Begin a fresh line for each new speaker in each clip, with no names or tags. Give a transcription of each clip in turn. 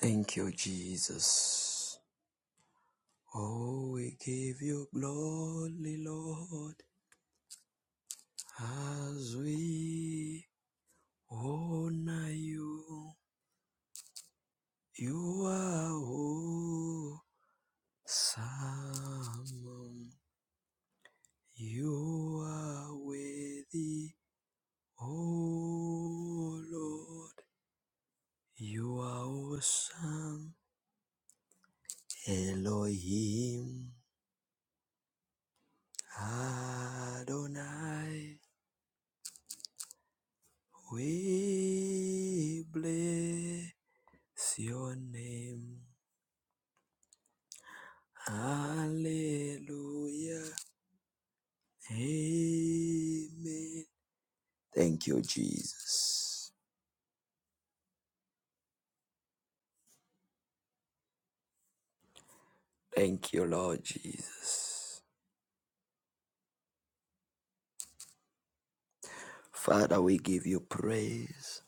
Thank you, Jesus. Oh, we give you glory, Lord, as we honor you. You are awesome. You are worthy, oh Lord. You are awesome, Elohim Adonai. We bless your name. Hallelujah. Amen. Thank you, Jesus. Thank you, Lord Jesus. Father, we give you praise.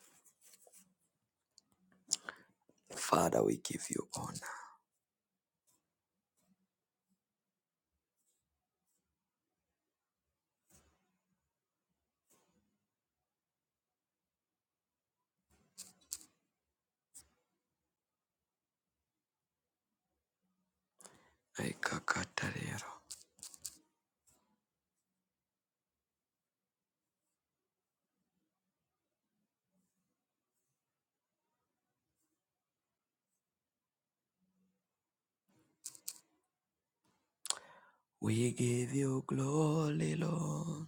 Father, we give you honor. We give you glory, Lord.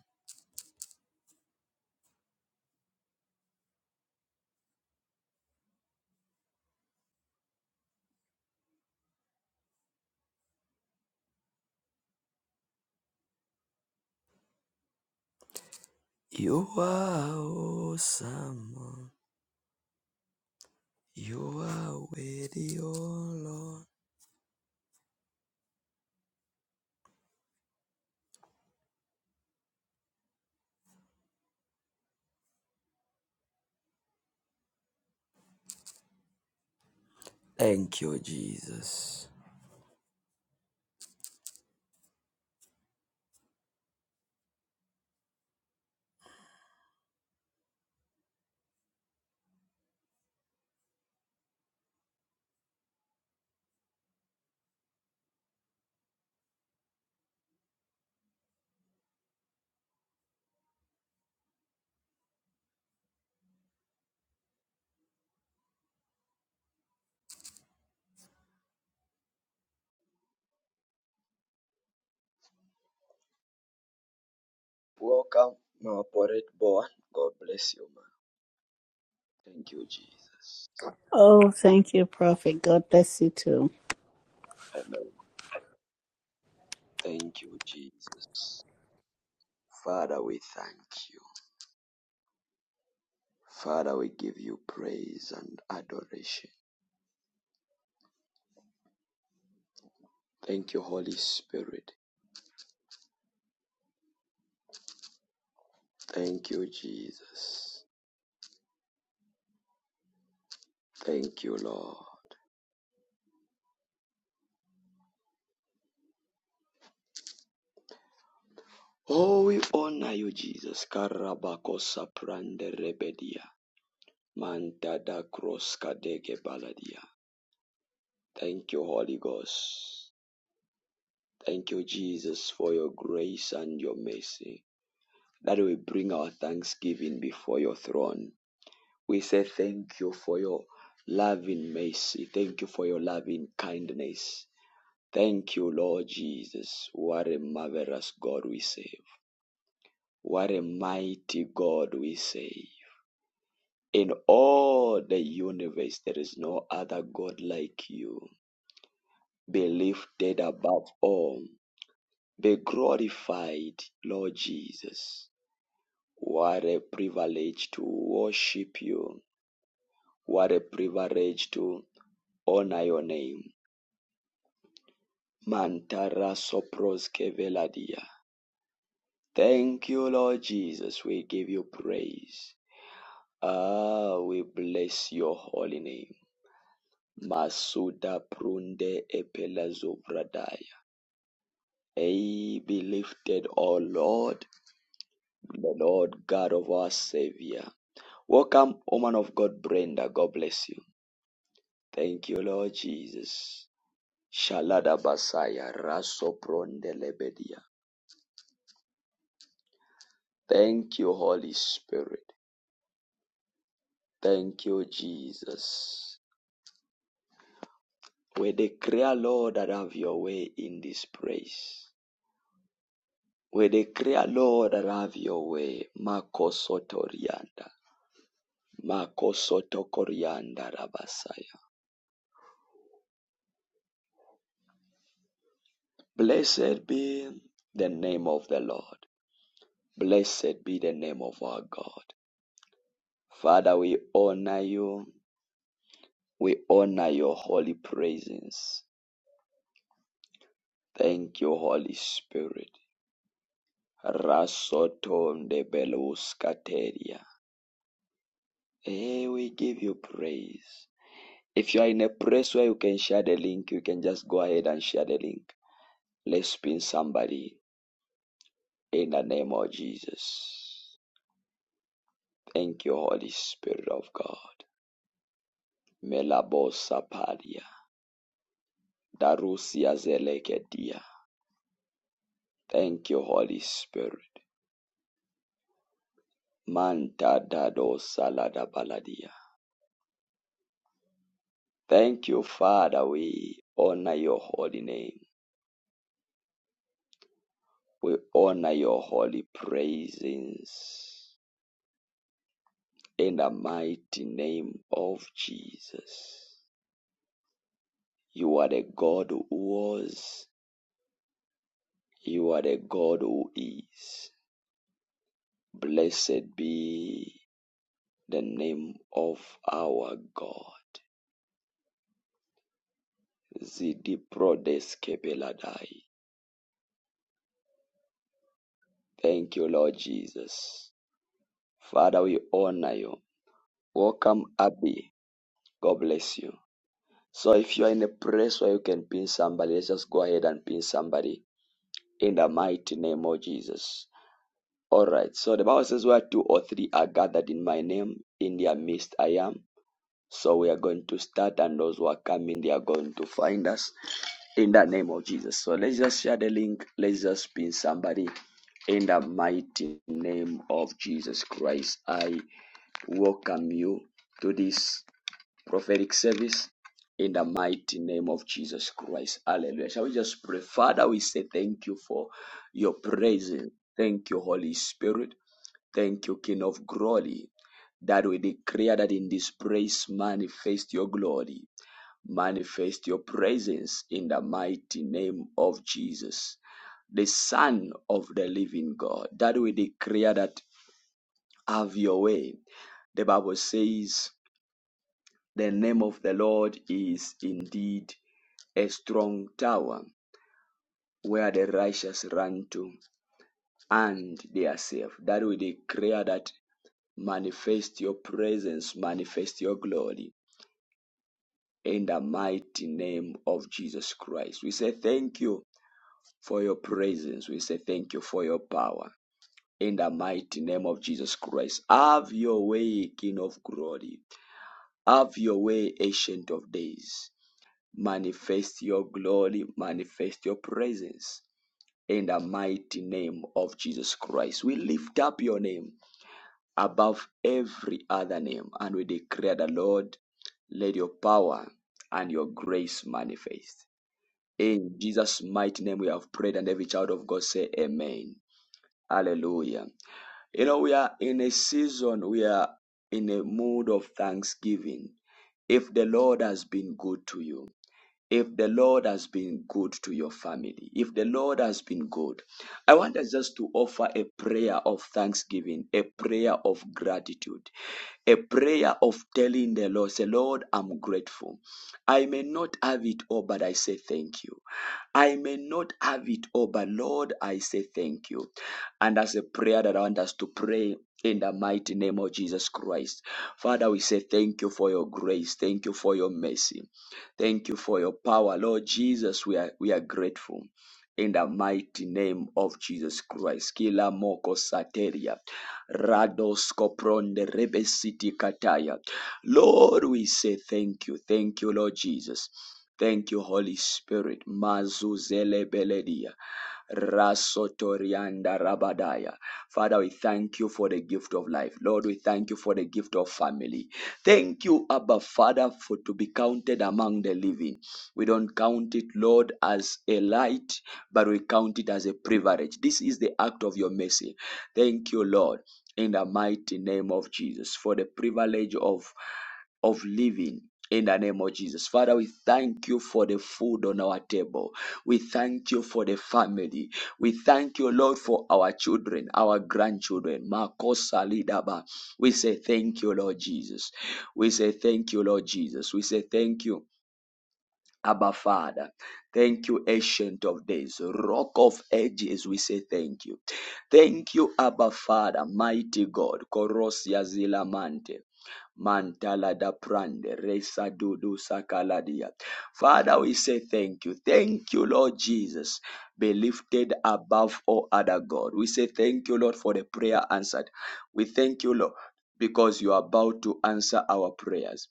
You are awesome. You are worthy, O Lord. Thank you, Jesus. Welcome, my operate born. God bless you, man. Thank you, Jesus.
Oh, thank you, Prophet. God bless you too.
Amen. Thank you, Jesus. Father, we thank you. Father, we give you praise and adoration. Thank you, Holy Spirit. Thank you, Jesus. Thank you, Lord. Oh, we honor you, Jesus. Karabakosa prande rebedia. mantada da kroska dege baladia. Thank you, Holy Ghost. Thank you, Jesus, for your grace and your mercy. That we bring our thanksgiving before your throne. We say thank you for your loving mercy. Thank you for your loving kindness. Thank you, Lord Jesus. What a marvelous God we serve. What a mighty God we serve. In all the universe, there is no other God like you. Be lifted above all. Be glorified, Lord Jesus. What a privilege to worship you. What a privilege to honor your name. Mantara soproske veladia. Thank you, Lord Jesus. We give you praise. Ah, we bless your holy name. Masuda prunde epelazovradaya. Ay, be lifted, O Lord, the Lord God of our Savior. Welcome, woman of God, Brenda. God bless you. Thank you, Lord Jesus. Shalada Basaya Rasopronde Lebedia. Thank you, Holy Spirit. Thank you, Jesus. We declare, Lord, that have your way in this place. We declare, Lord, that have your way. Makosotorianda. Makosotokorianda Rabasaya. Blessed be the name of the Lord. Blessed be the name of our God. Father, we honor you. We honor your holy presence. Thank you, Holy Spirit. Rasoton de Beluskateria. Hey, we give you praise. If you are in a place where you can share the link, you can just go ahead and share the link. Let's pin somebody in the name of Jesus. Thank you, Holy Spirit of God. Melabosa paria. Darusia zelekedia. Thank you, Holy Spirit. Manta dado salada baladia. Thank you, Father. We honor your holy name. We honor your holy praises in the mighty name of Jesus. You are the God who was. You are the God who is. Blessed be the name of our God. Zidiprodes kebeladai. Thank you, Lord Jesus. Father, we honor you. Welcome, Abby. God bless you. So, if you are in a place where you can pin somebody, let's just go ahead and pin somebody in the mighty name of Jesus. All right. So, the Bible says, Where two or three are gathered in my name, in their midst I am. So, we are going to start, and those who are coming, they are going to find us in the name of Jesus. So, let's just share the link. Let's just pin somebody in the mighty name of Jesus Christ. I welcome you to this prophetic service in the mighty name of Jesus Christ. Hallelujah. Shall we just pray? Father, we say thank you for your presence. Thank you, Holy Spirit. Thank you, King of Glory. That we declare that in this praise manifest your glory, manifest your presence in the mighty name of Jesus, the Son of the living God. That we declare that have your way. The Bible says the name of the Lord is indeed a strong tower where the righteous run to and they are safe. That we declare that manifest your presence, manifest your glory in the mighty name of Jesus Christ. We say thank you for your presence. We say thank you for your power. In the mighty name of Jesus Christ. Have your way, King of glory. Have your way, Ancient of Days. Manifest your glory, manifest your presence in the mighty name of Jesus Christ. We lift up your name above every other name and we declare the Lord, let your power and your grace manifest. In Jesus' mighty name we have prayed and every child of God say amen. Hallelujah. You know, we are in a season, we are in a mood of thanksgiving. If the Lord has been good to you, if the Lord has been good to your family, if the Lord has been good, I want us just to offer a prayer of thanksgiving, a prayer of gratitude a prayer of telling the Lord, say, Lord, I'm grateful. I may not have it all, but I say thank you. I may not have it all, but Lord, I say thank you. And that's a prayer that I want us to pray in the mighty name of Jesus Christ. Father, we say thank you for your grace. Thank you for your mercy. Thank you for your power. Lord Jesus, we are, we are grateful. In the mighty name of Jesus Christ. Kila moko sateria. Rados Kopronde Rebesiti Kataya. Lord, we say thank you. Thank you, Lord Jesus. Thank you, Holy Spirit. Mazuzele Beledia. Rasotorianda Rabadaya. Father, we thank you for the gift of life. Lord, we thank you for the gift of family. Thank you, Abba Father, for to be counted among the living. We don't count it, Lord, as a light, but we count it as a privilege. This is the act of your mercy. Thank you, Lord in the mighty name of Jesus for the privilege of of living in the name of Jesus. Father, we thank you for the food on our table. We thank you for the family. We thank you, Lord, for our children, our grandchildren. Makosa Lidaba. We say thank you, Lord Jesus. We say thank you, Lord Jesus. We say thank you. Abba Father. Thank you, Ancient of Days, Rock of Ages. We say thank you. Thank you, Abba Father, Mighty God, Korosia Zilamante. Mantala da prande, resa dudu sakaladia. Father, we say thank you. Thank you, Lord Jesus. Be lifted above all other God. We say thank you, Lord, for the prayer answered. We thank you, Lord because you are about to answer our prayers.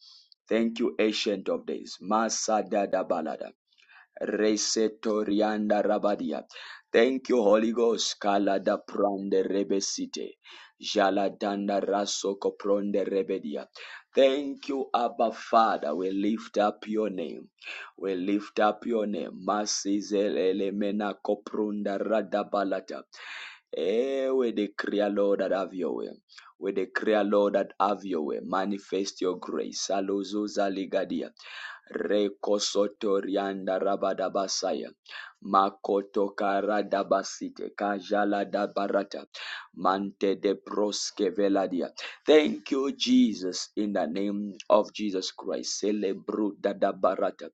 Thank you, Ancient of Days. Masada da balada. Resetorianda Rabadia. Thank you, Holy Ghost. Kalada Prande Rebesite. Jaladanda Rasoko Pronde Rebedia. Thank you, Abba Father. We lift up your name. We lift up your name. Masizelele Koprunda Radabalata. Eh, we decree, Lord, that have your way. We declare, Lord, that have your way. Manifest your grace. Saluzuza ligadia. Rekosotorianda rabadabasaya. Makoto karadabasite. Kajala dabarata. Mante de proske veladia. Thank you, Jesus, in the name of Jesus Christ. Celebruda dabarata.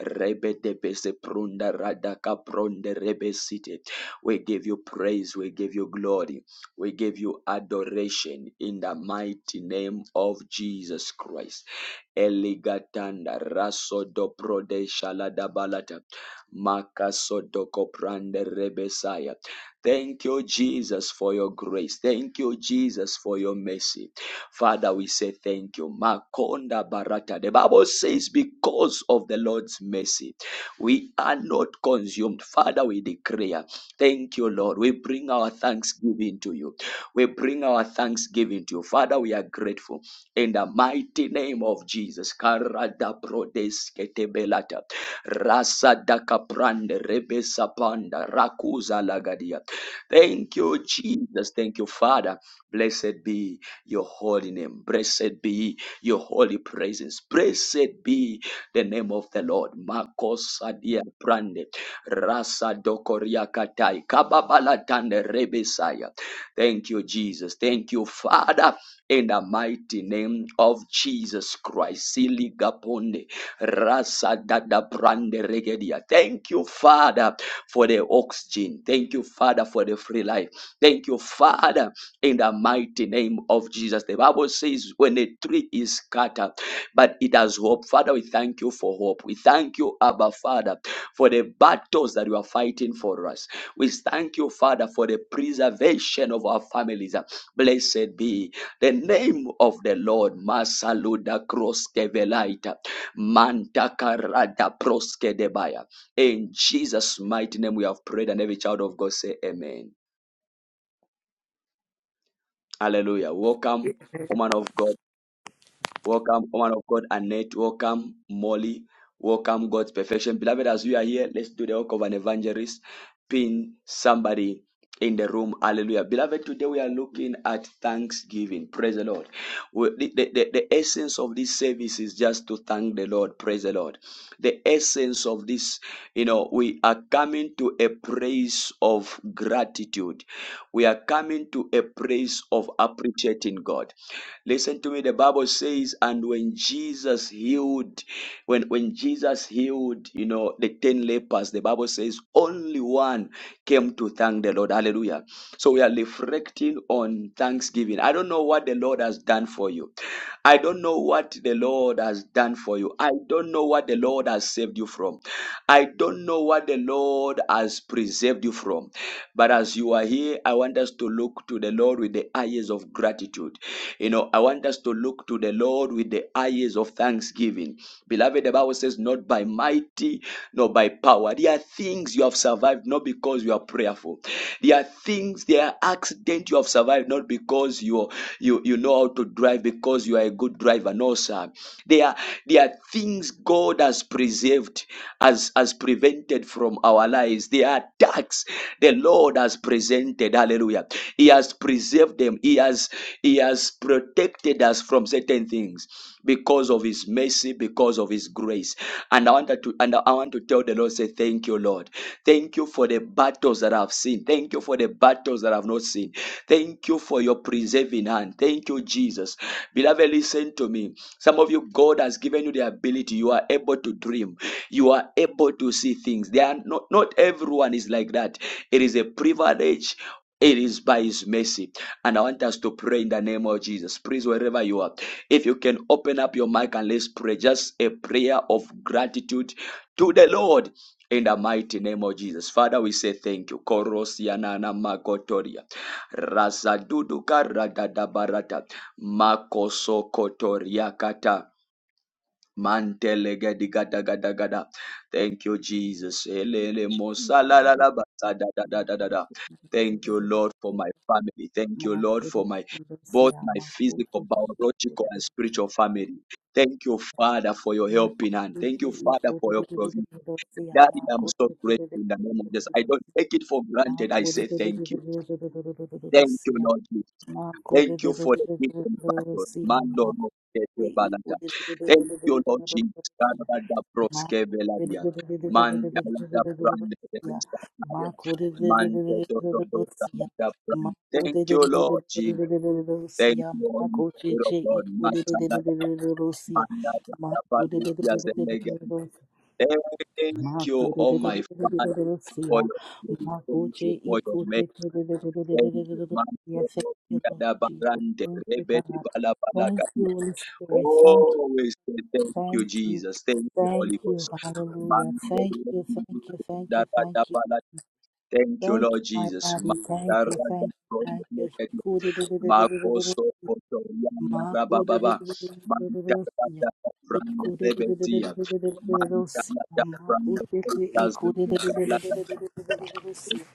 Rebe de bese prunda radaka pronde rebe site. We give you praise. We give you glory. We give you adoration in the mighty name of Jesus Christ. Eligatanda rasodo prodesha ladabalata makasodoko prande rebesaya. Thank you, Jesus, for your grace. Thank you, Jesus, for your mercy. Father, we say thank you. Makonda barata. The Bible says, because of the Lord's mercy, we are not consumed. Father, we declare. Thank you, Lord. We bring our thanksgiving to you. We bring our thanksgiving to you. Father, we are grateful. In the mighty name of Jesus. Karada brodesketebelata. Rasa dakaprande rebesa panda Rakuza lagadia. Thank you, Jesus. Thank you, Father. Blessed be your holy name. Blessed be your holy presence. Blessed be the name of the Lord. Marcos Adia Prande. Rasa dokoria katai kababala tande rebesaya. Thank you, Jesus. Thank you, Father. In the mighty name of Jesus Christ, Sili Rasa Dada Brande Regedia. Thank you, Father, for the oxygen. Thank you, Father, for the free life. Thank you, Father, in the mighty name of Jesus. The Bible says, when a tree is scattered, but it has hope. Father, we thank you for hope. We thank you, Abba Father, for the battles that you are fighting for us. We thank you, Father, for the preservation of our families. Blessed be the name of the Lord. Masaluda Kroskevelaita. Mantakarada Proskedebaya. In Jesus' mighty name we have prayed, and every child of God say amen. Hallelujah. Welcome, woman of God. Welcome, woman of God, Annette. Welcome, Molly. Welcome, God's perfection. Beloved, as we are here, let's do the work of an evangelist. Pin somebody in the room. Hallelujah. Beloved, today we are looking at thanksgiving. Praise the Lord. We- The, the, the, the essence of this service is just to thank the Lord. Praise the Lord. The essence of this, you know, we are coming to a praise of gratitude. We are coming to a praise of appreciating God. Listen to me. The Bible says, and when Jesus healed, when, when Jesus healed, you know, the 10 lepers, the Bible says only one came to thank the Lord. Hallelujah. So we are reflecting on thanksgiving. I don't know what the Lord has done for you. I don't know what the Lord has done for you. I don't know what the Lord has saved you from. I don't know what the Lord has preserved preserved you from. But as you are here, I want us to look to the Lord with the eyes of gratitude. You know, I want us to look to the Lord with the eyes of thanksgiving. Beloved, the Bible says, not by mighty, nor by power. There are things you have survived not because you are prayerful. There are things, there are accidents you have survived not because you you you know how to drive because you are a good driver. No, sir. There there are, there are things God has preserved, has, has prevented from our lives. There are attacks the Lord has presented. Hallelujah. He has preserved them. He has, he has protected us from certain things because of his mercy, because of his grace. And I wanted to and I want to tell the Lord, say, Thank you, Lord. Thank you for the battles that I've seen. Thank you for the battles that I've not not seen. Thank you for your preserving hand. Thank you, Jesus. Beloved, listen to me. Some of you, God has given you the ability. You are able to dream. You are able to see things. They are not, not everyone is like that. It is a privilege. It is by His mercy. And I want us to pray in the name of Jesus. Please, wherever you are, if you can open up your mic and let's pray just a prayer of gratitude to the Lord in the mighty name of Jesus. Father, we say thank you. Korosianana makotoria. Razaduduka radadabarata. Makoso kotoriakata. Mantelega digada gada gada. Thank you, Jesus. Elele mosala la
Marco
la ba da da da da da da. Thank you, Lord, for my family. Thank you, Lord, for my both my physical, biological, and spiritual family. Thank you, Father, for your helping hand. Thank you, Father, for your provision. Daddy, I'm so grateful in the name of Jesus. I don't take it for granted. I say thank you. Thank you, Lord. Jesus. Thank you for the hidden battles. Mando no kete balata. Thank you, Lord Jesus. Karada
Yes,
proske
thank
veladia.
you, Lord Jesus. Thank
Manda
you,
lada
God.
brande rebesta naria.
Thank you,
Manda do do do lada brande. Thank you, Lord Jesus. Thank you, Holy Spirit of God. Manda lada manda lada baru yazelega. Thank you, oh my Father, for your grace. Thank you for your mercy. Thank you, man.
Holy Spirit. Thank
Always say thank you, Jesus. Thank you, Holy Ghost. Mantero, Thank you, Lord Jesus. Mandarada, Makoso, Otoriana, Rabababa. Mandarada, Brande, Rebetia. Mandarada, Brande, Tazim,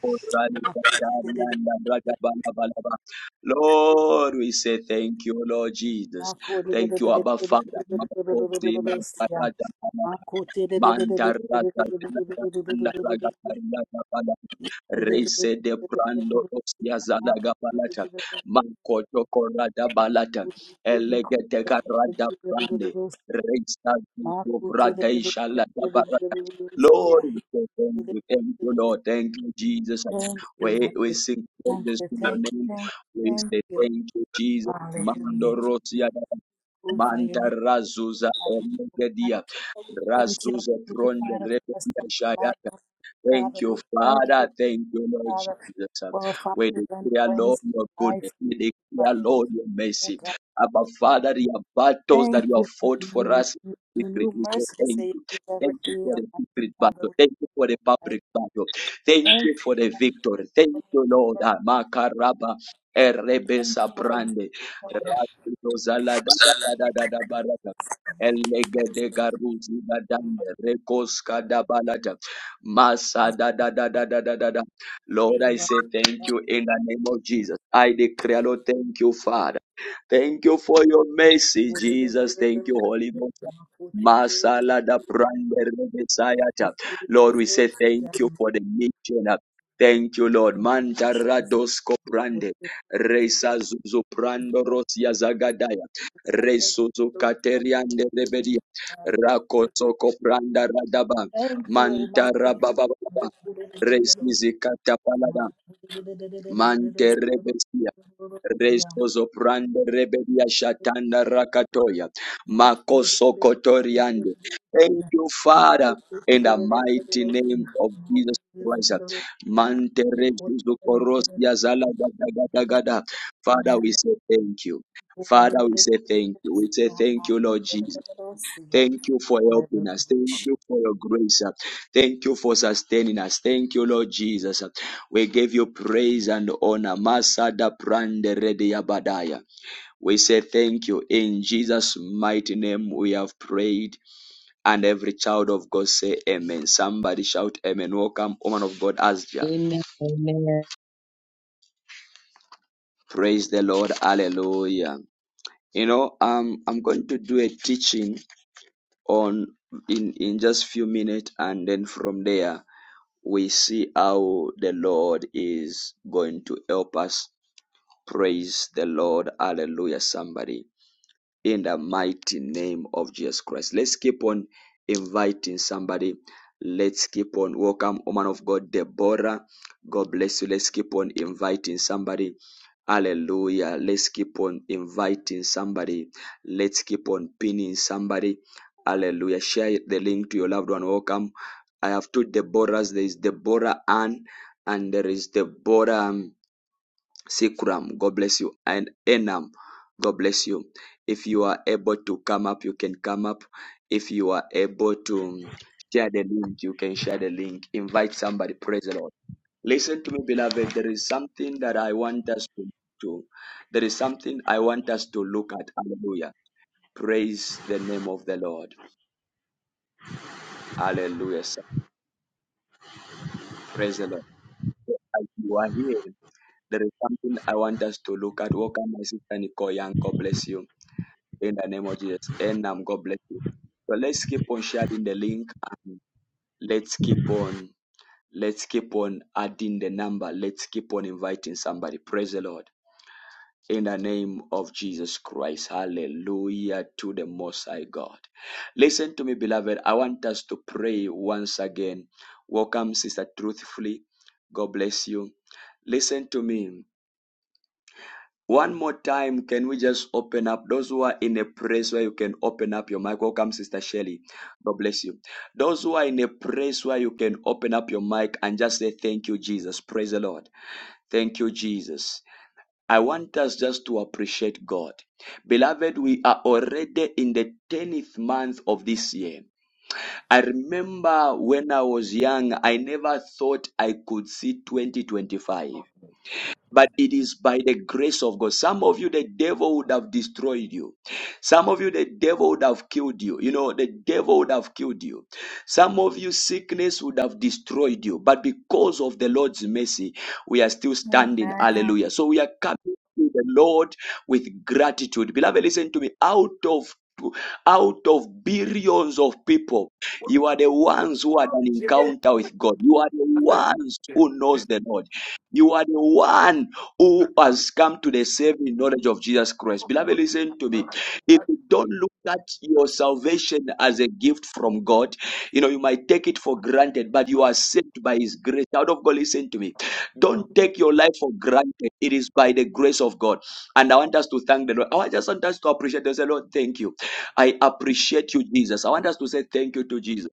Lord, we say thank you, Lord Jesus. Thank you, Abba Father. Mantaraga Naraga Pariaga Pala
Thank
Reise de Brando
you,
Osia Zalaga Balata Mankoto Corada Balata Elegete Carada Brande Reisa Vrada Ishalada Balata Lord, we say thank you, thank you, Lord, thank you, Jesus. We, we
mighty.
sing
Thank
praises
you,
to
thank you,
your
thank
name.
you,
We
thank
say
you.
thank you, Jesus.
Hallelujah.
Mando
We
Rosia
glorify your
Manta
name.
Razuza
Hallelujah.
Omegadia
Oh, we Thank you,
Razuza
mighty
Pronda
Father, for us,
Rebenda
my
Shayata
Lord. Father.
Thank you,
We thank you,
Father. Thank you, Lord
Father,
Jesus.
for our
We
families and
declare, Lord,
friends.
your
life.
goodness. We
Father,
declare,
we
Lord, your
thank
mercy. Abba,
God.
Father, your battles
Thank
that you
you
have
for
fought
the
for
new,
us in
new,
the
new
secret.
new
We say
mercy to
thank
say
you.
you every
Thank you
day,
for the
Almighty
secret
Father.
battle.
We
Thank you for the public battle. Thank
thank
you for the
you,
victory. Thank you,
Almighty
Lord.
Father.
Ah, Makaraba. Erebe
Thank you, Almighty
saprande.
Father.
Rakido zala da da da da da da barada.
Almighty
Elegede garuzi badande. Rekoska da balada. Masa
Father.
da da da da da da da da. Lord, I
Favor.
say thank you in the name of Jesus. I declare, Lord, thank you, Father. Thank you for your mercy, Jesus. Thank you, Holy Ghost. Masala da prander Messiah. Lord, we say thank you for the mission. Thank you, Lord. Manta radosko prande. Resa zuzu prando rosia zagadaya. Resuzu kateriande rebedia.
Thank you for
Rakosoko pranda radaba.
Thank you, Almighty
Mantara baba
God.
baba. Resizi katapalada. Mante rebesia. Resozo prande rebedia shatanda rakatoya. Makoso kotoriande. Thank you, Father, in the mighty name of Jesus Christ. Mante rezuzu korosia zala gada gada gada. Father, we say thank you. Father, we say thank you. We say thank you, Lord Jesus. Thank you for helping us. Thank you for your grace. uh. Thank you for sustaining us. Thank you, Lord Jesus. uh. We give you praise and honor. Masada prande rede yabadaya. We say thank you. In Jesus' mighty name, we have prayed. And every child of God say amen. Somebody shout amen. Welcome, woman of God, Asja.
Amen. Amen.
Praise the Lord. Hallelujah. You know, um, I'm going to do a teaching on in, in just few minutes and then from there we see how the Lord is going to help us. Praise the Lord. Hallelujah, somebody. In the mighty name of Jesus Christ. Let's keep on inviting somebody. Let's keep on. Welcome, woman of God, Deborah. God bless you. Let's keep on inviting somebody. Hallelujah. Let's keep on inviting somebody. Let's keep on pinning somebody. Hallelujah. Share the link to your loved one. Welcome. I have two Deborahs. There is Deborah Ann and there is Deborah um, Sikram. God bless you. And Enam. God bless you. If you are able to come up, you can come up. If you are able to um, share the link, you can share the link. Invite somebody. Praise the Lord. Listen to me, beloved. There is something that I want us to do. There is something I want us to look at. Hallelujah. Praise the name of the Lord. Hallelujah. sir. Praise the Lord. As you are here, there is something I want us to look at. Welcome, my sister Nicole Young. God bless you. In the name of Jesus. And um, God bless you. So let's keep on sharing the link and let's keep on let's keep on adding the number. Let's keep on inviting somebody. Praise the Lord. in the name of Jesus Christ. Hallelujah to the Most High God. Listen to me, beloved. I want us to pray once again. Welcome, Sister Truthfully. God bless you. Listen to me. One more time, can we just open up those who are in a place where you can open up your mic? Welcome, Sister Shelley. God bless you. Those who are in a place where you can open up your mic and just say, Thank you, Jesus. Praise the Lord. Thank you, Jesus. I want us just to appreciate God. Beloved, we are already in the 10th month of this year. I remember when I was young, I never thought I could see 2025 but it is by the grace of God. Some of you, the devil would have destroyed you. Some of you, the devil would have killed you. You know, the devil would have killed you. Some of you, sickness would have destroyed you. But because of the Lord's mercy, we are still
Hallelujah.
standing.
Amen.
Hallelujah. So we are coming to the Lord with gratitude. Beloved, listen to me. Out of out of billions of people, you are the ones who had an encounter with God. You are the ones who knows the Lord. You are the one who has come to the saving knowledge of Jesus Christ. Beloved, listen to me. If you don't look at your salvation as a gift from God, you know, you might take it for granted, but you are saved by His grace. Child of God, listen to me. Don't take your life for granted. It is by the grace of God. And I want us to thank the Lord. I just want us to appreciate and say, Lord, thank you. I appreciate you, Jesus. I want us to say thank you to Jesus.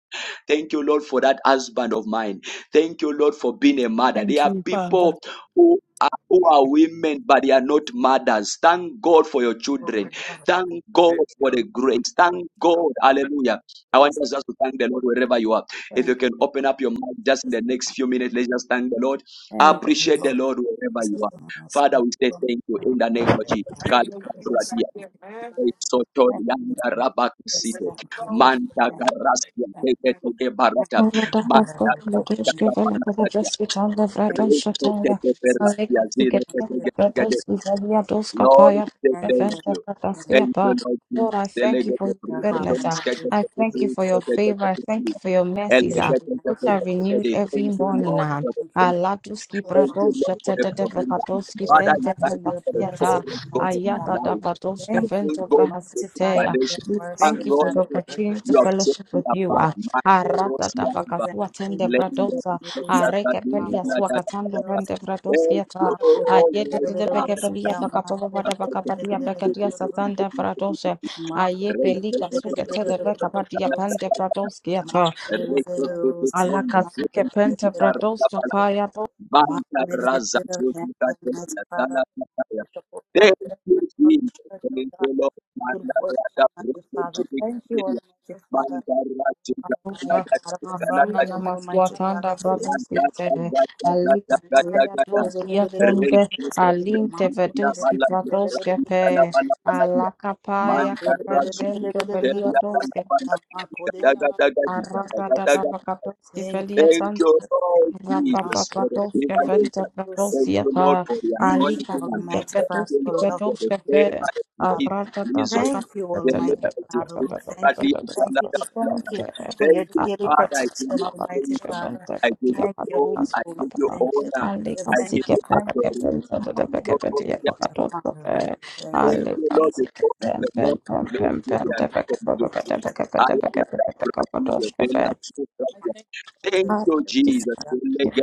Thank you, Lord, for that husband of mine. Thank you, Lord, for being a mother. There
Thank
are
you, Father.
people who are, who are women, but they are not mothers. Thank God for your children. Thank God for the grace. Thank God. Hallelujah. I want
Praise
us just to thank the Lord wherever you are. If you can
God.
open up your mouth just in the next few minutes, let's just thank the Lord. I
Thank you,
appreciate the
Lord.
Lord wherever you
Jesus,
are.
the most
Father, we say thank you in the name of Jesus.
Lord.
Lord,
Jesus,
I-
thank you,
God, I
thank you,
Sotorianda
Lord. Jesus,
Rabakisite,
thank you, thank you,
Manda
thank you,
Garasia, Teke Teke
thank you,
Barata,
thank you,
Arata
Manda
Pasco,
hallelujah,
Garasia,
thank
Motorishke,
you,
Panatatia,
Velakabraski, Chanda,
thank
Vratos,
Rete
Shataya,
Teke
you, Jesus,
Beratia,
Aleka,
Zile
Tiget,
thank
Teke
you, thank you,
Teke Teke.
Vratos, Vizalia, Doska,
Lord, we
Paya,
say
thank
thank
Eventa,
you.
you,
Vrataskia,
Thank you,
Pa.
Lord
Lord,
Jesus.
I thank
thank
you
Delegate
for
the
your
you,
fruit of
goodness.
the
ah.
hallelujah,
skegate
I
the
thank
Jesus,
you
fruit
for your
of the
favor. I thank
skegate.
you for your
thank
mercies, ah,
you,
Elegate
thank
the
which
fruit
you,
are
of the
renewed
skegate.
every
Thank
Jesus,
you,
thank
morning.
Lord,
you,
ah.
for the
thank you, thank
fruit.
Alatuski,
you.
thank
Thank
you.
Bratos,
you, Lord, for the
Shatata,
provision.
Vrakatoski,
Oh
Father, I
Pente,
God, for
thank you
your
for the call
blessed
Vrataskiata,
of God
mighty
in
Ayata,
my
Father.
life. I
Vratoske,
Thank you,
thank
Vente,
God for
mighty
the
Father,
Vrahasiteya.
for your
salvation.
We
mercy,
thank
And
you
oh
Lord,
for
God.
the
Thank you,
opportunity to
you have
thank
set
fellowship
me
with you.
apart.
ah.
My God,
Arata
Rosia,
you,
Kiba,
thank
fakasua
you.
tende
You
Lenda,
deserve
bradosa,
the glory.
Ethiopia,
areke
Kadu,
pelia
Ghana, Ghana, Ghana,
suakatando
Ghana.
vende
Thank
bradosieta,
you,
Ma kore
oh
de de
ayete
my
de
de
de.
peke
Father.
pelia
Ma kore
pakapavada
de de de
pakapadia
de de
pekadia
de.
satanda bradose,
Ya ma
aye
kore de de
pelika
de de de de de de. Ma kore de de de de de
suke
de de de
tede pekapadia
de.
pende
Ma
bradoskieta,
kore de de de de de de. Ma kore de de
alaka suke pente
de de de de de.
bradoska
My
Banca
Lord, it is
Raza
the
the
Lord,
Lord, the
Thank
Lord,
you, Almighty
the
Father.
Lord, the Lord.
Thank you, Lord God.
Thank
Thank
you,
you for
Jesus.
special
Thank
God.
you, Lord.
Good work,
Mandarada
Almighty Father.
Brokotiri,
Thank you, Almighty Father.
Mandarati,
Almighty
Ganagata,
Father, for
Arana
Ganagata,
freedom, Almighty
God, I-
namaswatanda
Father. Thank
bradoskite
Rantata, Gata,
alika
Gata,
you. My
Gata,
daya
Gata.
doski
Lord, it
yapende
is
Reikito,
alinte
Reikina,
veduski
Malaki,
bradoske pe
Rakitala, Malakalakia.
alakapaya
Mandarati,
kapende velia
Telia,
doske
Kanapana, Gata,
God, I love
Gata, Gata, Gata,
the
arata
Mark
Gata,
tata
Gata.
vakadoski
you.
Thank
I
you,
thank
Thank
you.
velia
you,
Jesus. Thank
Lord Jesus, for the
Rapapapadoska
you.
privilege.
venta
Mark.
Thank
padosia
you,
pa
Lord, for the
Thank you,
alika
appointment.
fike
Almighty
Thank
Father,
you,
padoski
for
Lord,
loving
for the
padoska
me,
pe
favor
Almighty
and grace
Father.
that
arata
you made
ta
Jesus,
vaka
Thank you,
the
Almighty
Make
Lord to
Father.
do
We thank
that
my
you,
you
we
put at the
thank
end of
you, we
the
thank you for your
Thank you,
daily
Father. I give
protection,
you
Almighty
heart
praise.
Father.
full.
I
Shall
give you
Thank you, Holy
glory. I
Ghost.
give you
Thank you,
honor.
thank you,
Alika
I
I
thank
thank
give
you,
sike
you
pele
adoration.
kepenta de peke
Lord,
thank
Lord,
pentia
you, thank
yes,
you,
pakatoska
Father.
pe
We Thank
Thank
you?
you,
alika
you, Jesus.
Lord,
sike
because
pem
the
pem
Lord
pem
made
pem
you
pem de
and
peke
from today.
Thank
peke
I
peke peke
am
peke peke
the
peke peke
Make
a Brazil,
you.
peke
Bella
I
Sofia.
thank you. God,
Thank
you.
you,
peke
Jesus.
Thank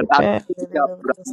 you.
Oh, I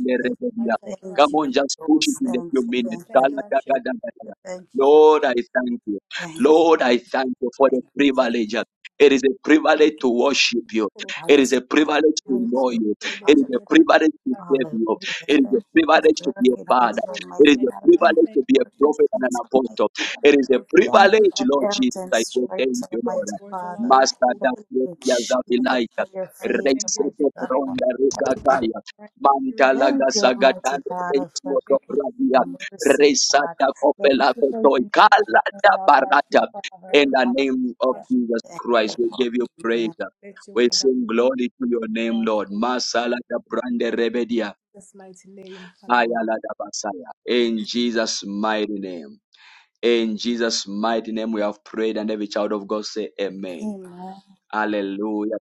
I thank you, Rabbi.
you. Jesus. Thank
Come
you,
on,
Holy
just push
Ghost.
it in a
Thank
few
you,
I
minutes.
thank you,
thank
thank
you,
you,
I Rasha.
thank you, thank you,
Lord, I thank you.
Thank you.
God,
Lord,
I
I thank you for
Thank
the
you.
privilege. It is a
I
privilege
thank you.
to worship you.
Full of
Thank
It is a
you, mighty God.
privilege to
you.
Thank
know
you,
you.
Full of
God.
It is
you. In
a
your presence,
privilege to
God, I thank
serve
Hallelujah.
you. It
you.
is a
Thank you for
privilege to be a
working
Holy
hands,
father.
Ghost,
It is
Almighty
I thank
a
Father.
you. God, I
Thank
privilege
you
thank
to
you.
be
for
a
working
prophet and
feet,
an
Almighty
apostle.
Father.
It is
I
a
thank you.
Thank you
privilege,
for
God,
Lord
health
Jesus.
and
I
you.
say
Full of you.
strength,
thank you, Lord.
Almighty
Lord, so love
Father.
our
Master
cool.
Thank
Full
you,
Dakota
of you.
Jesus,
Zavilaika,
for your
God,
favor,
I thank you.
Almighty
God,
Reiseto
God.
I
Ronda Rugataya,
thank you. Rebbe.
Mantalaga
Thank you,
Full of you.
Almighty
Sagatan,
Father, for
Reisoto
Make your
grace
Rabia,
and mercy, God.
Reisata
Thank you
Kopelato
for your
Toy,
new
Kalata
beginning, Almighty
Barata.
Father.
In
presence,
the
oh God.
name of
Hallelujah.
Wash.
Jesus
Thank you,
Christ, we
Lord.
give you praise.
Amen.
Let your will
We
be done.
sing glory to your
God,
name,
I thank
Lord.
you.
Masala da Brande Rebedia,
Jesus' mighty name. Hallelujah.
Ayala da Basaya. In Jesus' mighty name. In Jesus' mighty name we have prayed and every child of God say amen.
Amen.
Hallelujah.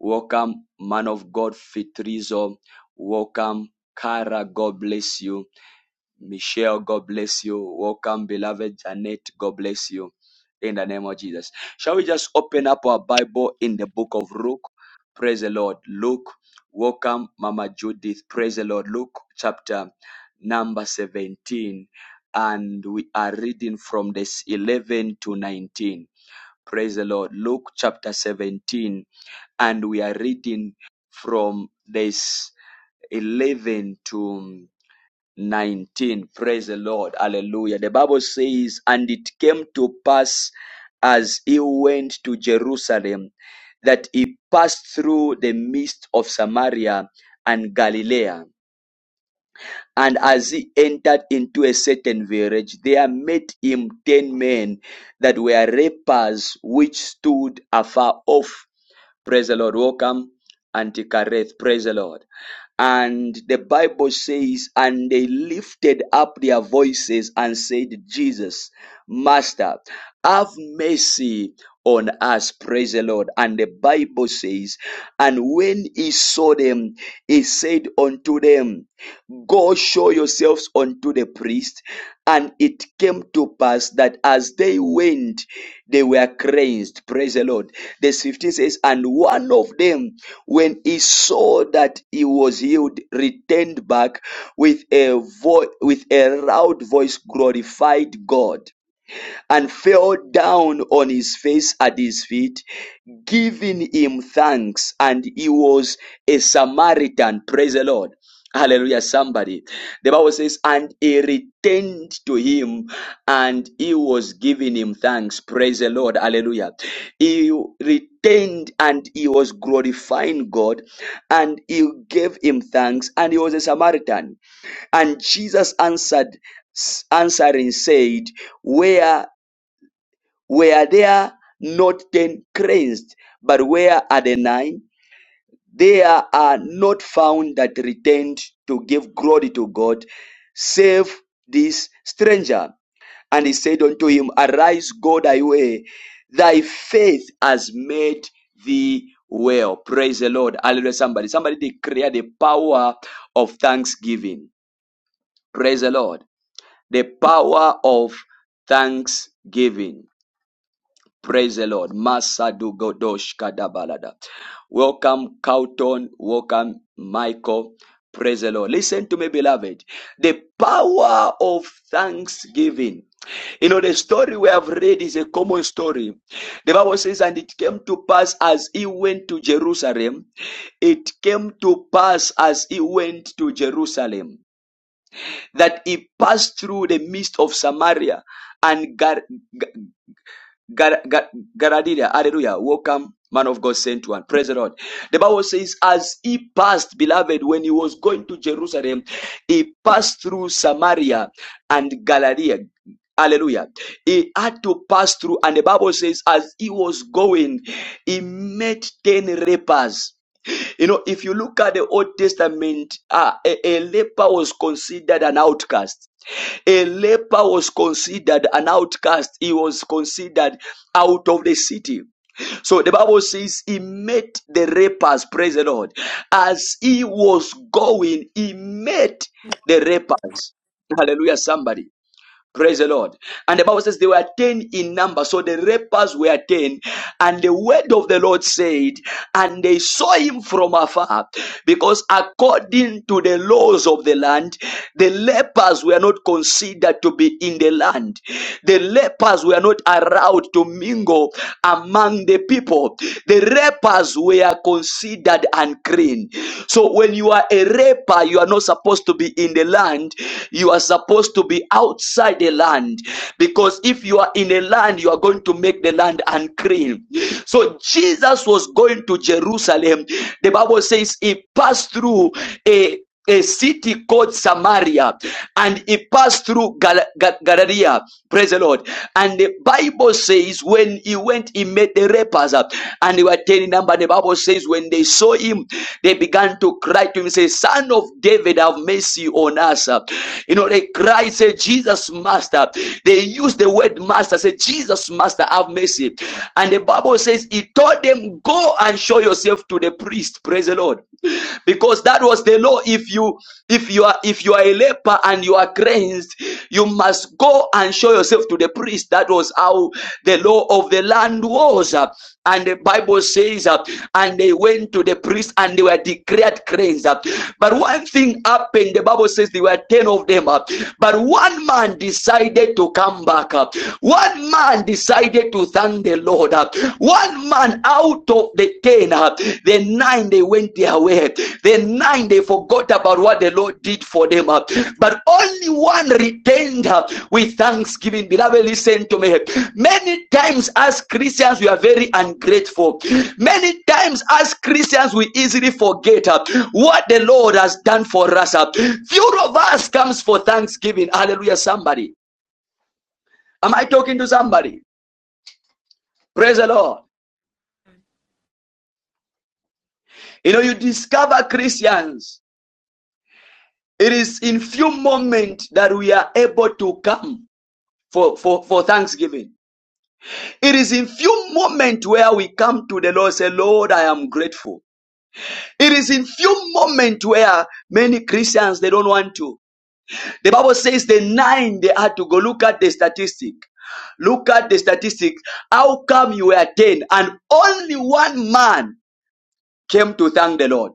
Welcome, man of God, Fitrizo. Welcome, Kara. God bless you. Michelle, God bless you. Welcome, beloved Janet. God bless you. In the name of Jesus. Shall we just open up our Bible in the book of Luke? Praise the Lord. Luke, welcome, Mama Judith. Praise the Lord. Luke chapter number 17. And we are reading from this 11 to 19. Praise the Lord. Luke chapter 17. And we are reading from this 11 to 19. Praise the Lord. Hallelujah. The Bible says, And it came to pass as he went to Jerusalem that he passed through the midst of Samaria and Galilee. And as he entered into a certain village, there met him ten men that were lepers, which stood afar off Praise the Lord. Welcome, Auntie Kareth. Praise the Lord. And the Bible says, and they lifted up their voices and said, Jesus, Master, have mercy on us. Praise the Lord. And the Bible says, and when he saw them, he said unto them, Go show yourselves unto the priest. And it came to pass that as they went, they were cleansed. Praise the Lord. Verse 15 says, And one of them, when he saw that he was healed, returned back with a vo- with a loud voice, glorified God and fell down on his face at his feet, giving him thanks. And he was a Samaritan. Praise the Lord. Hallelujah, somebody. The Bible says, and he returned to him and he was giving him thanks. Praise the Lord. Hallelujah. He returned and he was glorifying God and he gave him thanks and he was a Samaritan. And Jesus answered, answering said, Where were there not ten cleansed, but where are the nine? There are not found that returned to give glory to God, save this stranger. And he said unto him, Arise, go thy way, thy faith has made thee well. Praise the Lord. Hallelujah. Somebody, somebody declare the power of thanksgiving. Praise the Lord. The power of thanksgiving Praise the Lord. Masadu Godosh Kadabalada. Welcome, Carlton. Welcome, Michael. Praise the Lord. Listen to me, beloved. The power of thanksgiving. You know, the story we have read is a common story. The Bible says, And it came to pass as he went to Jerusalem, it came to pass as he went to Jerusalem, that he passed through the midst of Samaria and Gar- Gar- Gar- Garadilia, hallelujah. Welcome, man of God sent one. Praise the Lord. The Bible says, as he passed, beloved, when he was going to Jerusalem, he passed through Samaria and Galilee. Hallelujah. He had to pass through, and the Bible says, as he was going, he met 10 lepers. You know, if you look at the Old Testament, uh, a, a leper was considered an outcast a leper was considered an outcast, he was considered out of the city. So the Bible says he met the lepers. praise the Lord. As he was going, he met the lepers. Hallelujah, somebody. Praise the Lord. And the Bible says they were 10 in number. So the lepers were 10. And the word of the Lord said, and they saw him from afar, because according to the laws of the land, the lepers were not considered to be in the land. The lepers were not allowed to mingle among the people. The lepers were considered unclean. So when you are a leper, you are not supposed to be in the land. You are supposed to be outside the land. Because if you are in a land, you are going to make the land unclean. So Jesus was going to Jerusalem. The Bible says he passed through a a city called Samaria, and he passed through Gal- Gal- Galilee. Praise the Lord. And the Bible says, when he went, he met the rappers and they were telling them. But The Bible says, when they saw him, they began to cry to him, say, "Son of David, have mercy on us." You know, they cried, say, "Jesus, master. They use the word master. Say, Jesus, master, have mercy. And the Bible says, He told them, Go and show yourself to the priest. Praise the Lord. Because that was the law. If you if you are if you are a leper and you are cleansed, you must go and show yourself to the priest. That was how the law of the land was. uh, And the Bible says, uh, and they went to the priest and they were declared cleansed. uh. But one thing happened. The Bible says there were ten of them. uh, But one man decided decided to come back. One man decided to thank the Lord. One man out of the ten, the nine they went their way. The nine they forgot about what the Lord did for them. But only one returned with thanksgiving. Beloved, listen to me. Many times as Christians, we are very ungrateful. Many times as Christians, we easily forget what the Lord has done for us. Few of us comes for thanksgiving. Hallelujah, somebody. Am I talking to somebody? Praise the Lord. You know, you discover Christians. It is in few moments that we are able to come for, for, for thanksgiving. It is in few moments where we come to the Lord and say, Lord, I am grateful. It is in few moments where many Christians, they don't want to. The Bible says the nine, they had to go. Look at the statistic. Look at the statistic. How come you were 10 and only one man came to thank the Lord?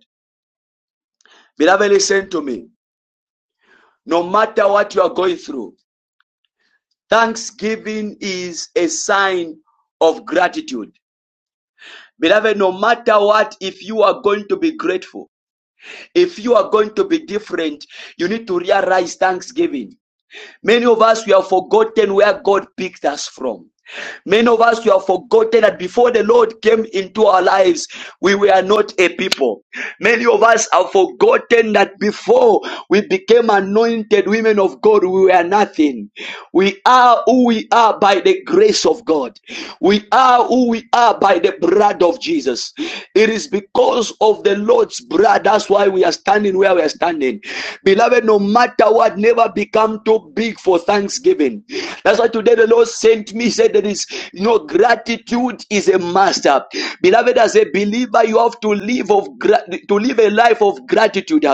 Beloved, listen to me. No matter what you are going through, thanksgiving is a sign of gratitude. Beloved, no matter what, if you are going to be grateful, if you are going to be different, you need to realize thanksgiving. Many of us, we have forgotten where God picked us from. Many of us, we have forgotten that before the Lord came into our lives, we were not a people. Many of us have forgotten that before we became anointed women of God, we were nothing. We are who we are by the grace of God. We are who we are by the blood of Jesus. It is because of the Lord's blood. That's why we are standing where we are standing. Beloved, no matter what, never be become too big for thanksgiving. That's why today the Lord sent me, said that is, you know, gratitude is a master. Beloved, as a believer, you have to live of gra- to live a life of gratitude.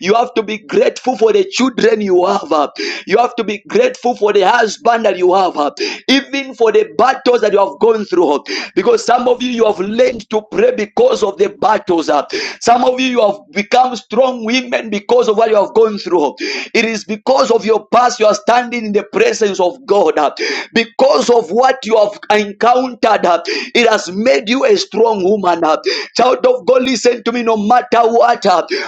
You have to be grateful for the children you have. You have to be grateful for the husband that you have, even for the battles that you have gone through. Because some of you you have learned to pray because of the battles. Some of you you have have become strong women because of what you have gone through. It is because of your past you are standing in the presence of God. Because of what you have encountered, it has made you a strong woman. Child of God, listen to me no matter what.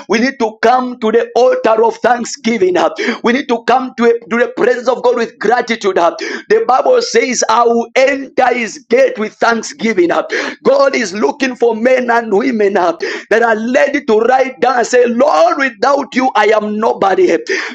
We need to come to the altar of thanksgiving. We need to come to, to the presence of God with gratitude. The Bible says, I will enter his gate with thanksgiving giving up. God is looking for men and women uh, that are ready to write down and say, Lord, without you, I am nobody.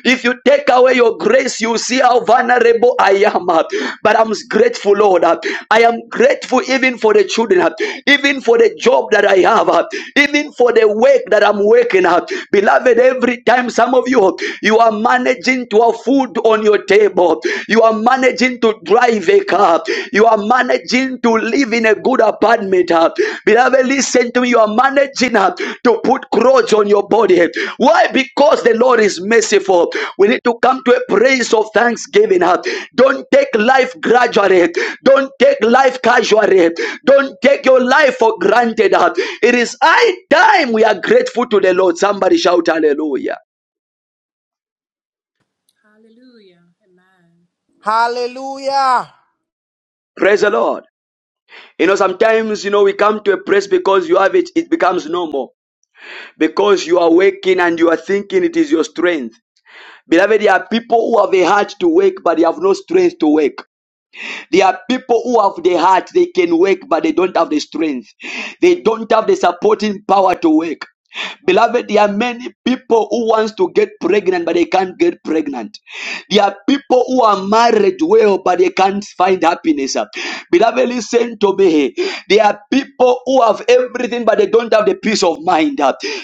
If you take away your grace, you see how vulnerable I am. uh, But I'm grateful, Lord. uh, I am grateful even for the children, uh, even for the job that I have, uh, even for the work that I'm working at. Beloved, every time some of you, you are managing to have food on your table, you are managing to drive a car. You are managing to live in a good apartment. uh, Beloved, listen to me. You are managing uh, to put clothes on your body. Why? Because the Lord is merciful. We need to come to a praise of thanksgiving. uh. Don't take life gradually. Don't take life casually. Don't take your life for granted. uh. It is high time we are grateful to the Lord. Somebody shout hallelujah.
Hallelujah. Amen.
Hallelujah.
Praise the Lord. You know, sometimes, you know, we come to a place because you have it, it becomes normal. Because you are working and you are thinking it is your strength. Beloved, there are people who have a heart to work, but they have no strength to work. There are people who have the heart, they can work, but they don't have the strength. They don't have the supporting power to work. Beloved, there are many people who wants to get pregnant, but they can't get pregnant. There are people who are married well, but they can't find happiness. Beloved, listen to me. There are people who have everything, but they don't have the peace of mind.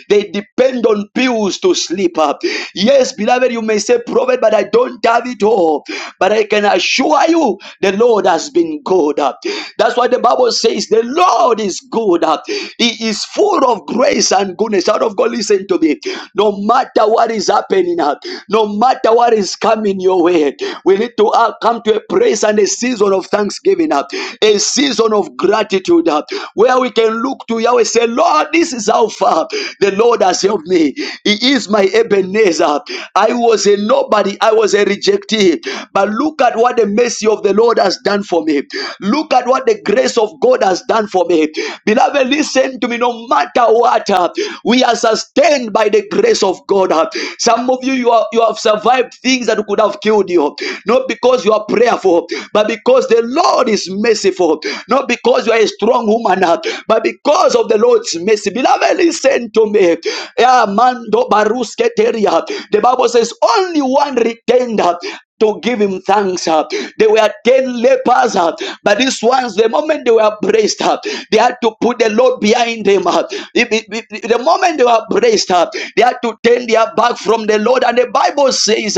They depend on pills to sleep. Yes, beloved, you may say, Prophet, but I don't have it all. But I can assure you, the Lord has been good. That's why the Bible says, The Lord is good. He is full of grace and goodness. Out of God, listen to me. No matter what is happening, no matter what is coming come In your way. We need to uh, come to a praise and a season of thanksgiving, uh, a season of gratitude, uh, where we can look to Yahweh say, Lord, this is how far the Lord has helped me. He is my Ebenezer. I was a nobody, I was a rejectee. But look at what the mercy of the Lord has done for me. Look at what the grace of God has done for me. Beloved, listen to me. No matter what, uh, we are sustained by the grace of God. uh. Some of you, you, are, you have survived things that that could have killed you. Not because you are prayerful, but because the Lord is merciful. Not because you are a strong woman, uh, but because of the Lord's mercy. Beloved, listen to me. Yeah, Mando Baruske Teria. The Bible says only one retained to give him thanks. uh. There were 10 lepers, uh, but these ones, the moment they were braced they had to put the Lord behind them. uh. The moment they were braced they had to turn their back from the Lord. And the Bible says,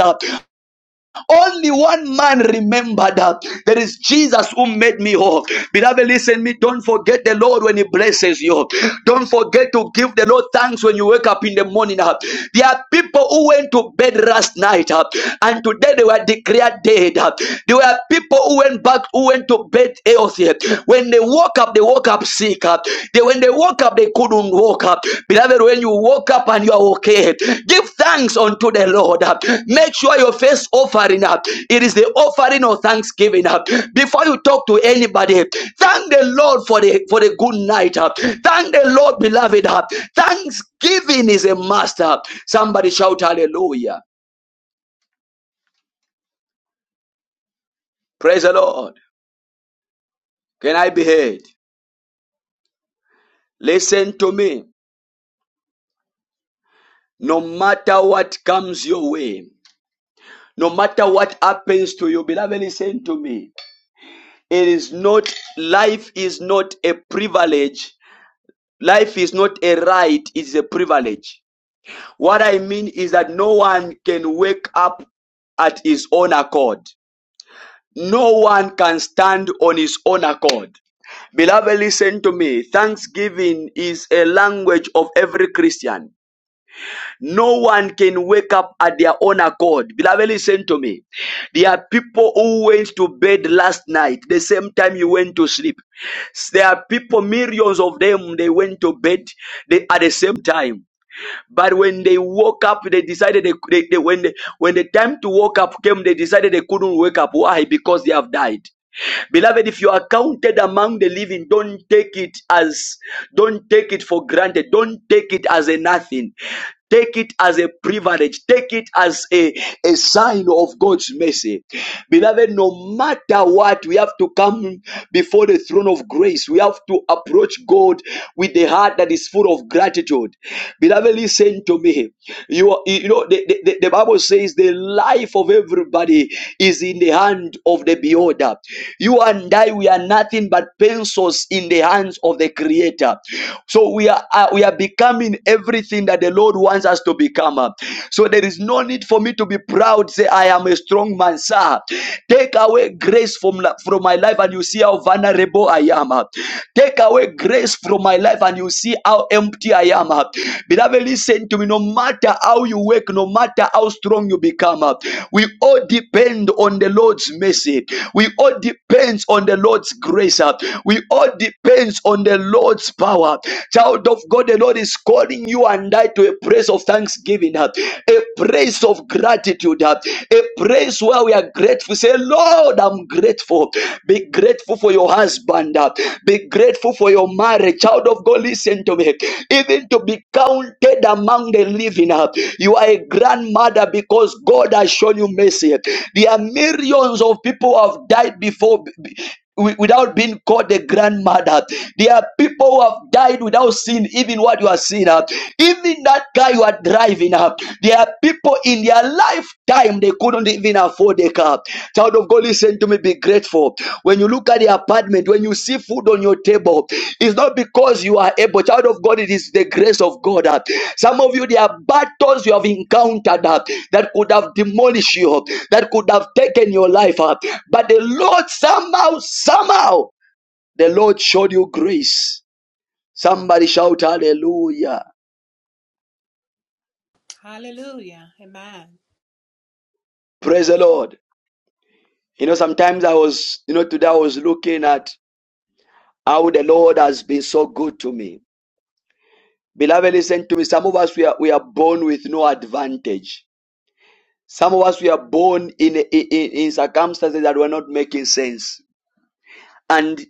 only one man remembered her. There is Jesus who made me whole. Beloved, listen me. Don't forget the Lord when He blesses you. Don't forget to give the Lord thanks when you wake up in the morning. uh. There are people who went to bed last night uh, and today they were declared dead. uh. There were people who went back, who went to bed healthy. When they woke up, they woke up sick up, they when they woke up, they couldn't walk up. Beloved, when you woke up and you are okay, give thanks unto the Lord. uh, Make sure your first offering up. It is the offering of thanksgiving up. Before you talk to anybody, thank the Lord for the for the good night up. Thank the Lord, beloved up. Thanksgiving is a master. Somebody shout hallelujah. Praise the Lord. Can I be heard? Listen to me. No matter what comes your way, No matter what happens to you, beloved, listen to me. It is not, life is not a privilege. Life is not a right, it's a privilege. What I mean is that no one can wake up at his own accord. No one can stand on his own accord. Beloved, listen to me. Thanksgiving is a language of every Christian. No one can wake up at their own accord. Beloved, listen to me. There are people who went to bed last night, the same time you went to sleep. There are people, millions of them, they went to bed they, at the same time. But when they woke up, they decided they, they, they- when they, when the time to wake up came, they decided they couldn't wake up. Why? Because they have died. Beloved, if you are counted among the living, don't take it as, don't take it for granted. Don't take it as a nothing. Take it as a privilege. Take it as a, a sign of God's mercy. Beloved, no matter what, we have to come before the throne of grace. We have to approach God with a heart that is full of gratitude. Beloved, listen to me. You, are- you know, the the, the, the the Bible says the life of everybody is in the hand of the beholder. You and I, we are nothing but pencils in the hands of the creator. So we are uh, we are becoming everything that the Lord wants us to become. uh. So there is no need for me to be proud. Say, I am a strong man, sir. Take away grace from, from my life, and you see how vulnerable I am. uh. Take away grace grace from my life and you see how empty I am. uh. Beloved, listen to me. No matter how you work, no matter how strong you become, uh, we all depend on the Lord's mercy. We all depend on the Lord's grace. uh. We all depend on the Lord's power. Child of God, the Lord is calling you and I to a place of thanksgiving, uh, a place of gratitude, uh, a place where we are grateful grateful. Say, Lord, I'm grateful. Be grateful for your husband. uh, Be grateful for your marriage. Child of God, listen to me. Even to be counted among the living. uh, You are a grandmother because God has shown you mercy. There are millions of people who have died before wi- without being called the grandmother. There are people who have died without seeing even what you are seeing. uh. Even that guy you are driving up. There are people in their lifetime they couldn't even afford a car. Child of God, listen to me. Be grateful. When you look at their apartment, when you see food on your table, it's not because you are able. Child of God, it is the grace of God. uh. Some of you, there are battles you have encountered uh, that could have demolished you, that could have taken your life. uh, But the Lord, somehow, somehow, the Lord showed you grace. Somebody shout hallelujah.
Hallelujah. Amen.
Praise the Lord. You know, sometimes I was, you know, today I was looking at how the Lord has been so good to me Beloved, listen to me. Some of us we are, we are born with no advantage. Some of us we are born in, in in circumstances that were not making sense. And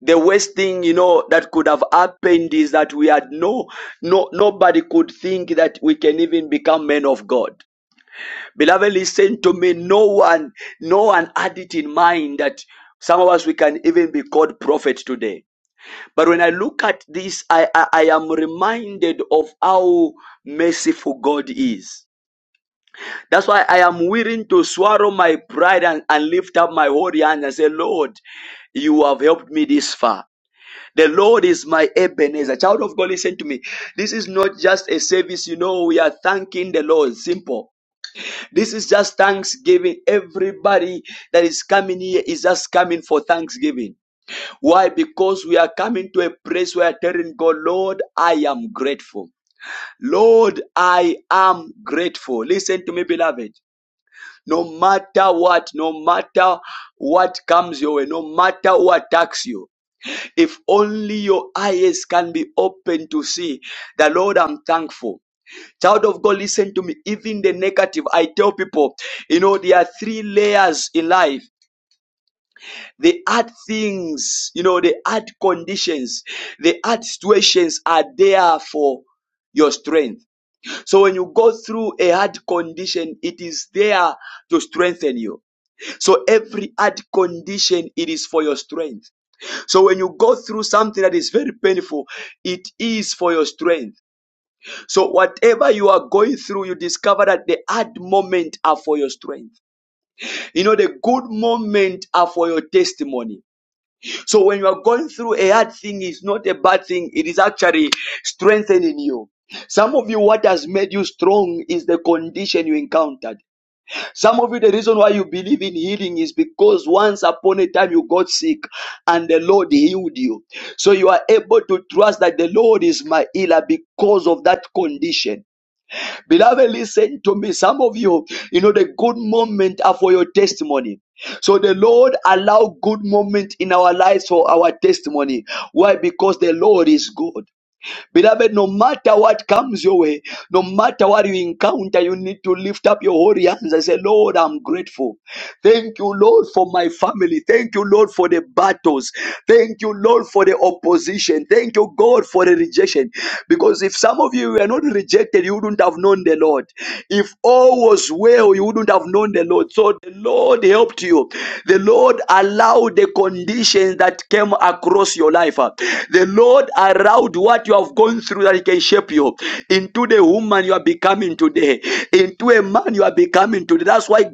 the worst thing you know that could have happened is that we had no no nobody could think that we can even become men of God. Beloved, listen to me. No one no one had it in mind that some of us we can even be called prophet today But when I look at this, I, I, I am reminded of how merciful God is. That's why I am willing to swallow my pride and, and lift up my holy hand and say, Lord, you have helped me this far. The Lord is my Ebenezer. Child of God, listen to me. This is not just a service, you know, we are thanking the Lord. Simple. This is just thanksgiving. Everybody that is coming here is just coming for thanksgiving. Why? Because we are coming to a place where telling God, Lord, I am grateful. Lord, I am grateful. Listen to me, beloved. No matter what, no matter what comes your way, no matter who attacks you, if only your eyes can be open to see the Lord, I'm thankful. Child of God, listen to me. Even the negative, I tell people, you know, there are three layers in life. They add things, you know, they add conditions, they add situations are there for your strength. So when you go through a hard condition, it is there to strengthen you. So every hard condition, it is for your strength. So when you go through something that is very painful, it is for your strength. So whatever you are going through, you discover that the hard moments are for your strength. You know, the good moments are for your testimony. So when you are going through a hard thing, it's not a bad thing. It is actually strengthening you. Some of you, what has made you strong is the condition you encountered. Some of you, the reason why you believe in healing is because once upon a time you got sick and the Lord healed you. So you are able to trust that the Lord is my healer because of that condition. Beloved, listen to me. Some of you, you know, the good moment are for your testimony. So the Lord allow good moment in our lives for our testimony. Why? Because the Lord is good. Beloved, no matter what comes your way, no matter what you encounter, you need to lift up your holy hands and say, Lord, I'm grateful. Thank you, Lord, for my family. Thank you, Lord, for the battles. Thank you, Lord, for the opposition. Thank you, God, for the rejection. Because if some of you were not rejected, you wouldn't have known the Lord. If all was well, you wouldn't have known the Lord. So the Lord helped you. The Lord allowed the conditions that came across purpose your life. uh. The Lord allowed what you have gone through that He can shape you into the woman you are becoming today, into a man you are becoming today. That's why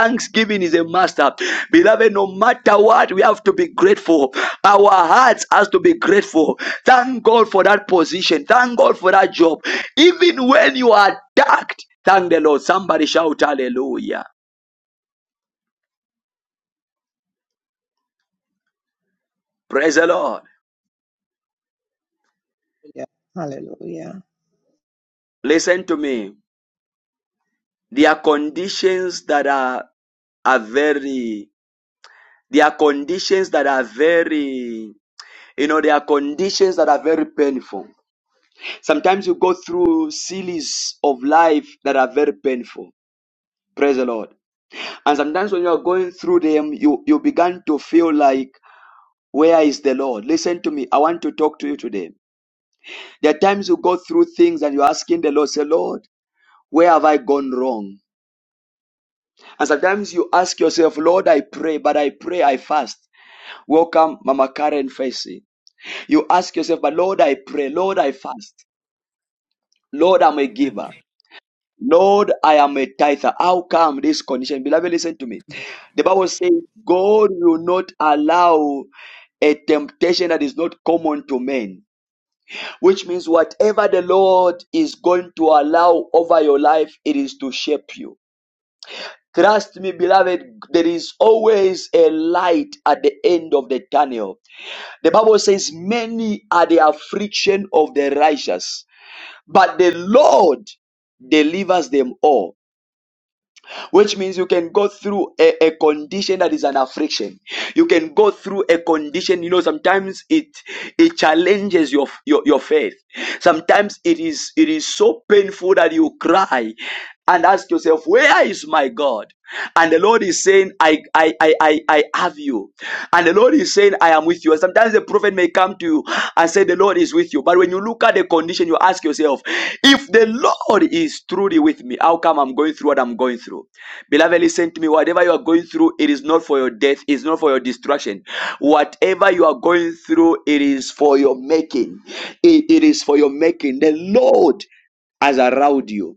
thanksgiving is a master. Beloved, no matter what, we have to be grateful. Our hearts has to be grateful. Thank God for that position. Thank God for that job. Even when you are attacked, thank the Lord. Somebody shout hallelujah. Praise the Lord.
Hallelujah. Hallelujah.
Listen to me. There are conditions that are, are very There are conditions that are very, you know, there are conditions that are very painful. Sometimes you go through series of life that are very painful. Praise the Lord. And sometimes when you are going through them, you, you begin to feel like, where is the Lord? Listen to me. I want to talk to you today. There are times you go through things and you're asking the Lord, say, Lord, where have I gone wrong? And sometimes you ask yourself, Lord, I pray, but I pray, I fast. Welcome, Mama Karen Faisy. You ask yourself, but Lord, I pray. Lord, I fast. Lord, I'm a
and
giver. Lord, I am a tither. How come this condition? Beloved, listen to me. The Bible says, God will not allow a temptation that is not common to men, which means whatever the Lord is going to allow over your life, it is to shape you. Trust me, beloved, there is always a light at the end of the tunnel. The Bible says, Many are the affliction of the righteous but the Lord delivers them all, which means you can go through a, a condition that is an affliction. You can go through a condition, you know, sometimes it it challenges your your, your faith. Sometimes it is it is so painful that you cry and ask yourself, Where is my God? And the Lord is saying, I I I I, I have you. And the Lord is saying, I am with with you. And sometimes the prophet may come to you and say, The Lord is with you. But when you look at the condition, you ask yourself, If the Lord is truly with me, how come I'm going through what I'm going through? Beloved, listen to me. Whatever you are going through, it is not for your death, it's not for your destruction. Whatever you are going through, it is for your making. It, it is for your making. The Lord has around you.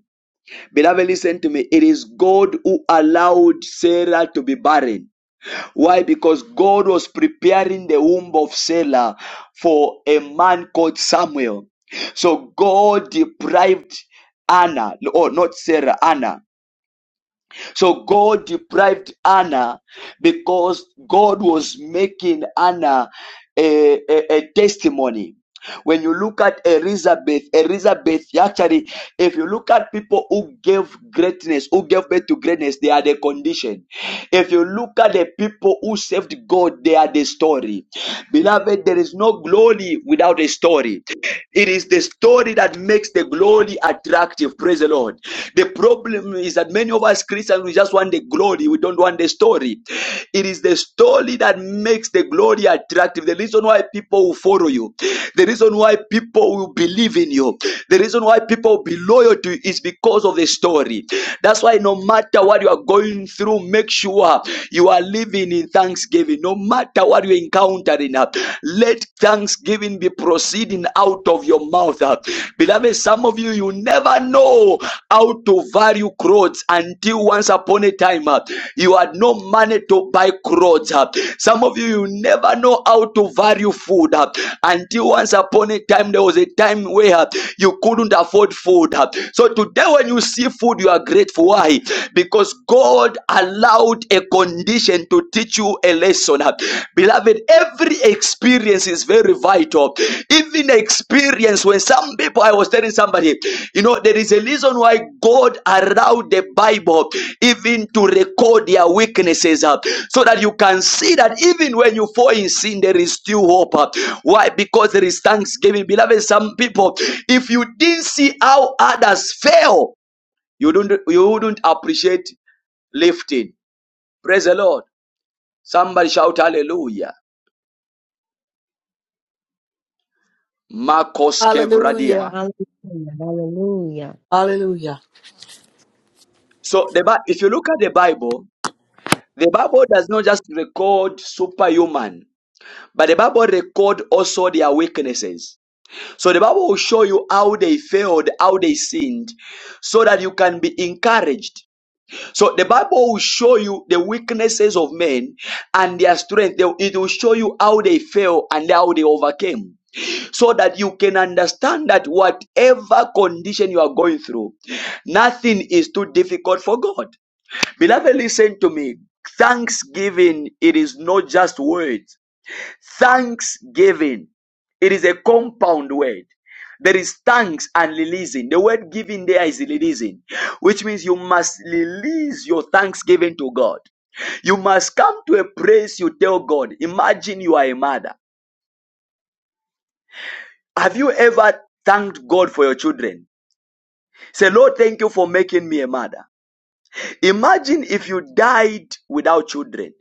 Beloved, listen to me. It is God who allowed Sarah to be barren why? Because God was preparing the womb of Selah for a man called Samuel. So God deprived Anna, or not Sarah, Anna. So God deprived Anna because God was making Anna a, a, a testimony. When you look at Elizabeth, Elizabeth, actually, if you look at people who gave greatness, who gave birth to greatness, they are the condition. If you look at the people who served God, they are the story. Beloved, there is no glory without a story. It is the story that makes the the glory attractive. Praise the Lord. The problem is that many of us Christians, we just want the glory. We don't want the story. It is the story that makes the glory attractive. The reason why people will follow you, the reason why people will believe in you, the reason why people will be loyal to you is because of the story. That's why no matter what you are going through, make sure you are living in thanksgiving. No matter what you encounter in life, let thanksgiving be proceeding out of your mouth. Uh, Beloved, some of you, you never know how to value clothes until once upon a time uh, you had no money to buy clothes. uh. Some of you, you never know how to value food uh, until once upon a time there was a time where uh, you couldn't afford food. uh. So today, when you see food, you are grateful. Why? Because God allowed a condition to teach you a lesson. Beloved, every experience is very vital. Even experience when some people, I was telling somebody, you know, there is a reason why God allowed the Bible even to record their weaknesses up so that you can see that even when you fall in sin, there is still hope. uh. Why? Because there is thanksgiving. Beloved, some people, if you didn't see how others fail, you don't you wouldn't appreciate lifting. Praise the Lord. Somebody shout hallelujah. Marcos Kevradia.
Hallelujah.
Hallelujah.
Hallelujah.
So the if you look at the Bible, the Bible does not just record superhuman, but the Bible record also their weaknesses. So the Bible will show you how they failed, how they sinned, so that you can be encouraged. So the Bible will show you the weaknesses of men and their strength. They- It will show you how they fell and how they overcame. So that you can understand that whatever condition you are going through, nothing is too difficult for God. Beloved, listen to me. Thanksgiving, it is not just words. Thanksgiving. It is a compound word. There is thanks and releasing. The word giving there is releasing, which means you must release your thanksgiving to God. You must come to a place you tell God. Imagine you are a mother. Have you ever thanked God for your children? Say, Lord, thank you for making me a mother. Imagine if you died without children.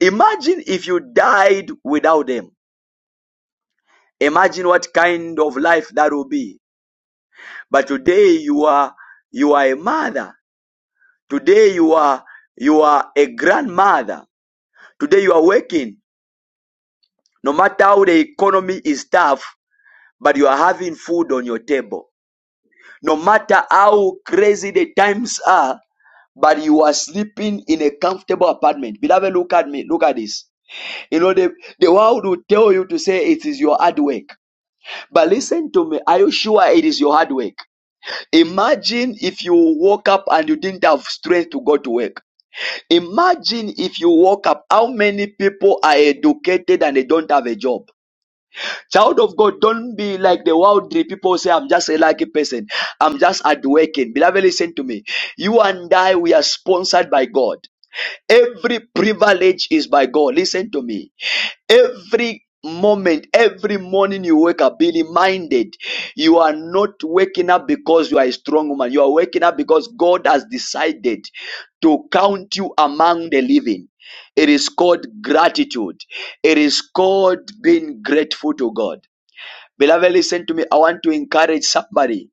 Imagine if you died without them. Imagine what kind of life that will be. but today you are you are a mother today you are you are a grandmother today you are working no matter how the economy is tough but you are having food on your table no matter how crazy the times are but you are sleeping in a comfortable apartment beloved look at me look at this you know the, the world will tell you to say it is your hard work but listen to me are you sure it is your hard work imagine if you woke up and you didn't have strength to go to work Imagine if you woke up, how many people are educated and they don't have a job? Child of God, don't be like the worldly people say, I'm just a lucky person. I'm just at working. Beloved, listen to me. You and I, we are sponsored by God. Every privilege is by God. Listen to me. Every moment, every morning you wake up, be reminded you are not waking up because you are a strong woman. You are waking up because God has decided to count you among the living. It is called gratitude, it is called being grateful to God. Beloved, listen to me. I want to encourage somebody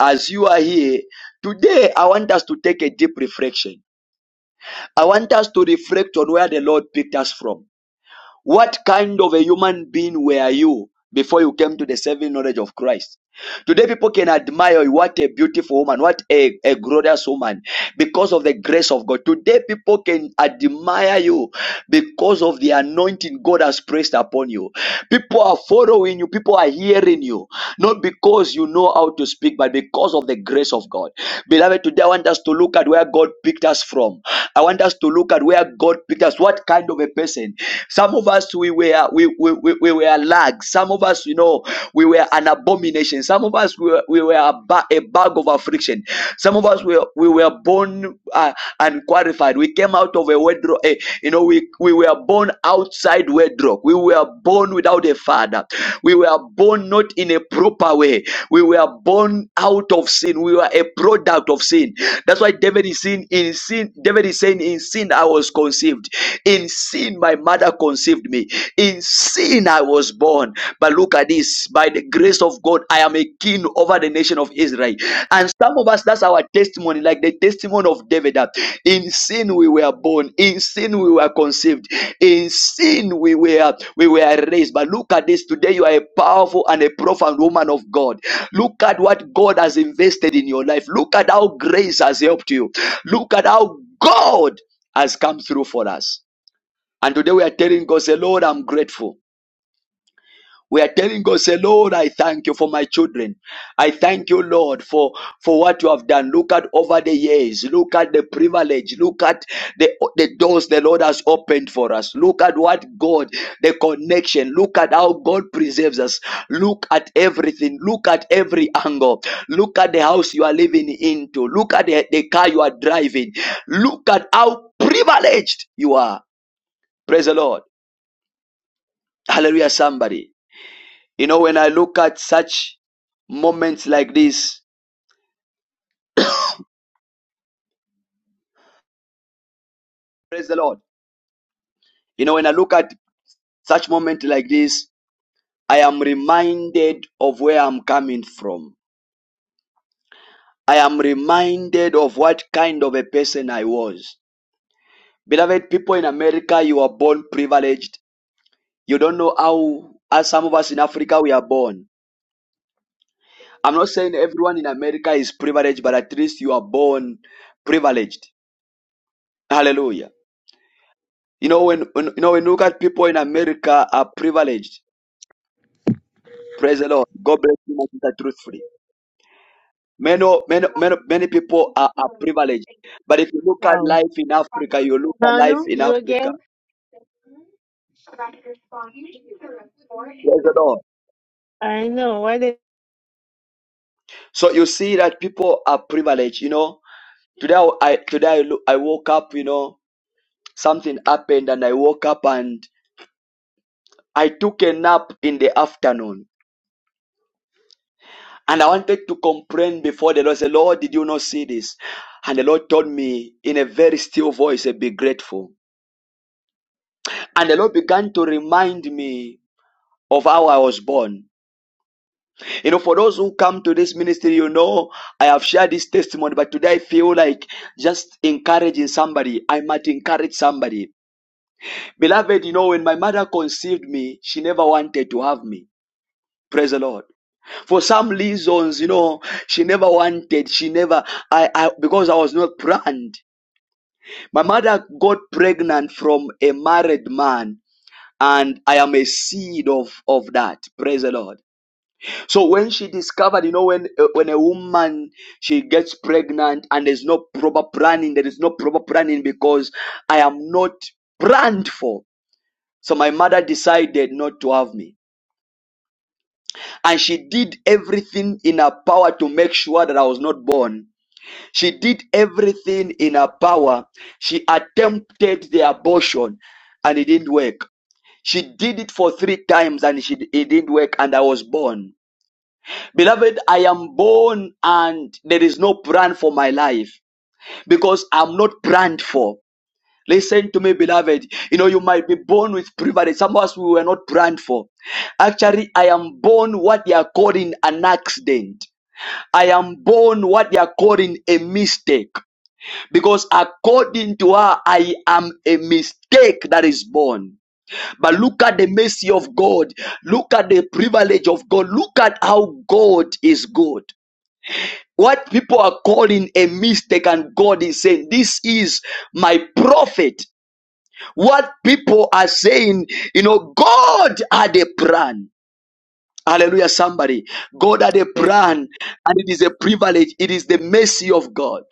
as you are here today. I want us to take a deep reflection. I want us to reflect on where the Lord picked us from. What kind of a human being were you before you came to the saving knowledge of Christ? Today, people can admire you. What a beautiful woman. What a, a glorious woman. Because of the grace of God. Today, people can admire you because of the anointing God has placed upon you. People are following you. People are hearing you. Not because you know how to speak, but because of the grace of God. Beloved, today I want us to look at where God picked us from. I want us to look at where God picked us. What kind of a person? Some of us, we were, we, we, we, we were lags. Some of us, us, you know, we were an abomination. Some of us, we were, we were a, ba- a bag of affliction. Some of us, we were, we were born uh, unqualified. We came out of a wardrobe. eh, you know, we, we were born outside wardrobe. We were born without a father. We were born not in a proper way. We were born out of sin. We were a product of sin. That's why David is saying, in sin, David is saying, in sin I was conceived. In sin my mother conceived me. In sin I was born. But look at this. By the grace of God, I am a king over the nation of Israel. And some of us, that's our testimony, like the testimony of David. that In sin we were born. In sin we were conceived. In sin we were we were raised. But look at this. Today you are a powerful and a profound woman of God. Look at what God has invested in your life. Look at how grace has helped you. Look at how God has come through for us. And today we are telling God, say, Lord, I'm grateful. We are telling God, say, Lord, I thank you for my children. I thank you, Lord, for, for what you have done. Look at over the years. Look at the privilege. Look at the, the doors the Lord has opened for us. Look at what God, the connection. Look at how God preserves us. Look at everything. Look at every angle. Look at the house you are living into. Look at the the car you are driving. Look at how privileged you are. Praise the Lord. Hallelujah, somebody. You know, when I look at such moments like this, praise the Lord. You know, when I look at such moments like this, I am reminded of where I'm coming from. I am reminded of what kind of a person I was. Beloved people in America, you are born privileged. You don't know how, as some of us in Africa, we are born. I'm not saying everyone in America is privileged, but at least you are born privileged. Hallelujah. You know, when, when you know when you look at people in America are privileged. Praise the Lord. God bless you, my sister, truthfully. Many, many, many, many people are, are privileged. But if you look at
Wow.
life in Africa, you look at life
Manu,
in
you
Africa.
again?
Praise the Lord.
I know. What
So you see that people are privileged. You know, today I today I, look, I woke up. You know, something happened, and I woke up and I took a nap in the afternoon. And I wanted to complain before the Lord. I Said, Lord, did you not see this? And the Lord told me in a very still voice, "Say, be grateful. And the Lord began to remind me of how I was born. You know, for those who come to this ministry, you know, I have shared this testimony, but today I feel like just encouraging somebody. I might encourage somebody. Beloved, you know, when my mother conceived me, she never wanted to have me. Praise the Lord. for some reasons, you know, she never wanted, she never, I, I, because I was not planned. My mother got pregnant from a married man, and I am a seed of, of that. Praise the Lord. So when she discovered, you know, when, uh, when a woman, she gets pregnant and there's no proper planning, there is no proper planning because I am not planned for. So my mother decided not to have me. And she did everything in her power to make sure that I was not born She did everything in her power. She attempted the abortion and it didn't work. She did it for three times and she, it didn't work, and I was born. Beloved, I am born and there is no plan for my life because I'm not planned for. Listen to me, beloved. You know, you might be born with privilege. Some of us, we were not planned for. Actually, I am born what they are calling an accident. I am born what they are calling a mistake because according to her, I am a mistake that is born. But look at the mercy of God. Look at the privilege of God. Look at how God is good. What people are calling a mistake, and God is saying, This is my prophet. What people are saying, you know, God had a plan. Hallelujah, somebody. God had a
Amen.
plan, and it is a privilege. It is the mercy of God.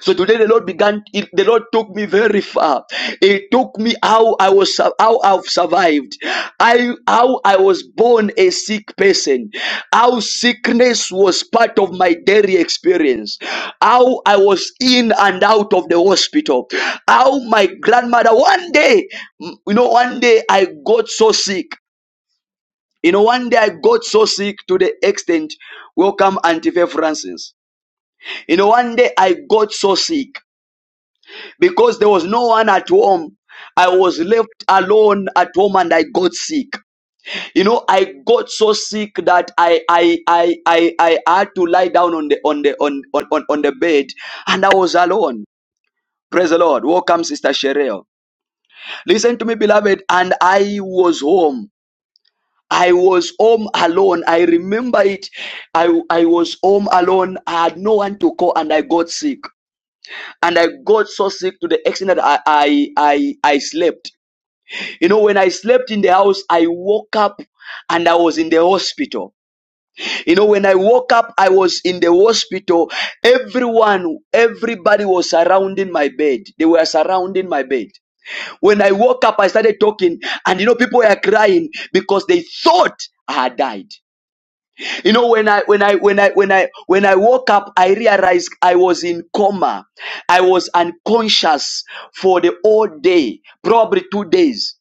So today the Lord began, it- the Lord took me very far. It took me how I was, how I've survived. I, how I was born a sick person. How sickness was part of my daily experience. How I was in and out of the hospital. How my grandmother, one day, mm, you know, one day I got so sick. You know, one day I got so sick to the extent, welcome Auntie Faith Francis. You know, one day I got so sick because there was no one at home. I was left alone at home and I got sick. You know, I got so sick that I I I I, I had to lie down on the on the on, on, on on the bed and I was alone. Praise the Lord. Welcome, Sister Sherelle. Listen to me, beloved. And I was home. I was home alone. I remember it. I, I was home alone. I had no one to call and I got sick. And I got so sick to the extent that I I I, I slept You know, when I slept in the house, I woke up and I was in the hospital. You know, when I woke up, I was in the hospital. Everyone, everybody was surrounding my bed. They were surrounding my bed. When I woke up, I started talking, and you know, people were crying because they thought I had died. You know, when I when I when I when I when I woke up, I realized I was in coma. I was unconscious for the whole day, probably two days.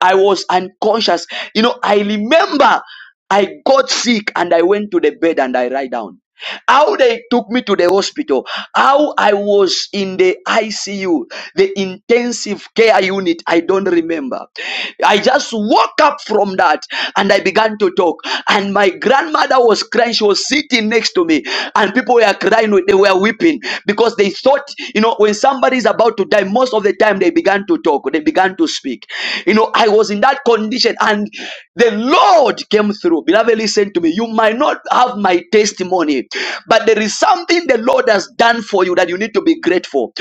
I was unconscious. You know, I remember I got sick and I went to the bed and I lie down. How they took me to the hospital, how I was in the ICU, the intensive care unit, I don't remember. I just woke up from that and I began to talk. And my grandmother was crying, she was sitting next to me, and people were crying, they were weeping because they thought, you know, when somebody is about to die, most of the time they began to talk, they began to speak. You know, I was in that condition and the Lord came through. Beloved, listen to me. You might not have my testimony, but there is something the Lord has done for you that you need to be grateful.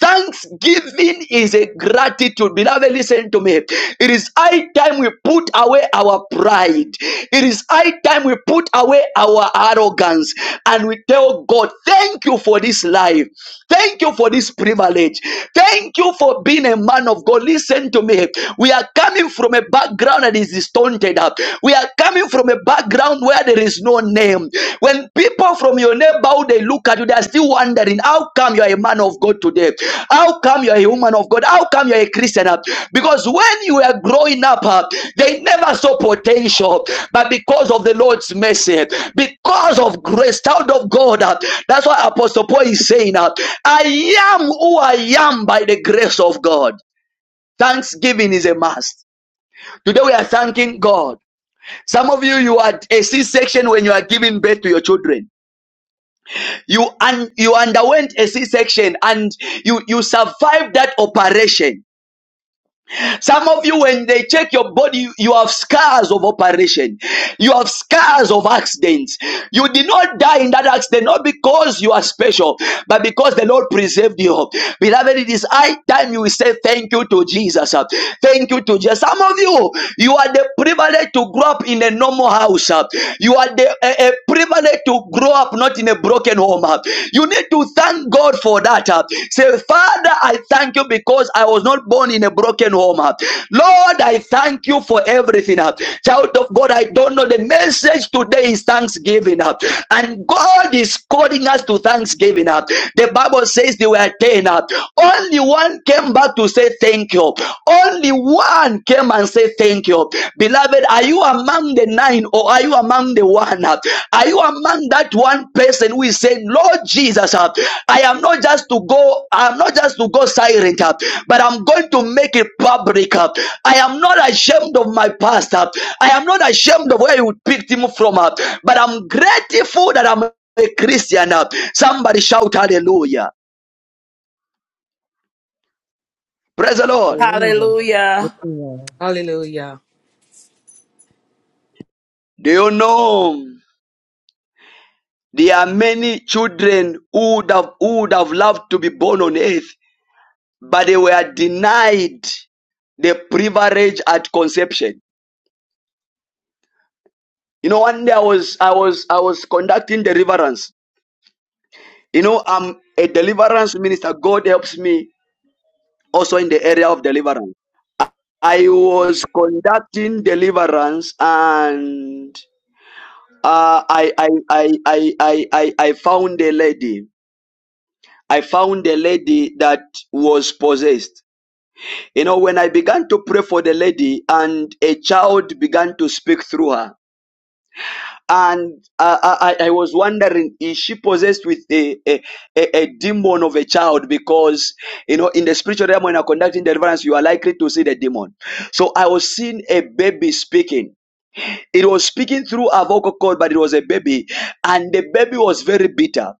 Thanksgiving is a gratitude. Beloved, listen to me. It is high time we put away our pride. It is high time we put away our arrogance and we tell God, thank you for this life. Thank you for this privilege. Thank you for being a man of God. Listen, listen to me. We are coming from a background that is distorted. We are coming from a background where there is no name. When people from your neighborhood they look at you, they are still wondering, how come you are a man of God today? How come you are a woman of God? How come you are a Christian? Because when you were growing up, uh, they never saw potential, but because of the Lord's mercy, because of grace, child of God, uh, that's why Apostle Paul is saying, uh, I am who I am by the grace of God. Thanksgiving is a must. Today we are thanking God. Some of you, you had a C-section when you are giving birth to your children. You un- you underwent a C-section and you you survived that operation. Some of you, when they check your body, you have scars of operation. You have scars of accidents. You did not die in that accident, not because you are special, but because the Lord preserved you. Beloved, it is high time you will say thank you to Jesus. uh, Thank you to Jesus. Some of you, you are the privilege to grow up in a normal house. uh, You are the a, a privilege to grow up not in a broken home home. uh, You need to thank God for that. uh. Say, Father, I thank you because I was not born in a broken home. uh. Lord, I thank you for everything. uh. Child of God, I don't know. The message today is thanksgiving. uh. And God is calling us to thanksgiving. uh. The Bible says they were 10. uh. Only one came back to say thank you. Only one came and said thank you. Beloved, are you among the nine or are you among the one? Are you among that one person who is saying, Lord Jesus, I am not just to go, I'm not just to go silent, but I'm going to make it public. I am not ashamed of my past. I am not ashamed of where you picked him from, but I'm grateful that I'm a Christian. Somebody shout hallelujah. Praise the Lord.
Hallelujah.
Hallelujah.
Hallelujah.
Hallelujah.
Do you know? There are many children who would have, who would have loved to be born on earth, but they were denied the privilege at conception. You know, one day I was I was I was conducting deliverance. You know, I'm a deliverance minister. God helps me also in the area of deliverance. I was conducting deliverance and uh, I, I, I, I, I, I I found a lady. I found a lady that was possessed You know, when I began to pray for the lady and a child began to speak through her, and I, I, I was wondering, is she possessed with a, a, a, a demon of a child? Because, you know, in the spiritual realm, when you're conducting deliverance, you are likely to see the demon. So I was seeing a baby speaking. It was speaking through a vocal cord, but it was a baby, and the baby was very bitter.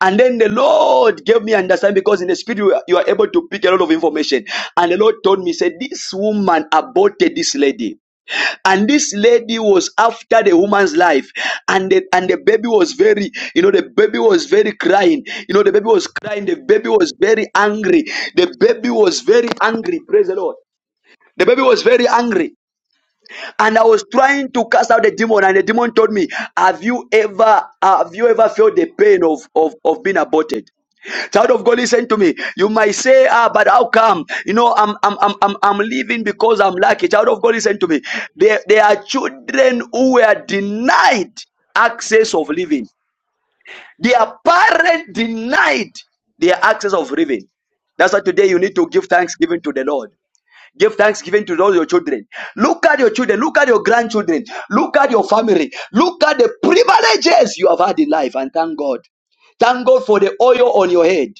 And then the Lord gave me understanding because in the spirit you are, you are able to pick a lot of information. And the Lord told me, said, this woman aborted this lady. And this lady was after the woman's life. And the, and the baby was very, you know, the baby was very crying. You know, the baby was crying. The baby was very angry. The baby was very angry. Praise the Lord. The baby was very angry. And I was trying to cast out the demon. And the demon told me, have you ever, have you ever felt the pain of, of, of being aborted? Child of God, listen to me. You might say, ah, but how come? You know, I'm I'm I'm I'm, I'm living because I'm lucky. Child of God, listen to me. There, there are children who were denied access of living. Their parents denied their access of living. That's why today you need to give thanksgiving to the Lord. Give thanksgiving to all your children. Look at your children. Look at your grandchildren. Look at your family. Look at the privileges you have had in life and thank God. Thank God for the oil on your head.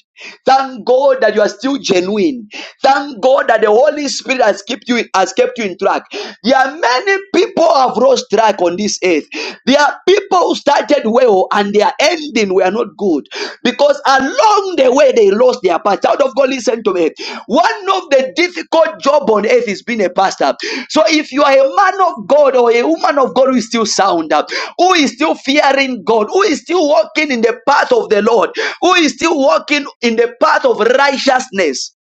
Thank God that you are still genuine. Thank God that the Holy Spirit has kept you has kept you in track. There are many people who have lost track on this earth. There are people who started well and their ending were not good because along the way they lost their path of God, listen to me. One of the difficult job on earth is being a pastor. So if you are a man of God or a woman of God who is still sound, uh, who is still fearing God, who is still walking in the path of the Lord, who is still walking in the path of righteousness,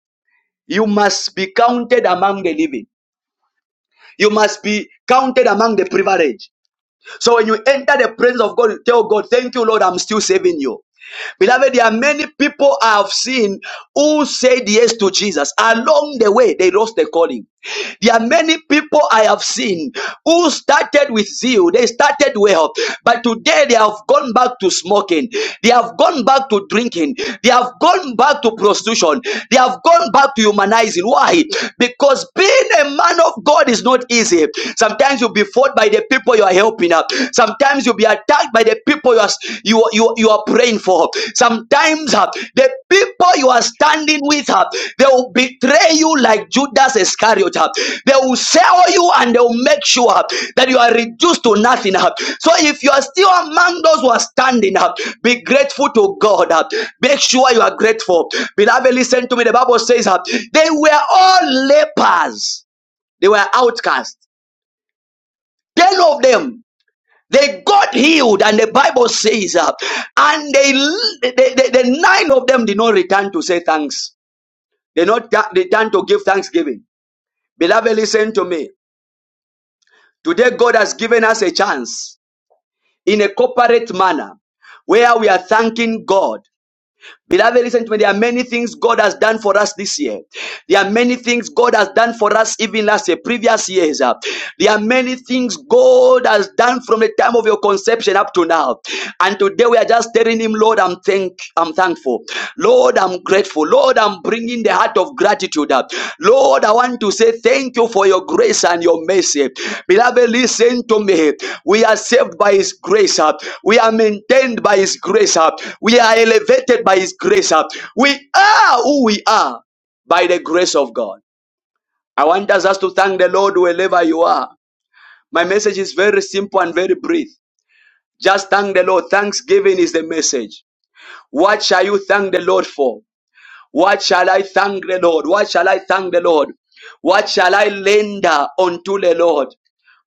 you must be counted among the living. You must be counted among the privileged. So when you enter the presence of God, you tell God, thank you, Lord, I'm still saving you. Beloved, there are many people I have seen who said yes to Jesus. Along the way, they lost their calling. There are many people I have seen who started with zeal. They started well, but today they have gone back to smoking. They have gone back to drinking. They have gone back to prostitution. They have gone back to humanizing. Why? Because being a man of God is not easy. Sometimes you'll be fought by the people you are helping. Sometimes you'll be attacked by the people you are, you, you, you are praying for. Sometimes uh, the people you are standing with, uh, they will betray you like Judas Iscariot. uh. They will sell you and they will make sure uh, that you are reduced to nothing. uh. So if you are still among those who are standing up, uh, be grateful to God. uh. Make sure you are grateful. Beloved, listen to me. The Bible says uh, they were all lepers. They were outcasts. Ten of them they got healed, and the Bible says, uh, and they, the, the, the nine of them did not return to say thanks. They not ta- return to give thanksgiving. Beloved, listen to me. Today, God has given us a chance in a corporate manner where we are thanking God. Beloved, listen to me. There are many things God has done for us this year. There are many things God has done for us even last year, previous years. uh. There are many things God has done from the time of your conception up to now. And today we are just telling Him, Lord, I'm thank, I'm thankful. Lord, I'm grateful grateful. Lord, I'm bringing the heart of gratitude up. Lord, I want to say thank you for your grace and your mercy. Beloved, listen to me. We are saved by His grace. uh. We are maintained by His grace. uh. We are elevated by His grace. uh. We are who we are by the grace of God. I want us just to thank the Lord wherever you are. My message is very simple and very brief. Just thank the Lord. Thanksgiving is the message. What shall you thank the Lord for? What shall I thank the Lord? What shall I thank the Lord? What shall I lender unto the Lord?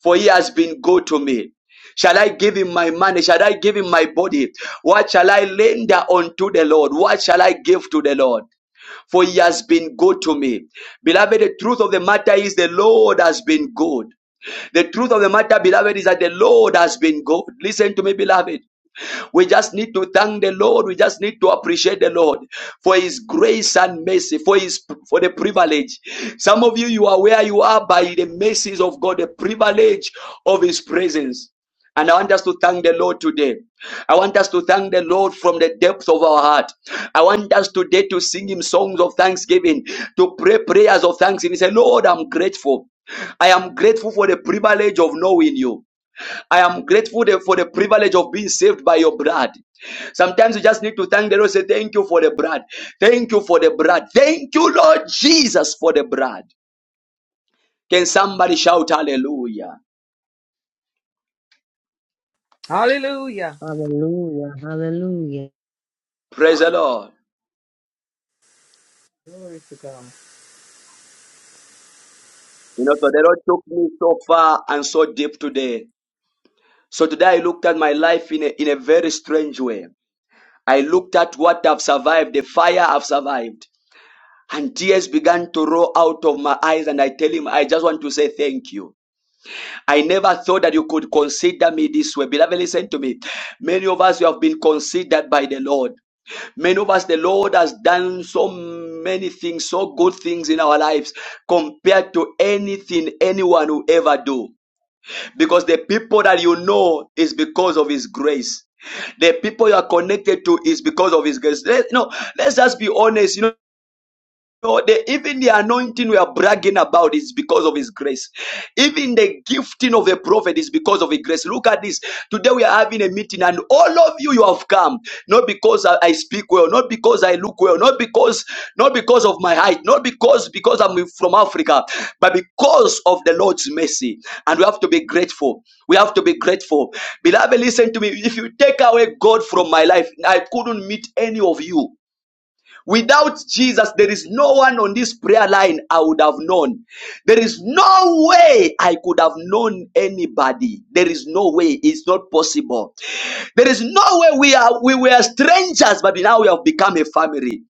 For he has been good to me. Shall I give him my money? Shall I give him my body? What shall I lender unto the Lord? What shall I give to the Lord? For he has been good to me. Beloved, the truth of the matter is the Lord has been good. The truth of the matter, beloved, is that the Lord has been good. Listen to me, beloved. We just need to thank the Lord. We just need to appreciate the Lord for His grace and mercy, for His for the privilege. Some of you, you are where you are by the mercies of God, the privilege of His presence. And I want us to thank the Lord today. I want us to thank the Lord from the depth of our heart. I want us today to sing Him songs of thanksgiving, to pray prayers of thanksgiving. Say, Lord, I'm grateful. I am grateful for the privilege of knowing you. I am grateful for the privilege of being saved by your blood. Sometimes you just need to thank the Lord. Say, Thank you for the blood. Thank you for the blood. Thank you, Lord Jesus, for the blood. Can somebody shout hallelujah?
Hallelujah.
Hallelujah. Hallelujah. Hallelujah.
Praise the
Hallelujah.
Lord.
Glory to God.
You know, so the Lord took me so far and so deep today. So today I looked at my life in a, in a very strange way. I looked at what I've survived, the fire I've survived. And tears began to roll out of my eyes, and I tell him, I just want to say thank you. I never thought that you could consider me this way. Beloved, listen to me. Many of us we have been considered by the Lord. Many of us, the Lord has done so many things, so good things in our lives compared to anything anyone will ever do. Because the people that you know is because of His grace. The people you are connected to is because of His grace. Let, no, let's just be honest. You know, no, the, even the anointing we are bragging about is because of his grace. Even the gifting of a prophet is because of his grace. Look at this. Today we are having a meeting, and all of you you have come not because I, I speak well, not because I look well, not because not because of my height, not because because I'm from Africa, but because of the Lord's mercy. And we have to be grateful. We have to be grateful, beloved. Listen to me. If you take away God from my life, I couldn't meet any of you. Without Jesus, there is no one on this prayer line I would have known. There is no way I could have known anybody. There is no way. It's not possible. There is no way we are we were strangers, but now we have become a family.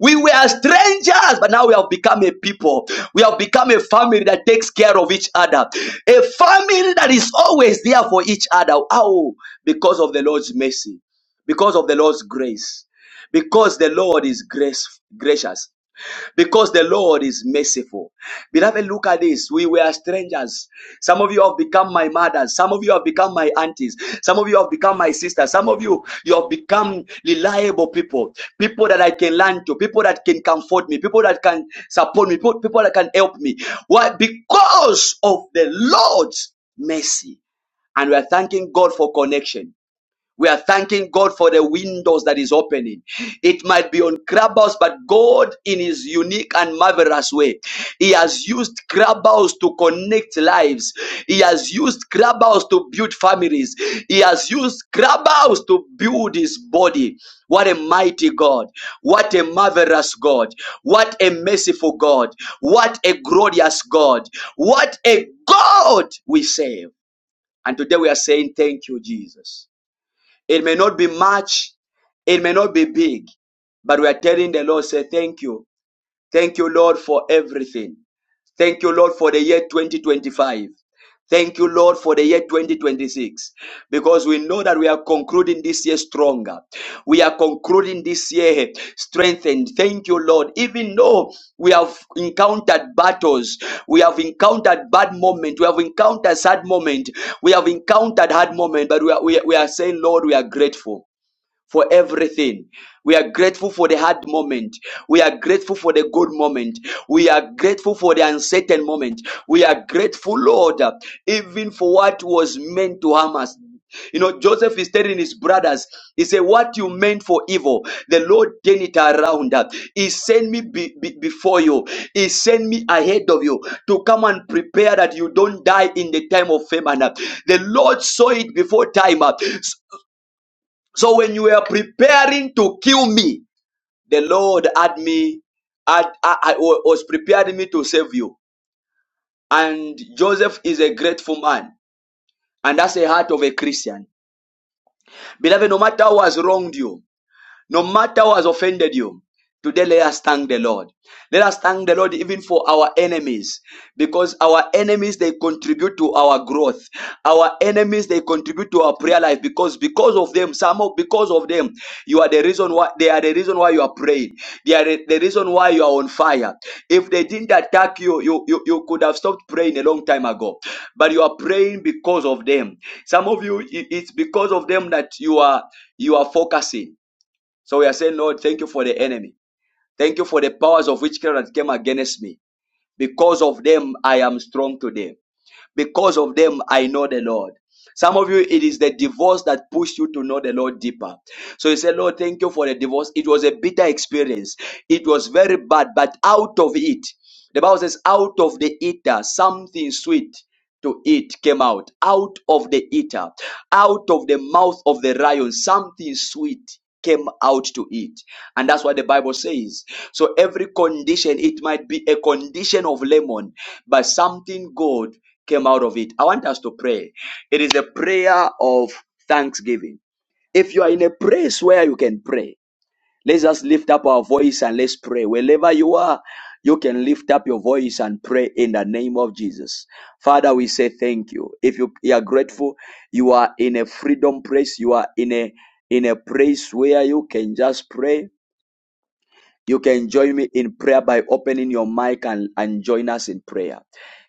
We were strangers, but now we have become a people. We have become a family that takes care of each other. A family that is always there for each other. How? Because of the Lord's mercy, because of the Lord's grace, because the Lord is grace, gracious because the Lord is merciful. Beloved, look at this. We were strangers. Some of you have become my mothers. Some of you have become my aunties. Some of you have become my sisters. Some of you, you have become reliable people. People that I can learn to. People that can comfort me. People that can support me. People, people that can help me. Why? Because of the Lord's mercy. And we are thanking God for connection. We are thanking God for the windows that is opening. It might be on Clubhouse, but God, in His unique and marvelous way, He has used Clubhouse to connect lives. He has used Clubhouse to build families. He has used Clubhouse to build His body. What a mighty God. What a marvelous God. What a merciful God. What a glorious God. What a God we save. And today we are saying, Thank you, Jesus. It may not be much, it may not be big, but we are telling the Lord, say, Thank you. Thank you, Lord, for everything. Thank you, Lord, for the year 2025. Thank you, Lord, for the year 2026, because we know that we are concluding this year stronger. We are concluding this year strengthened. Thank you, Lord. Even though we have encountered battles, we have encountered bad moment, we have encountered sad moment, we have encountered hard moment, but we are, we are, we are saying, Lord, we are grateful for everything. We are grateful for the hard moment. We are grateful for the good moment. We are grateful for the uncertain moment. We are grateful, Lord, even for what was meant to harm us. You know, Joseph is telling his brothers, he said, What you meant for evil, the Lord turned it around. He sent me be- be- before you, He sent me ahead of you to come and prepare that you don't die in the time of famine. The Lord saw it before time. So when you were preparing to kill me, the Lord had me, had, I, I was preparing me to save you. And Joseph is a grateful man. And that's the heart of a Christian. Beloved, no matter who has wronged you, No matter who has offended you, today let us thank the Lord. Let us thank the Lord even for our enemies, because our enemies they contribute to our growth. Our enemies they contribute to our prayer life because because of them, some of because of them, you are the reason why they are the reason why you are praying. They are the, the reason why you are on fire. If they didn't attack you, you, you, you could have stopped praying a long time ago. But you are praying because of them. Some of you, it- it's because of them that you are you are focusing so we are saying, Lord, thank you for the enemy. Thank you for the powers of witchcraft that came against me. Because of them, I am strong today. Because of them, I know the Lord. Some of you, it is the divorce that pushed you to know the Lord deeper. So you say, Lord, thank you for the divorce. It was a bitter experience. It was very bad, but out of it, the Bible says, out of the eater, something sweet to eat came out, out of the eater, out of the mouth of the lion, something sweet came out to eat. And that's what the Bible says. So every condition, it might be a condition of lemon, but something good came out of it. I want us to pray. It is a prayer of thanksgiving. If you are in a place where you can pray, Let's just lift up our voice and let's pray. Wherever you are, you can lift up your voice and pray in the name of Jesus. Father, we say thank you. If you, you are grateful, you are in a freedom place, you are in a in a place where you can just pray. You can join me in prayer by opening your mic and, and join us in prayer.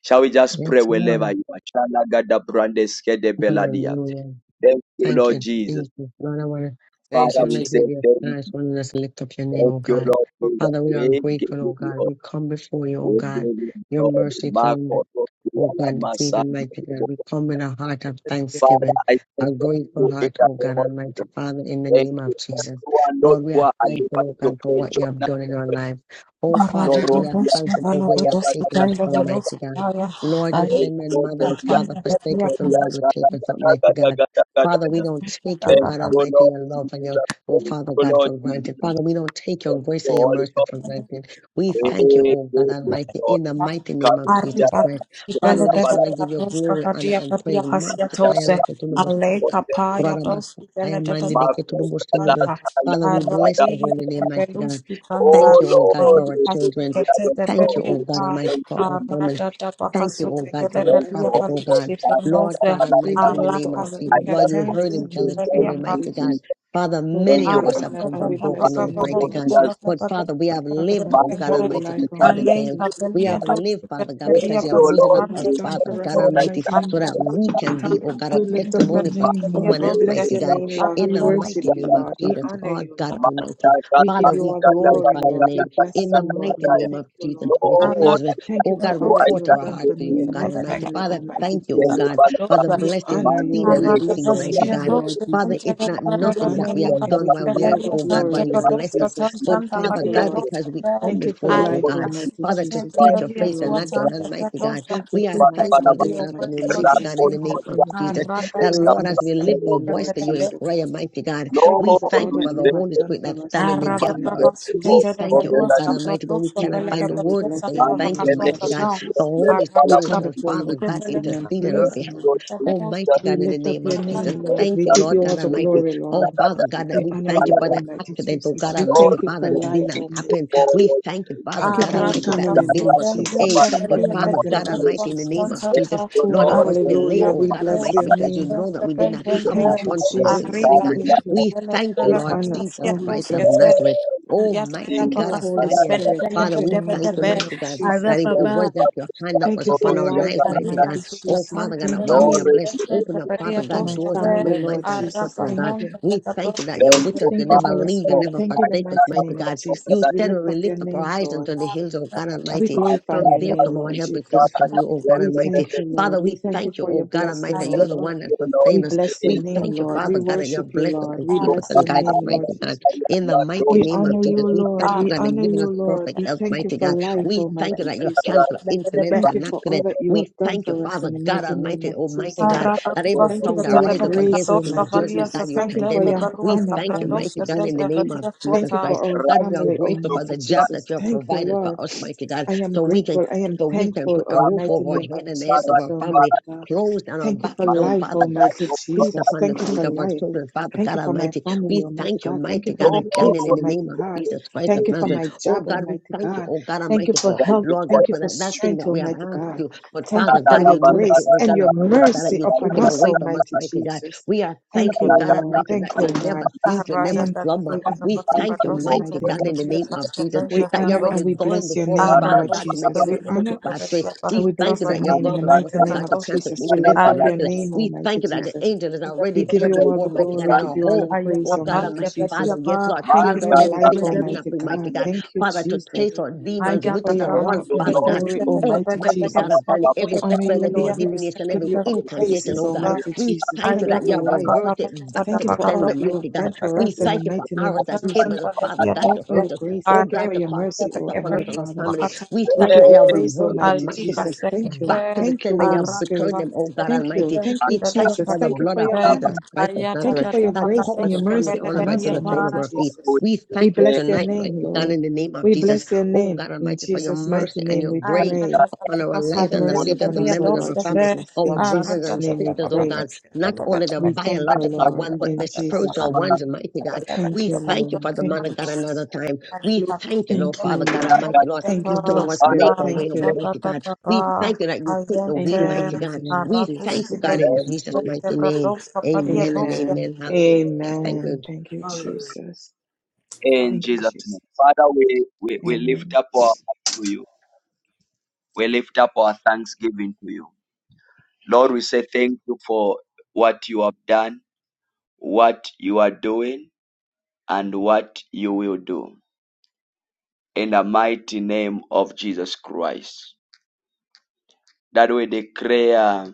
Shall we just
Yes,
pray wherever
Lord.
you are? Shalagada brandeske de beladia.
Hallelujah.
Thank you,
Thank
Lord
you,
Jesus.
Jesus. Lord, I want to
Thank
just
you,
Father,
want
we
to
Jesus.
say
give you
thank
thanks.
you.
I want to just lift up your name,
Thank
oh
you,
God.
Lord Jesus.
Father, we are
We give
grateful,
you
oh God. We come before you, oh
We
God.
Wewe
Your
Lord,
mercy throne.
Marco, Tokyo,
Oh God,
Alama,
it's
San,
even mighty God.
Yobo,
We come
Kenya.
with a heart of
Father,
thanksgiving,
I thank
a grateful
you in
heart,
the
oh
name
God
of Jesus.
Almighty Father, in the
Thank
name
you,
of Jesus.
everyone, Lord,
Lord, we
who
are
are
thankful,
alive
oh
to
God, for
pray,
what you have
Jonah,
done in
to
our
pray,
lives. Oh Father God,
Noro,
we are
Ria,
thankful for where
Kata,
you
Kata,
have
Kata,
taken
Kata,
us from,
Kata,
mighty God. Lord, if
Ray,
then when mother
Toto,
and
Ria,
father forsake us,
Kata,
the
Ria,
Lord will
Kata,
take us up,
Kata,
mighty
Kata,
God.
Kata, Kata,
Father, we
Kata.
don't take your
Thank
God
you,
Almighty,
Lord
your love and your,
Jesus.
oh
Thank
Father
you,
God,
Lord
for granted.
Jesus.
Father, we don't take your
Thank
grace
you,
and your
Holy
mercy
Ghost.
for granted. We
Hey,
thank you,
hey,
oh God
hey,
Almighty,
Lord.
in the mighty
Come,
name of
Ria,
Jesus
Arriba
Christ.
Kata,
Father,
Ria,
Bele
we just
Bele
Kata,
want to
Bele
give you
Dos
glory, honor,
Kafadia
and
Kadia
praise.
Oh
Hasia
Masi kaya
Tose
meke tunu
Ale
boshino.
Kapaya
Brara basa
Dos
kaya
Bele Bele Bele Dos
mandi meke tunu boshino no.
Kafanta
Father, we bless your
Arabin
holy name, mighty
Belus
God.
Kitanza
Thank you, oh God,
Ali
for
Lord,
our children.
I
Hasukete
don't
de
Thank
know.
you,
Bedia
oh
It's
God Almighty,
going
for
to
our
be
family.
Arada da
Lord,
Thank you,
we
oh
thank
Bakasukete
you
God, for
de
for
the
going
life,
Bedia
for
prophet, oh
Almighty
Kadus
God.
Jesus.
Lord
Kitanose
God
We
Almighty, in
thank
the
you
Ala
for
name of
all that
I
you
Jesus.
have
Lord,
just
done
you
want
for
heard
us
to
him
in
tell
say
the
his
mighty
thank
story,
name of
Kasukete
you,
mighty God.
Jesus.
Jesus.
Father,
Oh God,
many
Thank you,
of
we
us
Holy
have
honor
come
and
Spirit.
from
we
Man,
bless
broken
your
homes,
for
name,
mighty
what
Lord
he
God.
has,
But
Jesus.
Father, we have
Father
lived,
God,
oh
man,
thank
God
you
for
for
what
Almighty,
life,
he
to
has,
tell the
he
Almighty
has
tale.
Jesus.
taken
We have
us.
lived, Father God,
Thank
Thank
you
because
for
you have
you,
all that
risen
Lord,
up
you have
us,
done
Jesus.
Father
for us
God
Lord,
in the
I
Almighty,
mighty
thank
name
so
of
that
you.
Jesus.
we
I
can be,
thank
oh
you.
God, a
We lift up your
testimony for
Man,
name,
for
Lord.
someone
the
We
else,
bless
grace
mighty
your
God,
name, Lord.
in
We
the
worship
mighty
you,
of
name of
Lord. We
Jesus,
God.
Allah
honor
God,
you,
Lord, I
God
Lord.
Almighty.
We give
Father,
you
we
all the glory,
glorify your
Lord.
name
We bless
in the
you, Lord.
mighty
We
name
thank
thank
of
you,
Jesus
Lord.
Christ of Nazareth.
Thank
Oh
you for
God,
you.
all
I
that you
report
have
our
thank
done
heart
you.
for
for you,
me
oh
and
Jesus.
God
my
Almighty.
family,
Father,
Almighty
thank you, oh
Yellow
Jesus.
God, for
Balaba.
the
We
blessings
honor
Man,
you.
seen and
We
yellow,
bless
unseen,
yellow,
your
mighty
black,
Arababastia
name,
God.
yellow,
Lord
Costa
Father,
Jesus.
it's
Santa
not
man,
We
nothing
yellow,
that
honor
Varia
we
you
have
and
yellow,
we
done
black,
give
while
Capatosca
black,
we
you
are,
all
black,
the
Valia
oh God,
glory,
Santa
while you
black,
Lord
blessed us.
Patosca
Jesus.
yellow,
But
We
Santa
thank
Father
you,
Valia
God,
Lord.
yellow,
because
Tosca
we come
Thank you
Jesus,
for
before you,
Lord,
oh
life,
for
God.
Alica
the
Almighty
Sita
Father, to
Jesus.
Santa
seek
divine,
Thank
your
you,
Valia
face and
Sua
Lord.
not your
right,
Santa
hand, mighty God.
Patosca.
Thank you
We are
for
We
my
Balaba, Mandele
thank you
thankful
Balaba,
for
this
family,
your word,
Almighty
afternoon,
Lord
mighty
right,
Jesus.
God,
for
in
Jesus.
Thank
the
the
you
name
for
of
your
black,
faith.
Jesus.
yellow,
Thank you
That
for your
yellow,
Arababastia
Lord, as
black,
we lift
yellow,
our
understanding, Lord
voice to you in
Jesus.
prayer, mighty God,
Thank you
we
for
Lord,
all
thank you
we
that
for the
you
thank
have
Holy
you.
done
Spirit that
for us in
stands
the
in the
mighty
gap
Man,
for
name
us.
of
We
Jesus,
Arababastia
thank you,
Almighty
oh
yellow,
God
Valuasca
God.
Almighty, when we
Patosca
We
cannot
Valia
honor
find the
and we
word
Patia
to
bless
say
your
Santa
Man
thank
name,
you,
kele
Lord
mighty
Vacatosca
God.
Town.
The
Jesus.
kele
Holy
bala
We
Spirit,
come
Arababastia
oh
pati
before you
Father,
with
God,
thanksgiving and
Valia
intercede on our
praise,
behalf.
yo
Lord.
Oh
tinja
mighty
We
God, in the
lift up
name
your
of
name,
Jesus.
the
Lord.
Thank
We
you,
give you
Lord
all
God
the
tinja
Patosca.
Almighty.
glory,
Oh
da
Lord.
da
Father
da
God,
da
that
We
we
honor
thank you
bala
you,
for
da
the
Almighty
accident, oh
Jesus.
God
We
or
Almighty,
thank you
Father,
for
to
that did
life,
not
Almighty
happen.
ko
God.
We thank you,
to
Father
Thank you
God
for our
Almighty,
Arata
that the
da da
family,
bill
da
Lord
was to
da
Jesus.
bafudenten
pay.
bala
Thank
da
you
But
in
rebelia
the
da
Father
ko
mighty
petia
God
name of
kaspa
e
Almighty, in the name
Jesus.
of Jesus,
kusonsanta
yo
Oh,
no
Lord, it
o
was delayed,
tinja
hallelujah.
arikaya
oh
We
God
pa
bless
Almighty,
your
rosa
because you
name.
know that
kusanta
we
e
did not
We
ko
have
ko
the
thank
kentente
you,
funds to
ko
do it,
Jesus.
da
mighty
We
arriba
mi
God.
thank
la
you.
tusi
ko
We
bele
thank
ko
bele
you,
We
bele
Lord
honor
tusi
Jesus
and we
Christ of
bless.
atuskete
Nazareth,
ayata
ti
Almighty
Thank
tapa
God
you,
of
da
Holy
kasuke
da
Daniel.
pede
da
Spirit.
da
bele
Thank
Father,
you in the
we
bele
thank
bele
mighty
you,
name
bele
of
mighty God,
ara
that
Jesus.
it,
yo
it
re
was
baba
pa
that your
da
hand that
Thank
was
you
to ro
for
upon our
ya
life,
lives,
da da
mighty
da
Alika
God.
Almighty
suka
Oh,
Jesus.
Father
tante
God, that
Thank
do
while
bene
you.
we are
re
Thank
blessed,
ti
kente
open up, Father
you
pedia
for
God,
my
doors that
toskete
family,
no man
Lord
can shut,
Jesus.
arapa
oh
Thank
God.
you.
kante
We
bete
thank you
tosi
that you're with
kete
tenjo
us. You
Thank
pa
you,
never
Holy
bele
leave, you
Spirit.
never
Thank you in the
forsake us,
mighty
mighty
name of
God. You
Jesus.
ko
We
said
lift
when we
up your
lift up our
name,
eyes
Lord.
unto the hills, O God
We
Almighty,
Thank
glorify
from
your
there
name,
come our
Lord
help. It comes
Jesus.
from you, O God
We
Almighty.
thank you, Lord.
Father,
We
we
thank you
thank you,
for
O
your
God
blessing,
Almighty, that
O
you're the
Lord.
one that
We
sustains us.
bless your
We
name,
thank you,
Lord. We
Father God, that you
worship
have
you,
blessed us
Lord.
and
We
keep us
bless
and
your
guide us,
name, Lord
mighty God.
Jesus.
In the mighty
We
name of
honor
Jesus,
you,
we
Lord.
thank you,
We
God, that you're
honor
giving
you,
us
Lord.
perfect
We
health,
thank you
mighty
for
God.
life,
We thank you
Almighty
that you
Jesus.
cancel incidents
Thank you
and
for all
accidents.
that you have
We
done
thank you,
for us
Father
in the
God
mighty name
Almighty,
of
Almighty
Jesus.
God, that every
Thank you
tongue that
for your
rises up
grace,
against us in
Almighty
judgment, God,
Jesus.
you
Thank you for
condemn it.
your
We
honor,
thank you, mighty
Almighty
God, in
Jesus.
the name of Jesus
Thank you
Christ.
for our
God, we are
family,
grateful for
Almighty
the job
Jesus.
that you have
Thank you,
provided for
Lord.
us, mighty God,
I am
so we can
grateful. I am
so we can
thankful
put a
on the
roof
mighty
over our
name of
head and the heads of
Jesus,
our family,
Almighty God.
clothes on our
Thank you
backs,
for
oh
life,
Father God,
Almighty
shoes
Jesus.
upon the
Thank you
feet
for
of our
life.
children, Father
Thank
God
you for my
Almighty.
family,
We
Almighty
thank you,
God. Thank you
mighty
for
God
my
of Daniel,
kids,
in the
Almighty
name of
God.
Jesus Christ of
Thank you for
Nazareth.
my
Oh
job,
God, we
Almighty
thank you,
God.
oh God
Thank you
Almighty,
for
for
help.
you
Lord
for
God,
Thank you
for
for
that, that thing
strength,
that we have
Almighty
asked
God.
you. But
Thank you
Father
for
God,
your
you know that it
grace
was
and your
gonna hurt us, Father,
mercy
you take
upon
it
us,
away from us,
Almighty
mighty God.
Jesus.
We are
Thank
thankful,
you, O
God
your
Lord.
Almighty,
Thank
that
you, O
you
God.
never sleep, you
I
never
am
slumber.
thankful and I'm
We thank
grateful
you,
in the
mighty
mighty name
God,
of
in the name
Jesus.
of Jesus,
We
that you're
honor and
already
we
gone
bless your
before us,
name,
Father
Lord
God, to make
Jesus.
every
We honor
crooked path straight.
and
We
we
thank you
bless your
that you've
name in
gone
the
before us,
mighty
oh
name
God,
of
to cancel
Jesus. We lift
incidents
up
and
your
accidents.
name,
We thank
Almighty
you that the
Jesus.
angel is already
We give
there
you all
before,
the
mighty
glory,
God,
we
in
give
our
you all the
homes.
Aya
praise,
Oh God,
apal
Almighty
de
Almighty
Jesus.
Father,
pedia pa
yes, Lord,
Thank
tear
you for
down
life,
everything that you
arriba
do not
Almighty
bring, mighty
God.
God,
Thank you,
Father, to
Jesus.
chase our
Ayat
Thank
demons,
you for
witches,
your
and
honor
warlocks,
and your
Father God.
glory,
Oh,
Almighty
mighty God,
Jesus.
I've done
We
every
honor
spell,
you,
every
Lord. We res-
divination,
give
every
you our
incantation,
praises,
oh God.
Almighty
We
Jesus.
thank you
Thank you
that
for
you have
life.
reversed it back
Thank
to
you
the
for all
sender,
that you have
mighty God.
done for
We
us in the
thank you for
mighty name
hours
of
that came
Jesus.
at us, Father God,
Thank you
to
for your
hurt us.
grace.
Oh
Thank you
God,
for
to
your
cause
mercy,
sickness
O
upon us
Heavenly
and our
Father.
family. We
We
thank you
give
that you
you
have
praise,
reversed them,
Almighty
mighty God,
Jesus. Thank you.
back to the
Thank you,
sin that you
Holy
have
Spirit.
returned them, oh God
Thank you.
Almighty.
Thank you,
We thank you
Jesus.
for the
Thank you
blood
for
of
your
Jesus
honor.
Christ of
Thank you for
Nazareth
your
that
grace and
covers
your
us from the
mercy
corner of
upon
our head to
us,
the sole of
Almighty
our feet.
Jesus.
We
We
thank you
bless your
tonight, mighty
name,
God,
Lord.
in the name of
We
Jesus.
bless your
Oh
name.
God
In
Almighty, for your
Jesus' mighty
mercy and
name
your
we
Yes,
grace
pray.
upon our
Have
lives and the
mercy
lives of
upon
the
us, O
members of
Lord
our family,
Jesus.
our
In
brothers
Jesus'
and
name we
sisters, oh God
pray.
not only the
We thank you,
biological
Lord.
one, but
In
the
Jesus'
spiritual ones,
name.
mighty God.
Thank
We
you,
thank you,
Lord.
Father,
Thank
man
you,
of God, another
Jesus.
time. We thank you, Lord,
Thank you,
Father God,
Lord.
Almighty Lord.
Thank
You
you,
some of
Holy
us
Spirit.
make our way
Thank
with
you.
mighty God. We thank you that you take the
Thank
wheel,
you in the
mighty
mighty
God.
name of
We thank
Jesus.
you, God,
Thank
in
you.
Thank
Jesus'
you.
mighty name. Amen and
Amen.
amen. Hallelujah. Thank you.
Amen. Thank you,
Hallelujah.
Jesus.
in
Thank
Hallelujah.
you,
Jesus'
Jesus.
name. Father, we, we, we lift
Amen.
up our hearts to you. We lift up our thanksgiving to you. Lord, we say thank you for what you have done, what you are doing, and what you will do. In the mighty name of Jesus Christ. That we declare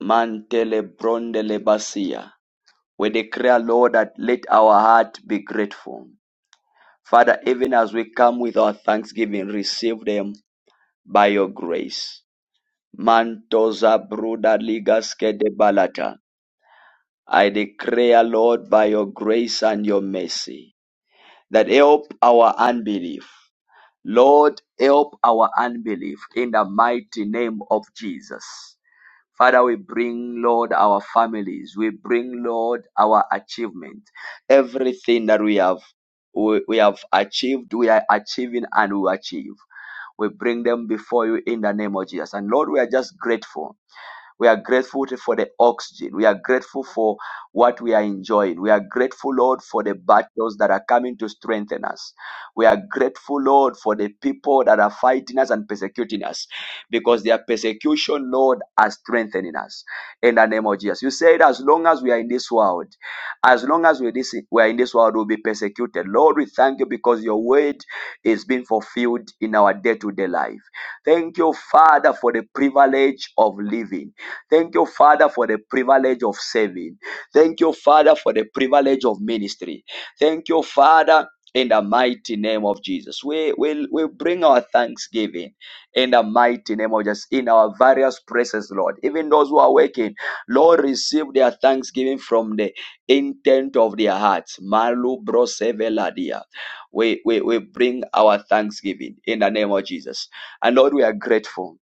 mantele brondele basia. We declare, Lord, that let our heart be grateful. Father, even as we come with our thanksgiving, receive them by your grace Mantosa Bruda Ligaske de Balata. I declare, Lord, by your grace and your mercy, that help our unbelief. Lord, help our unbelief in the mighty name of Jesus. Father, we bring, Lord, our families. We bring, Lord, our achievement. Everything that we have, we, we have achieved, we are achieving and we achieve. We bring them before you in the name of Jesus. And Lord, we are just grateful we are grateful for the oxygen. We are grateful for what we are enjoying. We are grateful, Lord, for the battles that are coming to strengthen us. We are grateful, Lord, for the people that are fighting us and persecuting us because their persecution, Lord, are strengthening us in the name of Jesus. You said, as long as we are in this world, as long as we are this we are in this world, we'll be persecuted. Lord, we thank you because your word is being fulfilled in our day-to-day life. Thank you, Father, for the privilege of living. Thank you, Father, for the privilege of serving. Thank you, Father, for the privilege of ministry. Thank you, Father. In the mighty name of Jesus, we will we bring our thanksgiving in the mighty name of Jesus in our various praises, Lord. Even those who are waking, Lord, receive their thanksgiving from the intent of their hearts. Malu broseveladia. We, we we bring our thanksgiving in the name of Jesus, and Lord, we are grateful.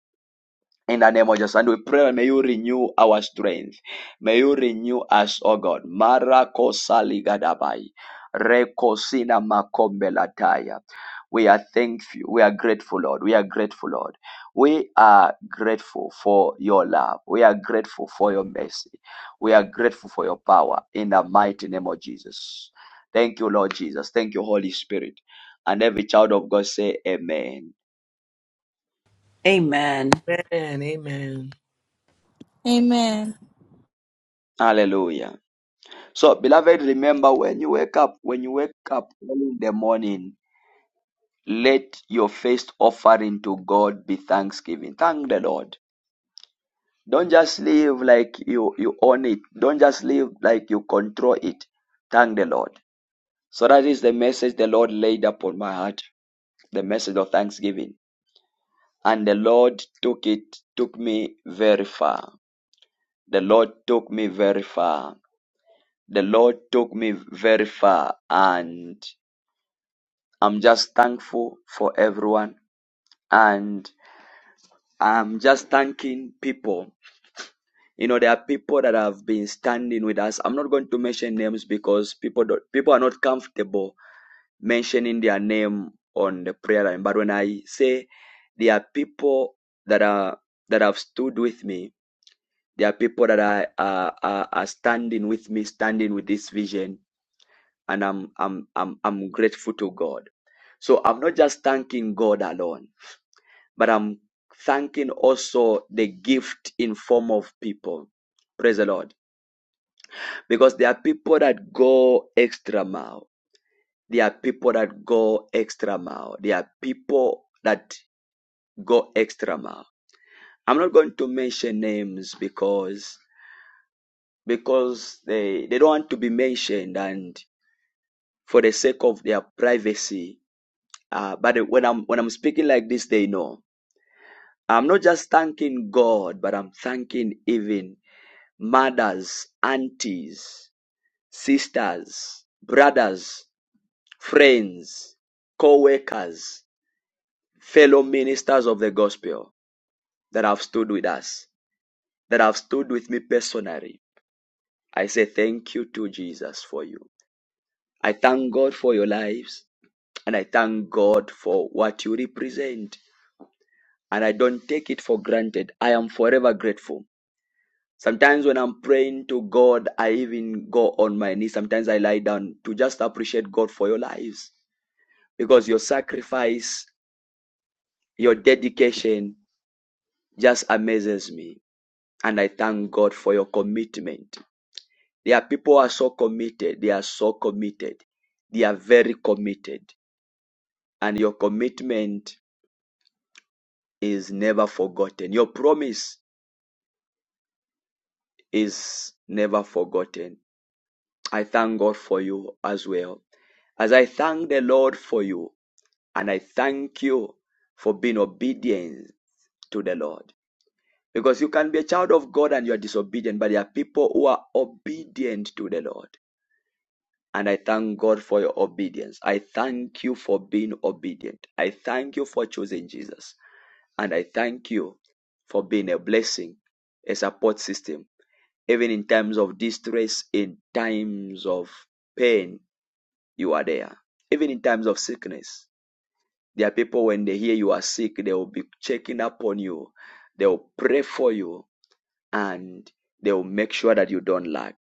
In the name of Jesus, and we pray, may you renew our strength. May you renew us, O God. Marako saligadabai. Rekosina makombelataya. We are thankful. We are grateful, Lord. We are grateful, Lord. We are grateful for your love. We are grateful for your mercy. We are grateful for your power in the mighty name of Jesus. Thank you, Lord Jesus. Thank you, Holy Spirit. And every child of God say, Amen.
Amen.
Amen.
Amen.
Hallelujah. So, beloved, remember when you wake up, when you wake up early in the morning, let your first offering to God be thanksgiving. Thank the Lord. Don't just live like you, you own it. Don't just live like you control it. Thank the Lord. So that is the message the Lord laid upon my heart, the message of thanksgiving. And the Lord took it, took me very far. The Lord took me very far. The Lord took me very far and I'm just thankful for everyone and I'm just thanking people. You know, there are people that have been standing with us. I'm not going to mention names because people don't, people are not comfortable mentioning their name on the prayer line. But when I say there are people that are that have stood with me, there are people that are, are, are are standing with me, standing with this vision, and I'm I'm I'm I'm grateful to God. So I'm not just thanking God alone, but I'm thanking also the gift in form of people. Praise the Lord. Because there are people that go extra mile. There are people that go extra mile. There are people that go extra mile. I'm not going to mention names because because they, they don't want to be mentioned and for the sake of their privacy Uh, but when I'm when I'm speaking like this, they know I'm not just thanking God, but I'm thanking even mothers, aunties, sisters, brothers, friends, co-workers, fellow ministers of the gospel that have stood with us, that have stood with me personally. I say thank you to Jesus for you. I thank God for your lives, and I thank God for what you represent. and I don't take it for granted. I am forever grateful. Sometimes when I'm praying to God, I even go on my knees. Sometimes I lie down to just appreciate God for your lives because your sacrifice, your dedication just amazes me. And I thank God for your commitment. There are people who are so committed. They are so committed. They are very committed. And your commitment is never forgotten. Your promise is never forgotten I thank God for you as well. As I thank the Lord for you, and I thank you for being obedient to the Lord. Because you can be a child of God and you are disobedient, but there are people who are obedient to the Lord. And I thank God for your obedience. I thank you for being obedient. I thank you for choosing Jesus. And I thank you for being a blessing, a support system, even in times of distress, in times of pain, you are there. Even in times of sickness, there are people when they hear you are sick, they will be checking up on you, they will pray for you, and they will make sure that you don't lack.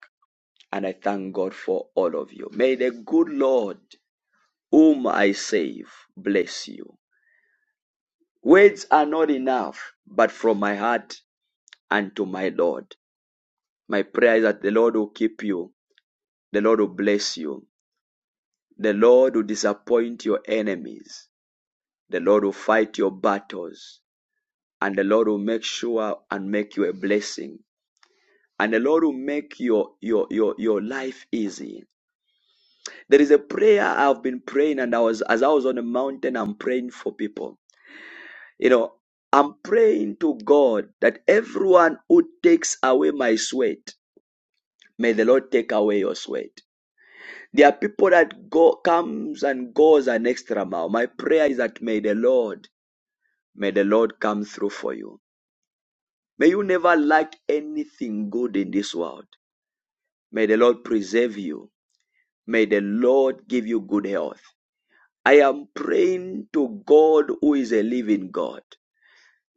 And I thank God for all of you. May the good Lord, whom I save, bless you. Words are not enough, but from my heart and to my Lord. My prayer is that the Lord will keep you, the Lord will bless you, the Lord will disappoint your enemies, the Lord will fight your battles, and the Lord will make sure and make you a blessing. And the Lord will make your your your your life easy. There is a prayer I've been praying, and I was as I was on the mountain, I'm praying for people. You know, I'm praying to God that everyone who takes away my sweat, may the Lord take away your sweat. There are people that go comes and goes an extra mile. My prayer is that may the Lord, may the Lord come through for you. May you never lack anything good in this world. May the Lord preserve you. May the Lord give you good health. I am praying to God who is a living God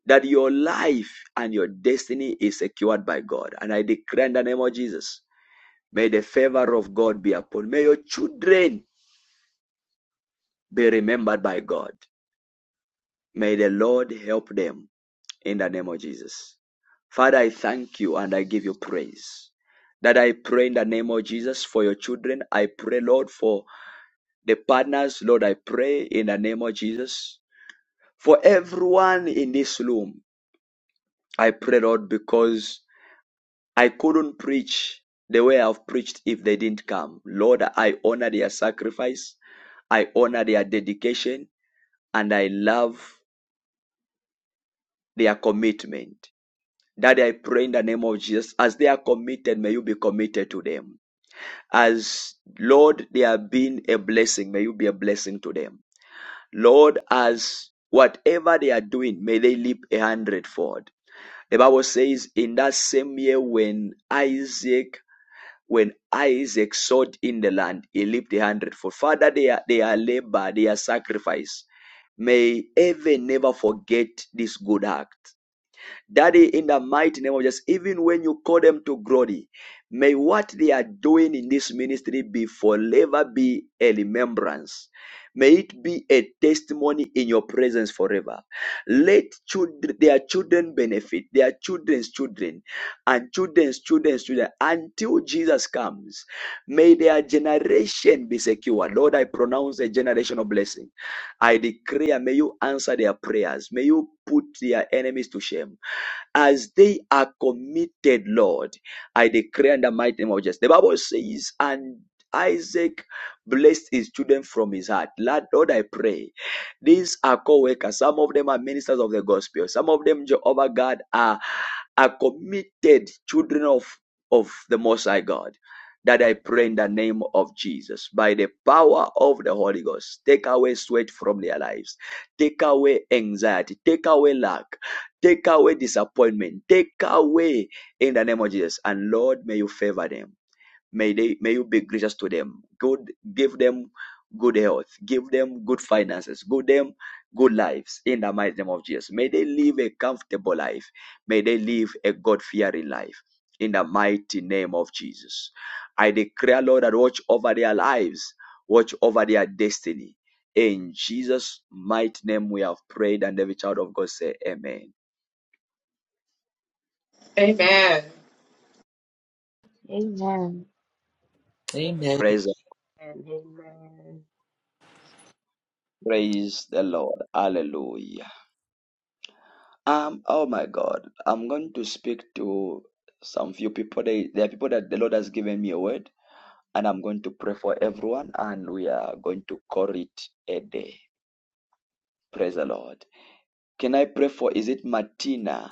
that your life and your destiny is secured by God. And I declare in the name of Jesus, may the favor of God be upon. you. May your children be remembered by God. May the Lord help them in the name of Jesus. Father, I thank you and I give you praise. That I pray in the name of Jesus for your children. I pray, Lord, for the partners, Lord, I pray in the name of Jesus. For everyone in this room, I pray, Lord, because I couldn't preach the way I've preached if they didn't come. Lord, I honor their sacrifice, I honor their dedication, and I love their commitment. Daddy, I pray in the name of Jesus, as they are committed, may you be committed to them. As Lord, they have been a blessing, may you be a blessing to them. Lord, as whatever they are doing, may they leap a hundredfold. The Bible says, in that same year when Isaac, when Isaac sought in the land, he leaped a hundredfold. Father, they are, they are labor, they are sacrifice. May heaven never forget this good act. Daddy, in the mighty name of Jesus, even when you call them to glory, may what they are doing in this ministry be forever be a remembrance. May it be a testimony in your presence forever. Let children, their children benefit, their children's children, and children's children's children until Jesus comes. May their generation be secure. Lord, I pronounce a generational blessing. I declare, may you answer their prayers. May you put their enemies to shame as they are committed, Lord. I declare in the mighty name of Jesus. The Bible says, and Isaac blessed his children from his heart. Lord, I pray. These are co-workers. Some of them are ministers of the gospel. Some of them, Jehovah God, are, are committed children of, of the Most High God. That I pray in the name of Jesus, by the power of the Holy Ghost, take away sweat from their lives, take away anxiety, take away lack, Take away disappointment. Take away in the name of Jesus. And Lord, may you favor them. May they may you be gracious to them. Good give them good health. Give them good finances. Give them good lives in the mighty name of Jesus. May they live a comfortable life. May they live a God-fearing life. In the mighty name of Jesus. I declare, Lord, that watch over their lives, watch over their destiny. In Jesus' mighty name we have prayed, and every child of God say, Amen.
Amen.
Amen.
Amen. Amen.
Praise
Amen.
praise the Lord. Hallelujah. Um, oh my God. I'm going to speak to some few people. They there are people that the Lord has given me a word, and I'm going to pray for everyone, and we are going to call it a day. Praise the Lord. Can I pray for is it Martina?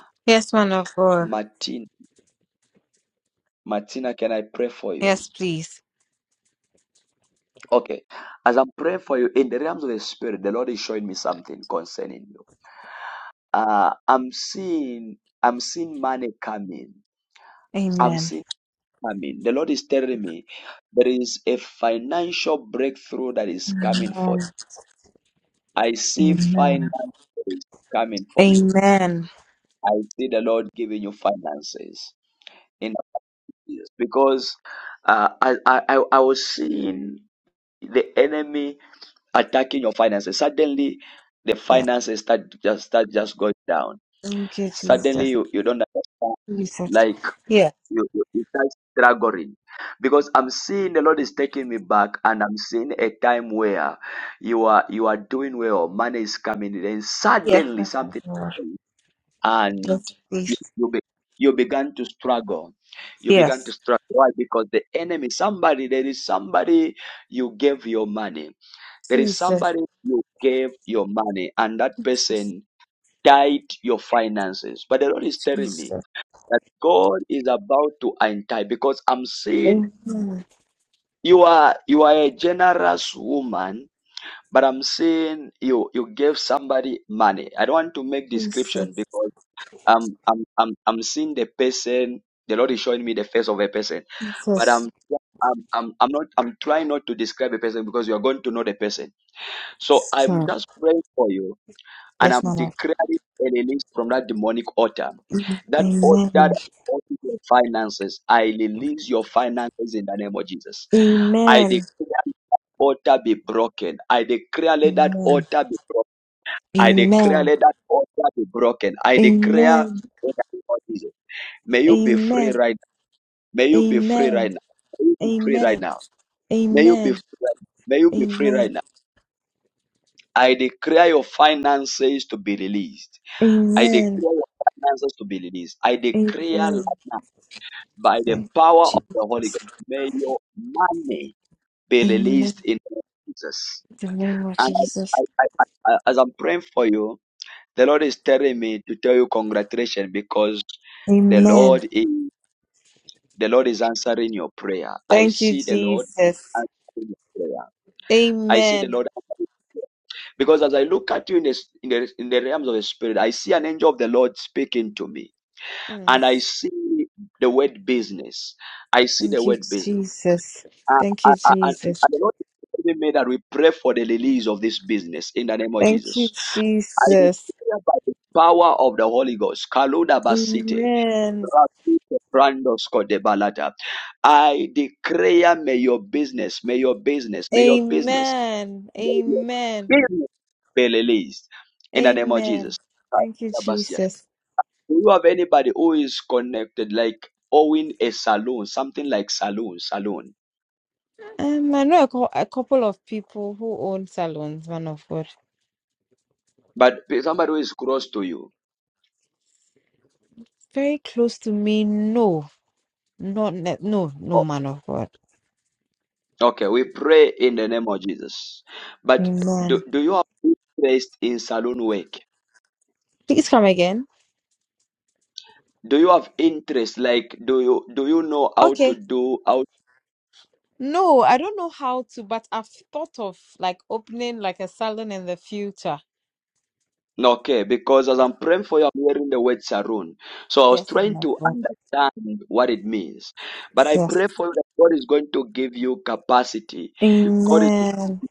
man of God.
Martin Martina, can I pray for you?
Yes, please.
Okay. As I'm praying for you in the realms of the spirit, the Lord is showing me something concerning you. Uh I'm seeing I'm seeing money coming. I'm
Amen.
seeing Coming, the Lord is telling me there is a financial breakthrough that is coming for
Amen.
you. I see finances
Amen.
coming for you.
Amen.
I see the Lord giving you finances in Jesus. because uh, I, I I I was seeing the enemy attacking your finances. Suddenly, the
Yeah.
finances start just start just going down.
Thank you, Jesus.
Suddenly, you, you don't understand.
Jesus.
Like
Yeah.
you, you you start struggling because i'm seeing the lord is taking me back and i'm seeing a time where you are you are doing well money is coming in and
Yeah.
suddenly something happens and
Yes.
you
please.
you, be, you began to struggle you began
Yes.
to struggle why because the enemy somebody there is somebody you gave your money there is
Jesus.
somebody you gave your money and that
Jesus.
person tied your finances but the lord is telling me
Jesus.
that God is about to untie because I'm seeing
Amen.
you are you are a generous woman, but I'm seeing you you gave somebody money. I don't want to make description
Jesus.
because I'm I'm I'm I'm seeing the person. The Lord is showing me the face of a person, but I'm.
Jesus.
I'm, I'm, I'm not I'm trying not to describe a person because you are going to know the person. So I'm
Hmm.
just praying for you and
Yes,
I'm
Mama.
declaring a release from that demonic altar.
Mm.
That altar that
Amen.
alters your finances, I release your finances in the name of Jesus. I declare
Amen.
that altar be broken. I declare let that
Amen.
altar be broken. I declare let that altar be broken. I declare
Amen.
in the name of Jesus. May you be free
Amen.
right now. May
Amen.
you be free right
Amen.
now. May you be free right
Amen.
now. May you be free right now. May you be free
Amen.
right now. I declare your finances to be released. I declare
Amen.
your finances to be released. I
Amen.
declare
Amen.
right now, by the
Thank
power of
you,
the Holy
Jesus.
Ghost, may your money be
Amen.
released in the name of Jesus.
In the name of
And
Jesus.
I, I, I, I, as I'm praying for you, the Lord is telling me to tell you congratulations because the
Amen.
Lord is the Lord is answering your prayer. I
Thank you,
see the Lord
Jesus.
answering your prayer. I see the
Amen.
Lord answering. because as I look at you in the, in the in the realms of the spirit, I see an angel of the Lord speaking to me
Mm.
and I see the word business. I see the
Thank you,
word business.
Jesus.
And,
Thank you,
and, and
Jesus.
and the Lord is telling me that we pray for the release of this business in the name of
Thank you,
Jesus. I
Jesus.
declare by the power of the Holy Ghost, Kaluda Basite,
Amen.
Rakute Brandos Kodebalata. I declare, may your business, may your business, may your business,
Amen.
may your
Amen.
business be released in the name of
Amen.
Jesus.
Thank you, Jesus.
Do you have anybody who is connected, like owning a saloon, something like saloon, saloon,
Um, I know a, cou- a couple of people who own salons, man of God.
but somebody who is close to you?
Very close to me. No, not ne- no,
O-
no, man of God.
Okay, we pray in the name of Jesus. But
Amen.
do, do you have interest in saloon work?
Please come again.
Do you have interest? Like, do you do you know how
Okay.
to do how?
No, I don't know how to, but I've thought of like opening like a salon in the future.
Okay, because as I'm praying for you, I'm hearing the word saloon. So I was
Yes, man
trying
of
to
God.
understand what it means. But I
Yes.
pray for you that God is going to give you capacity. God is
Amen.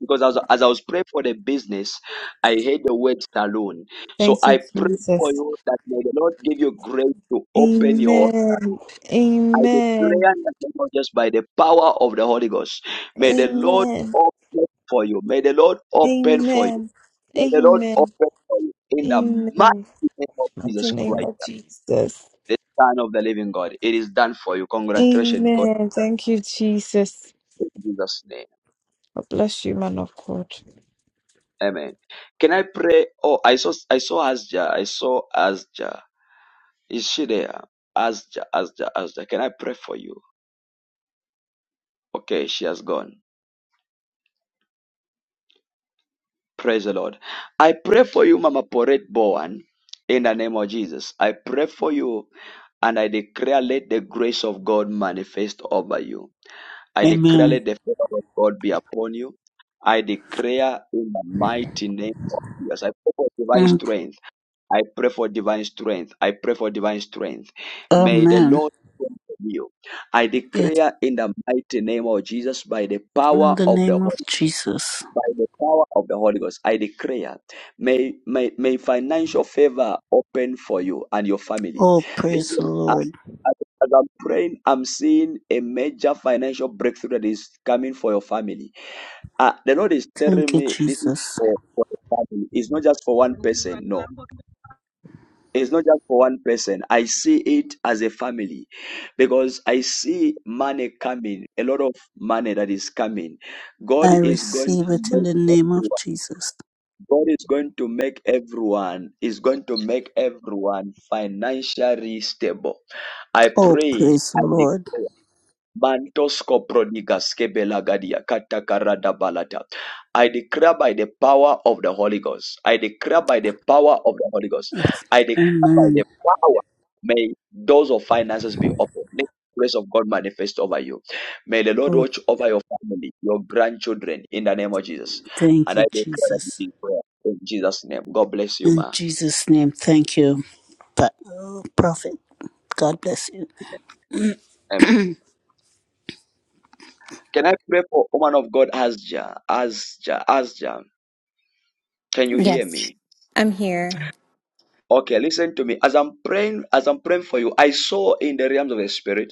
because as, as I was praying for the business, I heard the word saloon. So
Thank
I
you,
pray for
Jesus.
you that may the Lord give you grace to open your saloon.
Amen.
I
Amen.
declare in the name of just by the power of the Holy Ghost. May the
Amen.
Lord open for you. May the Lord open for you.
Amen.
May the Lord
Amen.
open for you in the mighty
Amen.
name of
In the
Jesus
name
Christ,
of Jesus.
the Son of the Living God. It is done for you. Congratulations, God.
Amen. Thank you, Jesus.
In Jesus' name.
God bless you, man of God.
Amen. Can I pray? Oh, I saw I saw Asja. I saw Asja. Is she there? Asja, Asja, Asja. Can I pray for you? Okay, she has gone. Praise the Lord. I pray for you, Mama Poret Bowen, in the name of Jesus. I pray for you and I declare let the grace of God manifest over you. I declare
Amen.
let the favor of God be upon you. I declare in the mighty name of Jesus. I pray for divine
Mm,
strength. I pray for divine strength. I pray for divine strength. May the
Amen.
Lord strengthen you. I
Yes,
declare in the mighty name of Jesus by the
in
power
the
of the
name of
Holy Ghost,
Jesus.
by the power of the Holy Ghost, I declare, may, may, may financial favor open for you and your family.
Oh, praise
Listen,
the
I-
Lord.
as as I'm praying, I'm seeing a major financial breakthrough that is coming for your family. Uh, the Lord is telling
Thank you,
me this is
Jesus.
for, for the family. It's not just for one
When things like
person. No,
Lambo-
it's not just for one person. I see it as a family because I see money coming, a lot of money that is coming. God
I
is going
receive
to
it in
make
the name of
everyone.
Jesus.
God is going to make everyone is going to make everyone financially stable. I
Oh,
pray.
praise the
I
Lord.
declare. Mantosko prodigas kebelagadia katakarada balata. I declare by the power of the Holy Ghost. I declare by the power of the Holy Ghost.
Oh,
I declare by the
amen.
power. May doors of finances be open. Let the grace of God manifest over you. May the Lord
Oh,
watch over your family, your grandchildren, in the name of Jesus.
thank
And I
you,
declare
Jesus.
in prayer in Jesus' name. God bless you,
In
ma.
Jesus' name, thank you, Pa- oh, Prophet. God bless you.
Amen. Can I pray for woman of God, Asja? Asja, Asja. Can you hear
Yes,
me?
I'm here.
Okay, listen to me. As I'm praying, as I'm praying for you, I saw in the realms of the spirit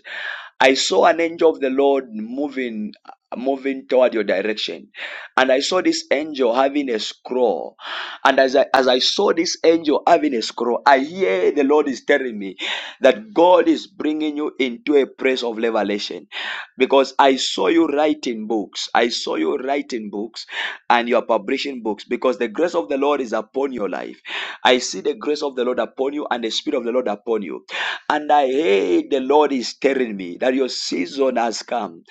I saw an angel of the Lord moving moving toward your direction and i saw this angel having a scroll and as I, as I saw this angel having a scroll i hear the lord is telling me that god is bringing you into a place of revelation because i saw you writing books i saw you writing books and you are publishing books because the grace of the lord is upon your life i see the grace of the lord upon you and the spirit of the lord upon you and I heard the Lord is telling me that your season has come.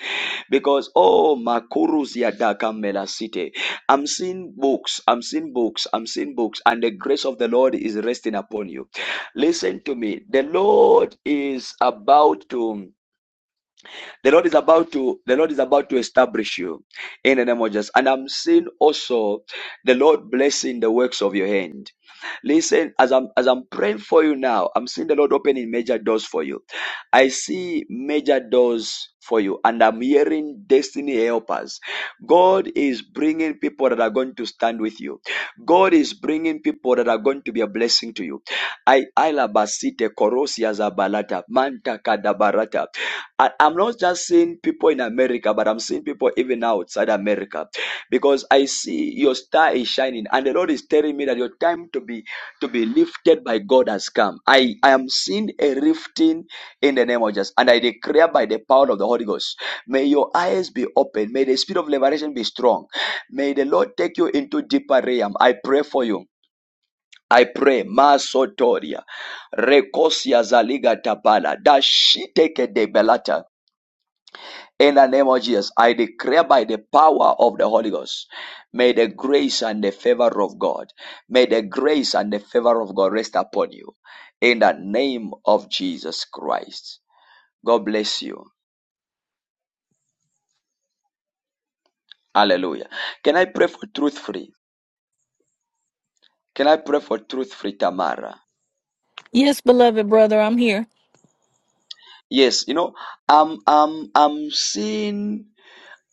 Because, oh, Makurus Yadaka city. I'm seeing books, I'm seeing books, I'm seeing books, and the grace of the Lord is resting upon you. Listen to me. The Lord is about to. The Lord is about to the Lord is about to establish you in the name of Jesus. And I'm seeing also the Lord blessing the works of your hand. Listen, as I'm as I'm praying for you now, I'm seeing the Lord opening major doors for you. I see major doors for you, and I'm hearing destiny helpers. God is bringing people that are going to stand with you. God is bringing people that are going to be a blessing to you. I alabasite korosia zabalata manta kadabarata. I, I'm not just seeing people in America, but I'm seeing people even outside America because I see your star is shining and the Lord is telling me that your time to be to be lifted by God has come. I, I am seeing a lifting in the name of Jesus and I declare by the power of the Holy Ghost, may your eyes be open. May the spirit of liberation be strong. May the Lord take you into deeper realm. I pray for you. I pray, Masotoria, Rekosia Zaliga Tapala, Dashiteke de Belata, in the name of Jesus, I declare by the power of the Holy Ghost, may the grace and the favor of God, may the grace and the favor of God rest upon you. In the name of Jesus Christ. God bless you. Hallelujah. Can I pray for truth free? Can I pray for truth free, Tamara?
Yes, beloved brother, I'm here.
Yes, you know, I'm I'm I'm seeing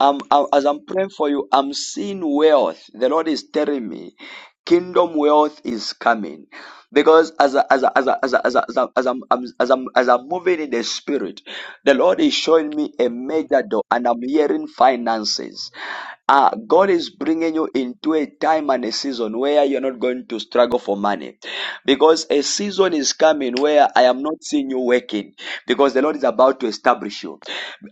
I'm, I'm- as I'm praying for you, I'm seeing wealth. The Lord is telling me, kingdom wealth is coming. Because as I- as I- as I- as I- as I- as i as I'm I'm- as I'm as I'm moving in the spirit, the Lord is showing me a major door, and I'm hearing finances. Uh, God
meeting
is bringing you into a time and a season where you're not going to struggle for money because a season is coming where I am not seeing you working because the Lord is about to establish you.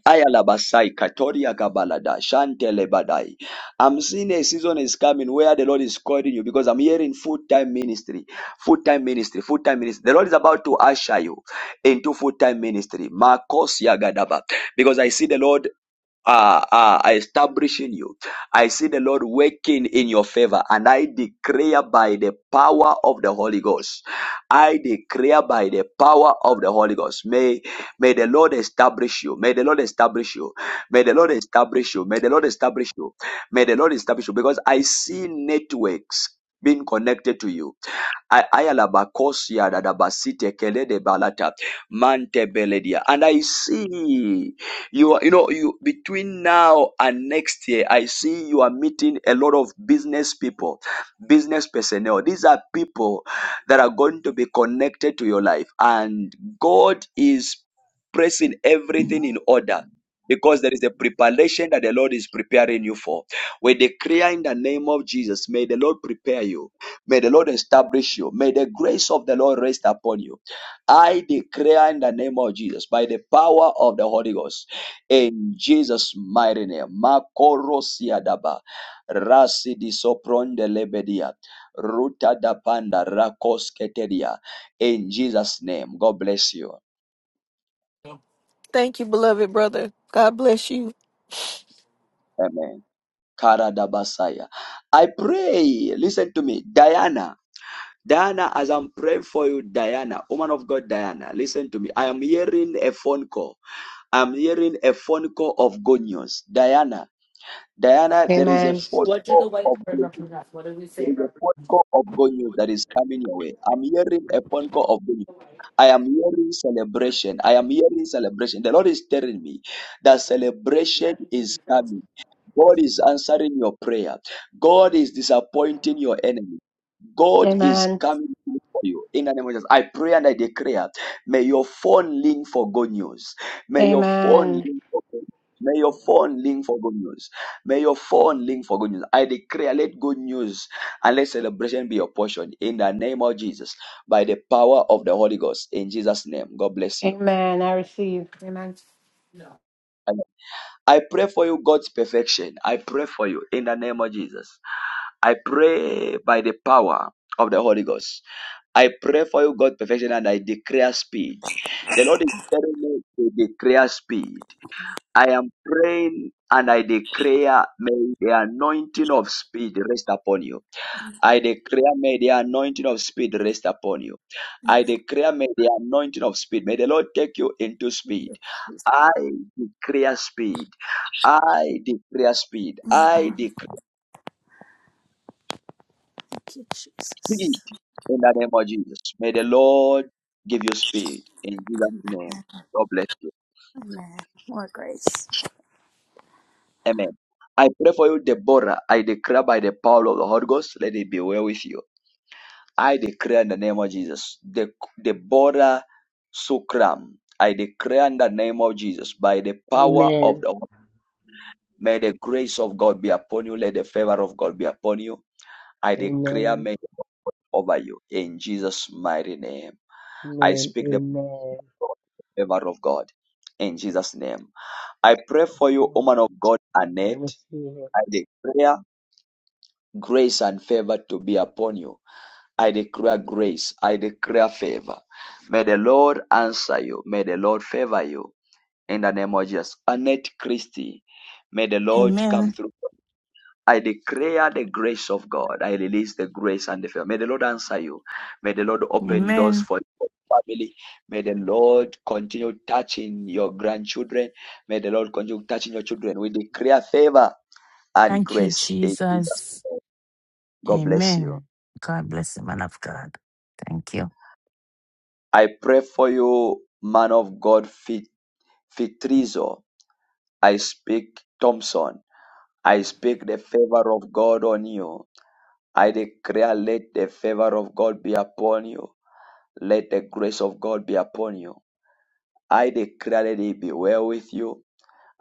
Ayalabasai, Katoria Gabalada, Shantele Badai. I'm seeing a season is coming where the Lord is calling you because I'm hearing full time ministry, full time ministry, full time ministry. The Lord is about to usher you into full time ministry. Marcos Yagadaba. Because I see the Lord uh, uh, establishing you. I see the Lord working in your favor, and I declare by the power of the Holy Ghost. I declare by the power of the Holy Ghost. May may the Lord establish you. May the Lord establish you. May the Lord establish you. May the Lord establish you. May the Lord establish you. Because I see networks being connected to you. I ayalabakosia dadabasite kelede balata mante beledia. And I see you are, you know you between now and next year i see you are meeting a lot of business people business personnel these are people that are going to be connected to your life and god is pressing everything in order because there is a preparation that the Lord is preparing you for. We declare in the name of Jesus, may the Lord prepare you. May the Lord establish you. May the grace of the Lord rest upon you. I declare in the name of Jesus, by the power of the Holy Ghost in Jesus' mighty name. Makorosiadaba, Rasi di sopronde lebedia, Ruta da panda, Rakos keteria. In Jesus' name, God bless you.
Thank you, beloved brother. God bless you.
Amen. Kara da basaya. I pray, listen to me, Diana. Diana, as I'm praying for you, Diana, woman of God, Diana, listen to me. I am hearing a phone call. I'm hearing a phone call of good news. Diana, Diana, there is a
Amen.
phone call of good There is a phone call of good news that is coming your way. I'm hearing a phone call of good news. I am hearing celebration. I am hearing celebration. The Lord is telling me that celebration is coming. God is answering your prayer. God is disappointing your enemy. God is
Amen.
coming through for you. In the name of Jesus, I pray and I declare, may your phone ring for good news. May your phone
Amen.
ring for good news. May your phone ring for good news. May your phone ring for good news. I declare, let good news and let celebration be your portion in the name of Jesus by the power of the Holy Ghost in Jesus name God bless you
Amen. I receive. Amen.
And I pray for you God's perfection I pray for you in the name of Jesus I pray by the power of the Holy Ghost I pray for you God's perfection and I declare speed the Lord is telling me to declare speed I am praying and I declare may the anointing of speed rest upon you I declare, may the anointing of speed rest upon you. I declare, may the anointing of speed, may the Lord take you into
Thank
speed.
you, Jesus.
I declare speed. I declare speed. I
Amen.
declare
Thank you, Jesus.
speed in the name of Jesus. May the Lord give you speed in Jesus'
Amen.
name. God bless you.
Amen. More grace.
Amen. I pray for you, Deborah. I declare by the power of the Holy Ghost, let it be well with you. I declare in the name of Jesus, the, the border sukram. I declare in the name of Jesus, by the power of
Amen.
the Holy, may the grace of God be upon you, let the favor of God be upon you. I declare
Amen.
may over you in Jesus' mighty name. I
Amen.
speak the
Amen.
favor of God in Jesus' name. I pray for
Yes,
you,
Lord.
woman of God,
I
Annette.
receive it.
I declare grace and favor to be upon you I declare grace. I declare favor. May the Lord answer you. May the Lord favor you. In the name of Jesus. Annette Christie, may the Lord come
Amen.
through. I declare the grace of God. I release the grace and the favor. May the Lord answer you. May the Lord open doors
Amen.
for your family. May the Lord continue touching your grandchildren. May the Lord continue touching your children. We declare favor and
Thank you,
grace in Jesus'
Jesus.
name. God bless you.
Amen. God bless the man of God. Thank you.
I pray for you, man of God, Fit- Fitrizo. I speak Thompson. I speak the favor of God on you. I declare, let the favor of God be upon you. Let the grace of God be upon you. I declare, let it be well with you.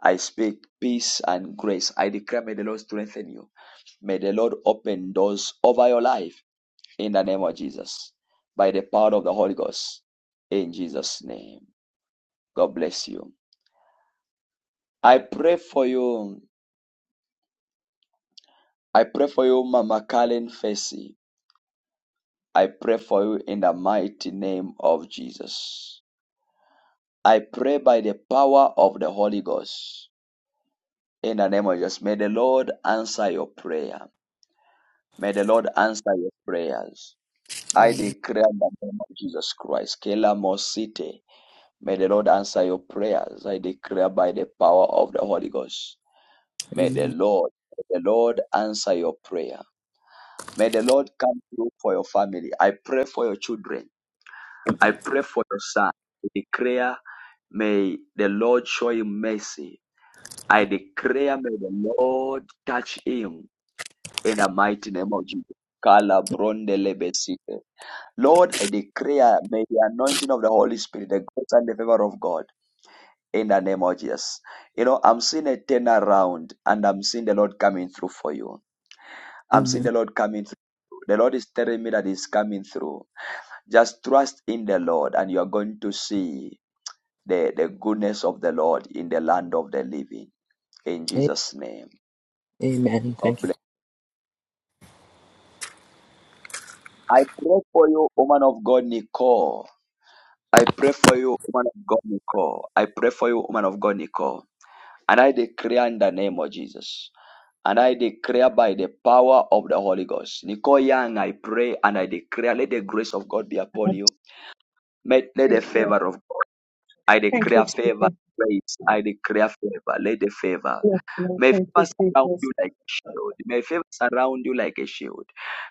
I speak peace and grace. I declare, may the Lord strengthen you. May the Lord open doors over your life in the name of Jesus, by the power of the Holy Ghost, in Jesus' name. God bless you. I pray for you. I pray for you, Mama Karen Fessy. I pray for you in the mighty name of Jesus. I pray by the power of the Holy Ghost. In the name of Jesus, may the Lord answer your prayer. May the Lord answer your prayers. I
Amen.
declare in the name of Jesus Christ, Kela Mosite. May the Lord answer your prayers. I declare by the power of the Holy Ghost. May the
Amen.
Lord, may the Lord answer your prayer. May the Lord come through for your family. I pray for your children. I pray for your son. I declare, may the Lord show him mercy. I declare, may the Lord touch him in the mighty name of Jesus. Kala bronde lebesite. Lord, I declare, may the anointing of the Holy Spirit, the grace and the favor of God, in the name of Jesus. You know, I'm seeing a turnaround and I'm seeing the Lord coming through for you. I'm seeing
Amen.
the Lord coming through. The Lord is telling me that He's coming through Just trust in the Lord and you are going to see the, the goodness of the Lord in the land of the living. In Jesus' name.
Amen.
God
Thank you.
bless. I pray for you, woman of God, Nicole. I pray for you, woman of God, Nicole. I pray for you, woman of God, Nicole. And I declare in the name of Jesus. And I declare by the power of the Holy Ghost. Nicole Young, I pray and I declare, let the grace of God be upon you. Let, let the
Thank you.
favor of God. I
Thank you,
declare favor,
Jesus.
grace. I declare favor. Let the favor.
Yes, Lord.
May
Thank
favor
you,
surround
Jesus.
you like a shield. May favor surround you like a shield.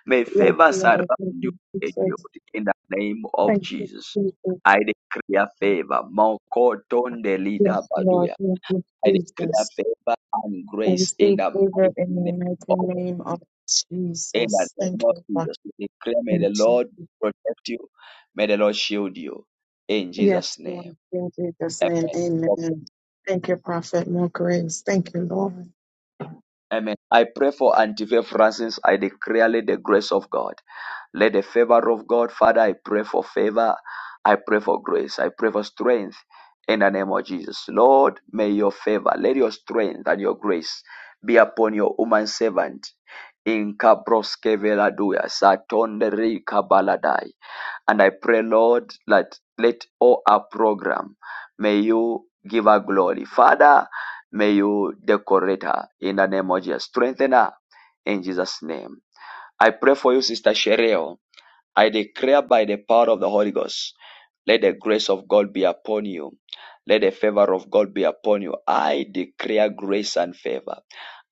May
Yes,
favor surround
Lord. Thank
you
you,
like a shield.
Jesus.
In the name of
Thank you,
Jesus,
Jesus.
I declare favor. Mokotonde lida
Yes, Lord.
baduya.
Thank you,
I declare
Jesus.
favor and
And
grace in
receive
the
favor
mighty
in
name
the
of
mighty name of
Jesus. in the
Jesus.
name
Thank
of
you, Father.
Jesus. We declare, may
Thank
the
you,
Lord protect you. May the Lord shield you. In
Yes,
Jesus' name.
Lord. In Jesus' name,
Amen. Okay.
amen. Thank you, Prophet. More grace. Thank you, Lord.
Amen. I pray for Auntie Faith Francis. I declare the grace of God. Let the favor of God, Father, I pray for favor. I pray for grace. I pray for strength in the name of Jesus. Lord, may your favor, let your strength and your grace be upon your woman servant. In Kabroske Veladuya, Satondere Kabaladai. And I pray, Lord, that let all our program, may you give her glory. Father, may you decorate her in the name of Jesus. Strengthen her in Jesus' name. I pray for you, Sister Shereo. I declare by the power of the Holy Ghost, let the grace of God be upon you. Let the favor of God be upon you. I declare grace and favor.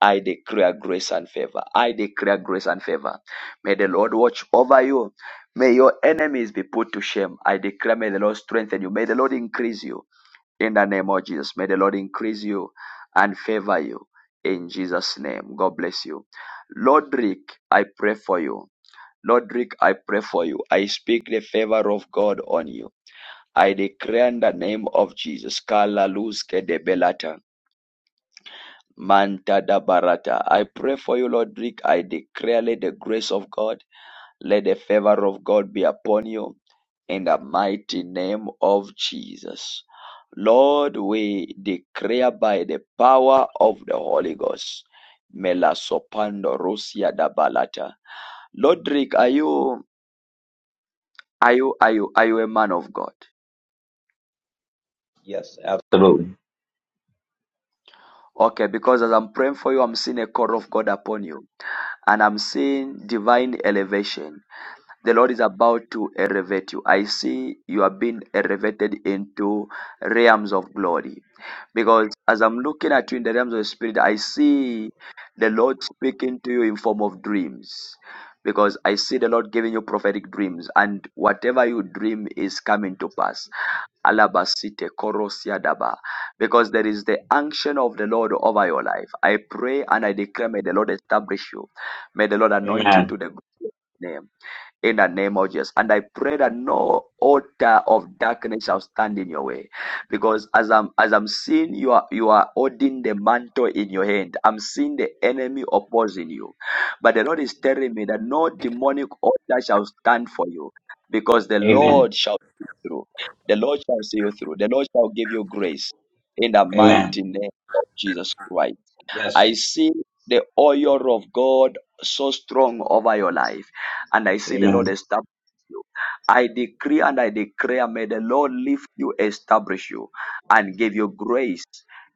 I declare grace and favor. I declare grace and favor. May the Lord watch over you. May your enemies be put to shame. I declare, may the Lord strengthen you. May the Lord increase you in the name of Jesus. May the Lord increase you and favor you in Jesus' name. God bless you. Lord Rick, I pray for you. Roderick, I pray for you. I speak the favor of God on you. I declare in the name of Jesus. Kala luske de belata. Manta da barata. I pray for you, Roderick. I declare let the grace of God, let the favor of God be upon you in the mighty name of Jesus. Lord, we declare by the power of the Holy Ghost. Mela sopando rusia da balata. Lodrick, are you Are you are you are you a man of God?
Yes, absolutely.
Okay, because as I'm praying for you, I'm seeing a call of God upon you, and I'm seeing divine elevation. The Lord is about to elevate you. I see you are being elevated into realms of glory. Because as I'm looking at you in the realms of the spirit, I see the Lord speaking to you in form of dreams. Because I see the Lord giving you prophetic dreams, and whatever you dream is coming to pass Alabasite korosiadaba. Because there is the unction of the Lord over your life. I pray and I declare, may the Lord establish you. May the Lord anoint you
Amen.
to the good name in the name of Jesus. And I pray that no altar of darkness shall stand in your way. Because as I'm as I'm seeing you are you are holding the mantle in your hand. I'm seeing the enemy opposing you. But the Lord is telling me that no demonic altar shall stand for you. Because the
Amen.
Lord shall see you through. The Lord shall see you through. The Lord shall give you grace in the
Amen.
mighty name of Jesus Christ.
Yes.
I see the oil of God so strong over your life, and I see the Lord
Amen.
establish you. I decree and I declare, may the Lord lift you, establish you, and give you grace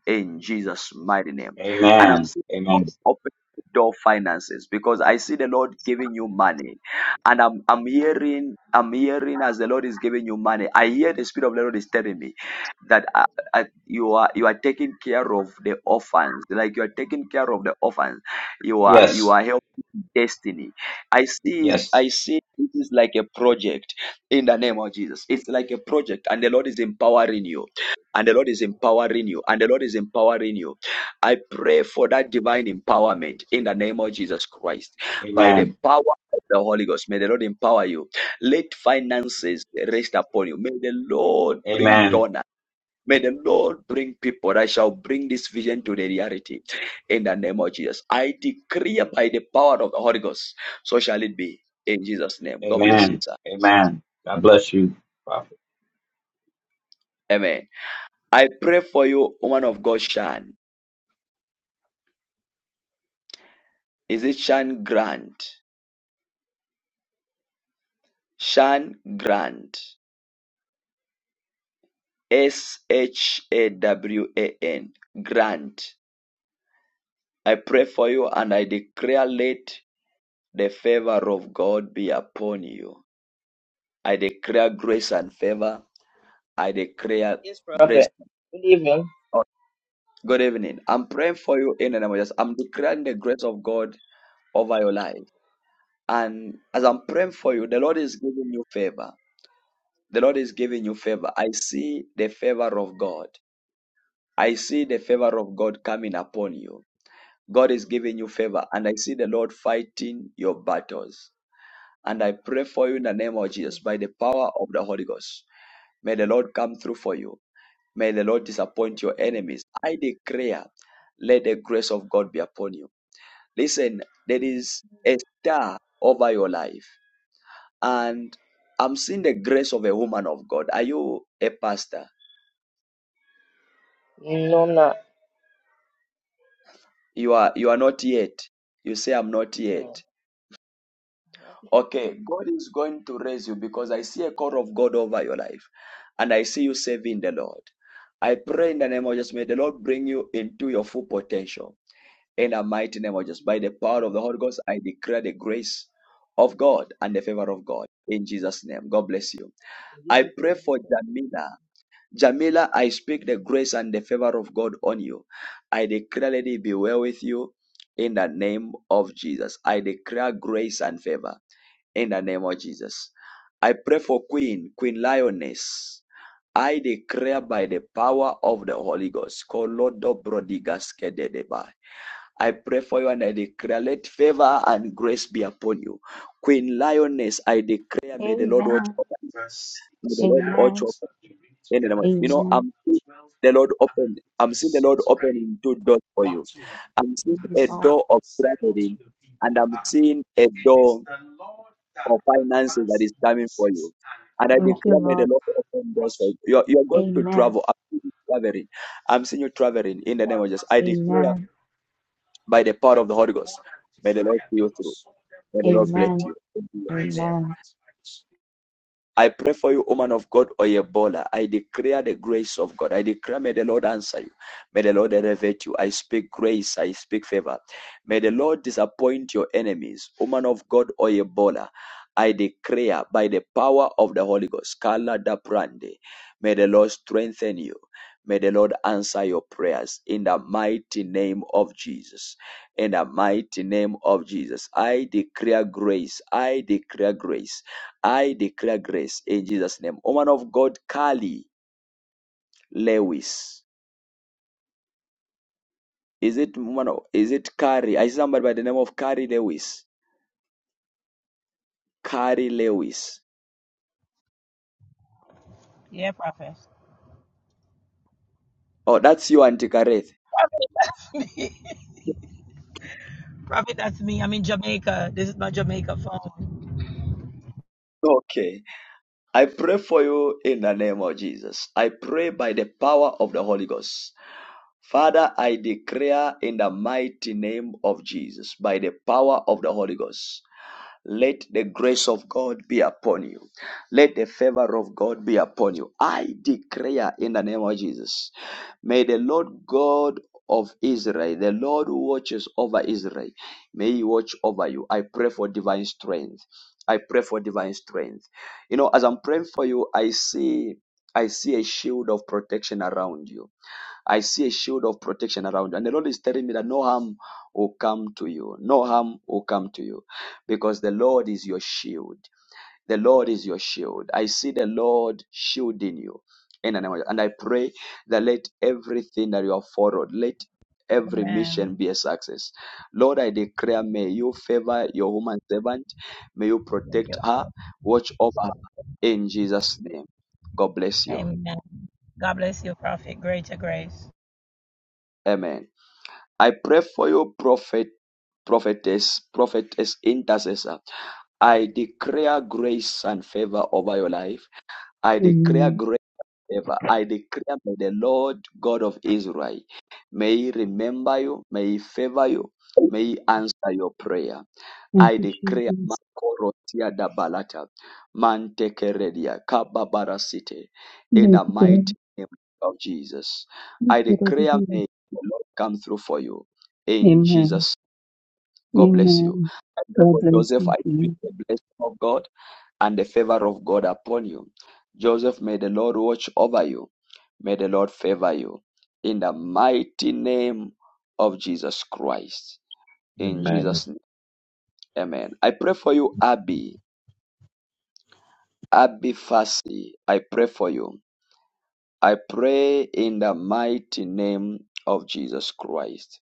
in Jesus' mighty name. And I'm
Amen.
seeing the Lord
Amen.
open the door of finances because I see the Lord giving you money, and I'm I'm hearing I'm hearing as the Lord is giving you money. I hear the Spirit of the Lord is telling me that at you are you are taking care of the orphans like you are taking care of the orphans you are you
Yes.
are helping destiny i see
Yes.
i see this is like a project in the name of jesus it's like a project and the lord is empowering you and the lord is empowering you and the lord is empowering you i pray for that divine empowerment in the name of jesus christ by the
Amen.
power of the holy ghost may the lord empower you let finances rest upon you may the lord bring
Amen.
donors May the Lord bring people that shall bring this vision to the reality in the name of Jesus. I decree by the power of the Holy Ghost, so shall it be in Jesus' name. God bless you,
Amen.
sir.
Amen. God bless you. prophet.
Amen. I pray for you, woman of God, Shan. Is it Shan Grant? Shan Grant. S H A W A N. Grant. I pray for you and I declare let the favor of God be upon you. I declare grace and favor I declare
Yes,
grace.
Prophet. Good evening.
Oh, Good evening. I'm praying for you in the name of Jesus. I'm declaring the grace of God over your life. And as I'm praying for you, the Lord is giving you favor. The Lord is giving you favor. I see the favor of God. I see the favor of God coming upon you. God is giving you favor. And I see the Lord fighting your battles. And I pray for you in the name of Jesus by the power of the Holy Ghost. May the Lord come through for you. May the Lord disappoint your enemies. I declare, let the grace of God be upon you. Listen, there is a star over your life, and I'm seeing the grace of a woman of God. Are you a pastor?
No, I'm not.
You are you are not yet. You say I'm not yet.
No.
Okay, God is going to raise you because I see a call of God over your life and I see you serving the Lord. I pray in the name of Jesus, may the Lord bring you into your full potential In the mighty name of Jesus, by the power of the Holy Ghost, I declare the grace of God and the favor of God in Jesus' name. God bless you. I pray for Jamila. Jamila, I speak the grace and the favor of God on you. I declare, let it be well with you in the name of Jesus. I declare grace and favor in the name of Jesus. I pray for Queen, Queen Lioness. I declare by the power of the Holy Ghost. Kolodo brodigas kededeba. I pray for you and I declare, let favor and grace be upon you. Queen Lioness, I declare,
Amen.
may the Lord watch
Amen.
over you. May the Lord watch
Amen.
over you. In the name of-
Thank you,
You know,
Lord.
I'm seeing the Lord open. I'm seeing the Lord opening two doors for you. I'm seeing a door of traveling and I'm seeing a door of finances that is coming for you. And I
Thank you,
declare, may the
Lord.
Lord open doors for you. You're, you're going to
Amen.
travel. I'm seeing you traveling. I'm seeing you traveling in the name of Jesus. I declare by the power of the Holy Ghost. May the Lord see you through. May
Amen.
the Lord bless
Amen.
you. In Jesus' name.
Amen.
I pray for you, woman of God, Oyebola. I declare the grace of God. I declare, may the Lord answer you. May the Lord elevate you. I speak grace. I speak favor. May the Lord disappoint your enemies. Woman of God, Oyebola. I declare by the power of the Holy Ghost, Kala da Prande. May the Lord strengthen you. May the Lord answer your prayers in the mighty name of Jesus. In the mighty name of Jesus, I declare grace. I declare grace. I declare grace in Jesus' name. Woman of God, Carrie Lewis. Is it woman? of- Is it Carrie? I see somebody by the name of Carrie Lewis. Carrie Lewis.
Yeah, Prophet.
Oh, that's you, Auntie Kareth.
Prophet, that's me. Prophet, that's me. I'm in Jamaica. This is my Jamaica phone.
Okay. I pray for you in the name of Jesus. I pray by the power of the Holy Ghost. Father, I declare in the mighty name of Jesus, by the power of the Holy Ghost. Let the grace of God be upon you. Let the favor of God be upon you. I declare in the name of Jesus. May the Lord God of Israel, the Lord who watches over Israel, may He watch over you. I pray for divine strength. I pray for divine strength. You know, as I'm praying for you, I see I see a shield of protection around you. I see a shield of protection around you. And the Lord is telling me that no harm will come to you. No harm will come to you because the Lord is your shield. The Lord is your shield. I see the Lord shielding you. In the name of Jesus. And I pray that let everything that you have followed, let every
Amen.
mission be a success. Lord, I declare, may you favor your woman servant. May you
Thank
protect
you.
her. Watch over her. In Jesus' name. God bless you.
Amen. God bless you, Prophet. Greater grace.
Amen. I pray for you, prophet, prophetess, prophetess, intercessor. I declare grace and favor over your life. I declare
Amen.
grace. and favor. I declare may the Lord God of Israel may he remember you, may he favor you, may he answer your prayer.
Thank
I
you,
declare
Jesus.
Makorotia da Balata, Mantekeredia, Kababara City, in
Thank
the
you,
mighty
God.
name of Jesus.
Thank
I
you,
declare
Lord.
may the Lord come through for you. In
Amen.
Jesus, God bless you.
Amen.
I pray
God
for
bless
Joseph. I
you.
speak the blessing of God and the favor of God upon you. Joseph, may the Lord watch over you. May the Lord favor you. In the mighty name of Jesus Christ. In
Amen.
Jesus' name. Amen. I pray for you, Abby. Abby Fassie, I pray for you. I pray in the mighty name of Jesus Christ.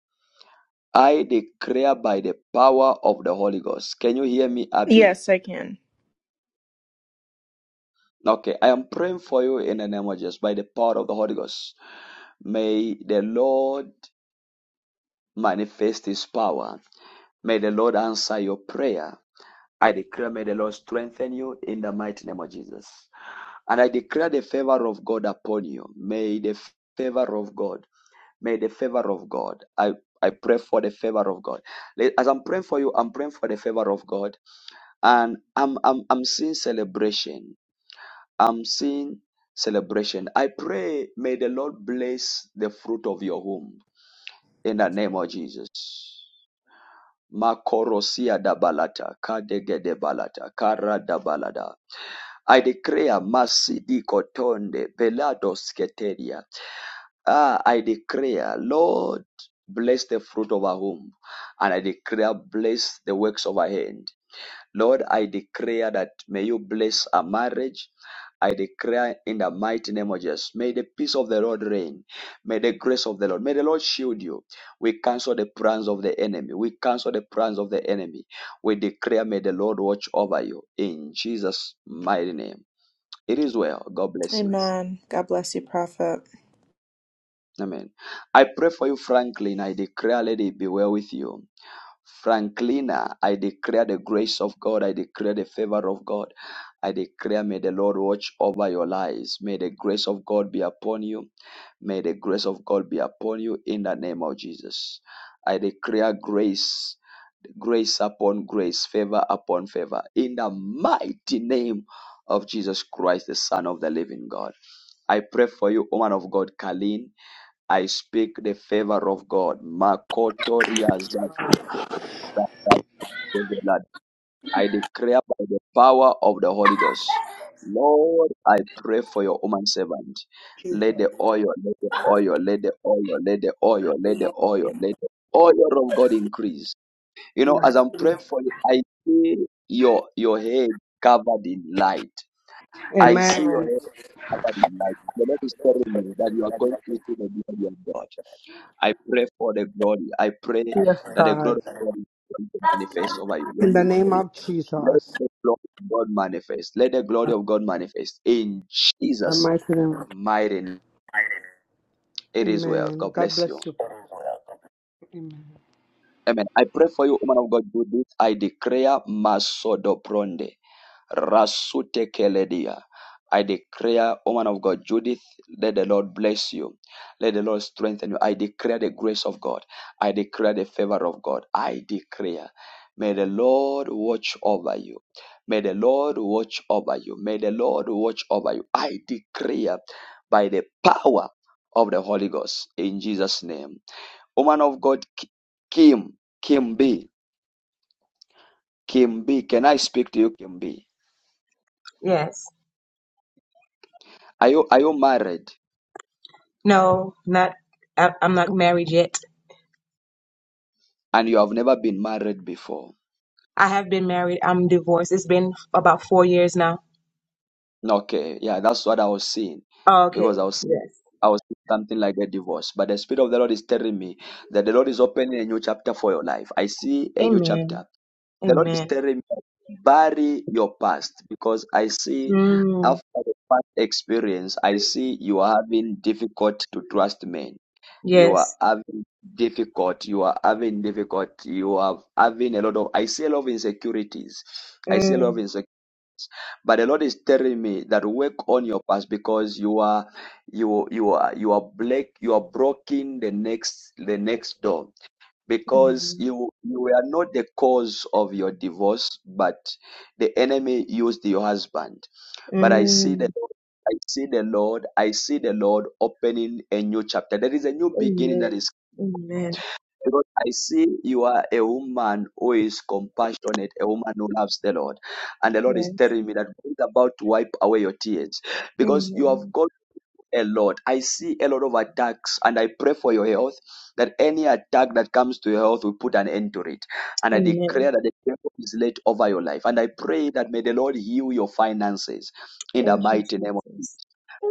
I declare by the power of the Holy Ghost. Can you hear me, Abby?
Yes, I can.
Okay, I am praying for you in the name of Jesus by the power of the Holy Ghost. May the Lord manifest his power. May the Lord answer your prayer. I declare, may the Lord strengthen you in the mighty name of Jesus. And I declare the favor of God upon you. May the favor of God May the favor of God. I, I pray for the favor of God. As I'm praying for you, I'm praying for the favor of God. And I'm I'm I'm seeing celebration. I'm seeing celebration. I pray may the Lord bless the fruit of your womb in the name of Jesus. Makorosia da balata, kadegede balata, kara da balada. I declare mercy di kotonde, velados keteria, Ah, I declare, Lord, bless the fruit of our womb. And I declare, bless the works of our hand. Lord, I declare that may you bless our marriage. I declare in the mighty name of Jesus, may the peace of the Lord reign. May the grace of the Lord, may the Lord shield you. We cancel the plans of the enemy. We cancel the plans of the enemy. We declare, may the Lord watch over you in Jesus' mighty name. It is well. God bless you.
Amen. God bless you, Prophet.
Amen. I pray for you, Franklin. I declare, let it be well with you. Franklina, I declare the grace of God. I declare the favor of God. I declare, may the Lord watch over your lives. May the grace of God be upon you. May the grace of God be upon you in the name of Jesus. I declare grace, grace upon grace, favor upon favor in the mighty name of Jesus Christ, the Son of the living God. I pray for you, woman of God, Kalin. I speak the favor of God. I declare by the power of the Holy Ghost. Lord, I pray for your woman servant. Let the oil, let the oil, let the oil, let the oil, let the oil, let the oil of God increase. You know, as I'm praying for you, I see your your head covered in light. I see your
Amen.
head in life. And the Lord is telling me that you are going to see the glory of God. I pray for the glory. I pray
Yes,
that the
God.
glory of God is going to manifest over you. Let
In
me
the name
pray.
of
Let
Jesus,
the glory of God manifest. Let the glory of God manifest in
the
Jesus'
mighty name.
mighty name. It is well.
Amen.
God
God
bless
bless
you.
you. Amen.
Amen. I pray for you, woman of God. Do this. I declare Masodopronde. Rasute Keledia. I declare, woman of God, Judith, let the Lord bless you. Let the Lord strengthen you. I declare the grace of God. I declare the favor of God. I declare. May the Lord watch over you. May the Lord watch over you. May the Lord watch over you. I declare by the power of the Holy Ghost in Jesus' name. Woman of God, Kim, Kim B, Kim B, can I speak to you, Kim B?
Yes.
Are you, are you married?
No, not, I, I'm not married yet.
and you have never been married before.
I have been married. I'm divorced. It's been about four years now.
Okay, yeah, that's what I was seeing
Oh, okay.
because I was seeing,
Yes.
I was seeing something like a divorce. But the Spirit of the Lord is telling me that the Lord is opening a new chapter for your life. I see a new
Amen.
chapter. The Lord is
Amen.
telling me bury your past because I see
Mm,
after the past experience, I see you are having difficult to trust men. You are
yes.
having difficult. You are having difficult. You are having a lot of. I see a lot of insecurities. I see a lot
Mm,
of insecurities. But the Lord is telling me that work on your past because you are you you are you are black you are breaking the next the next door because
mm,
you you were not the cause of your divorce, but the enemy used your husband. But I see the
mm.
I see the Lord, I see the Lord opening a new chapter. There is a new beginning that
Amen.
is
Amen.
because I see you are a woman who is compassionate, a woman who loves the Lord. And the Lord is
Yes.
telling me that God is about to wipe away your tears because you have
Amen.
got a lot. I see a lot of attacks and I pray for your health that any attack that comes to your health will put an end to it. And I
Amen.
declare that the devil is laid over your life. And I pray that may the Lord heal your finances in the
Thank you,
mighty name
Jesus.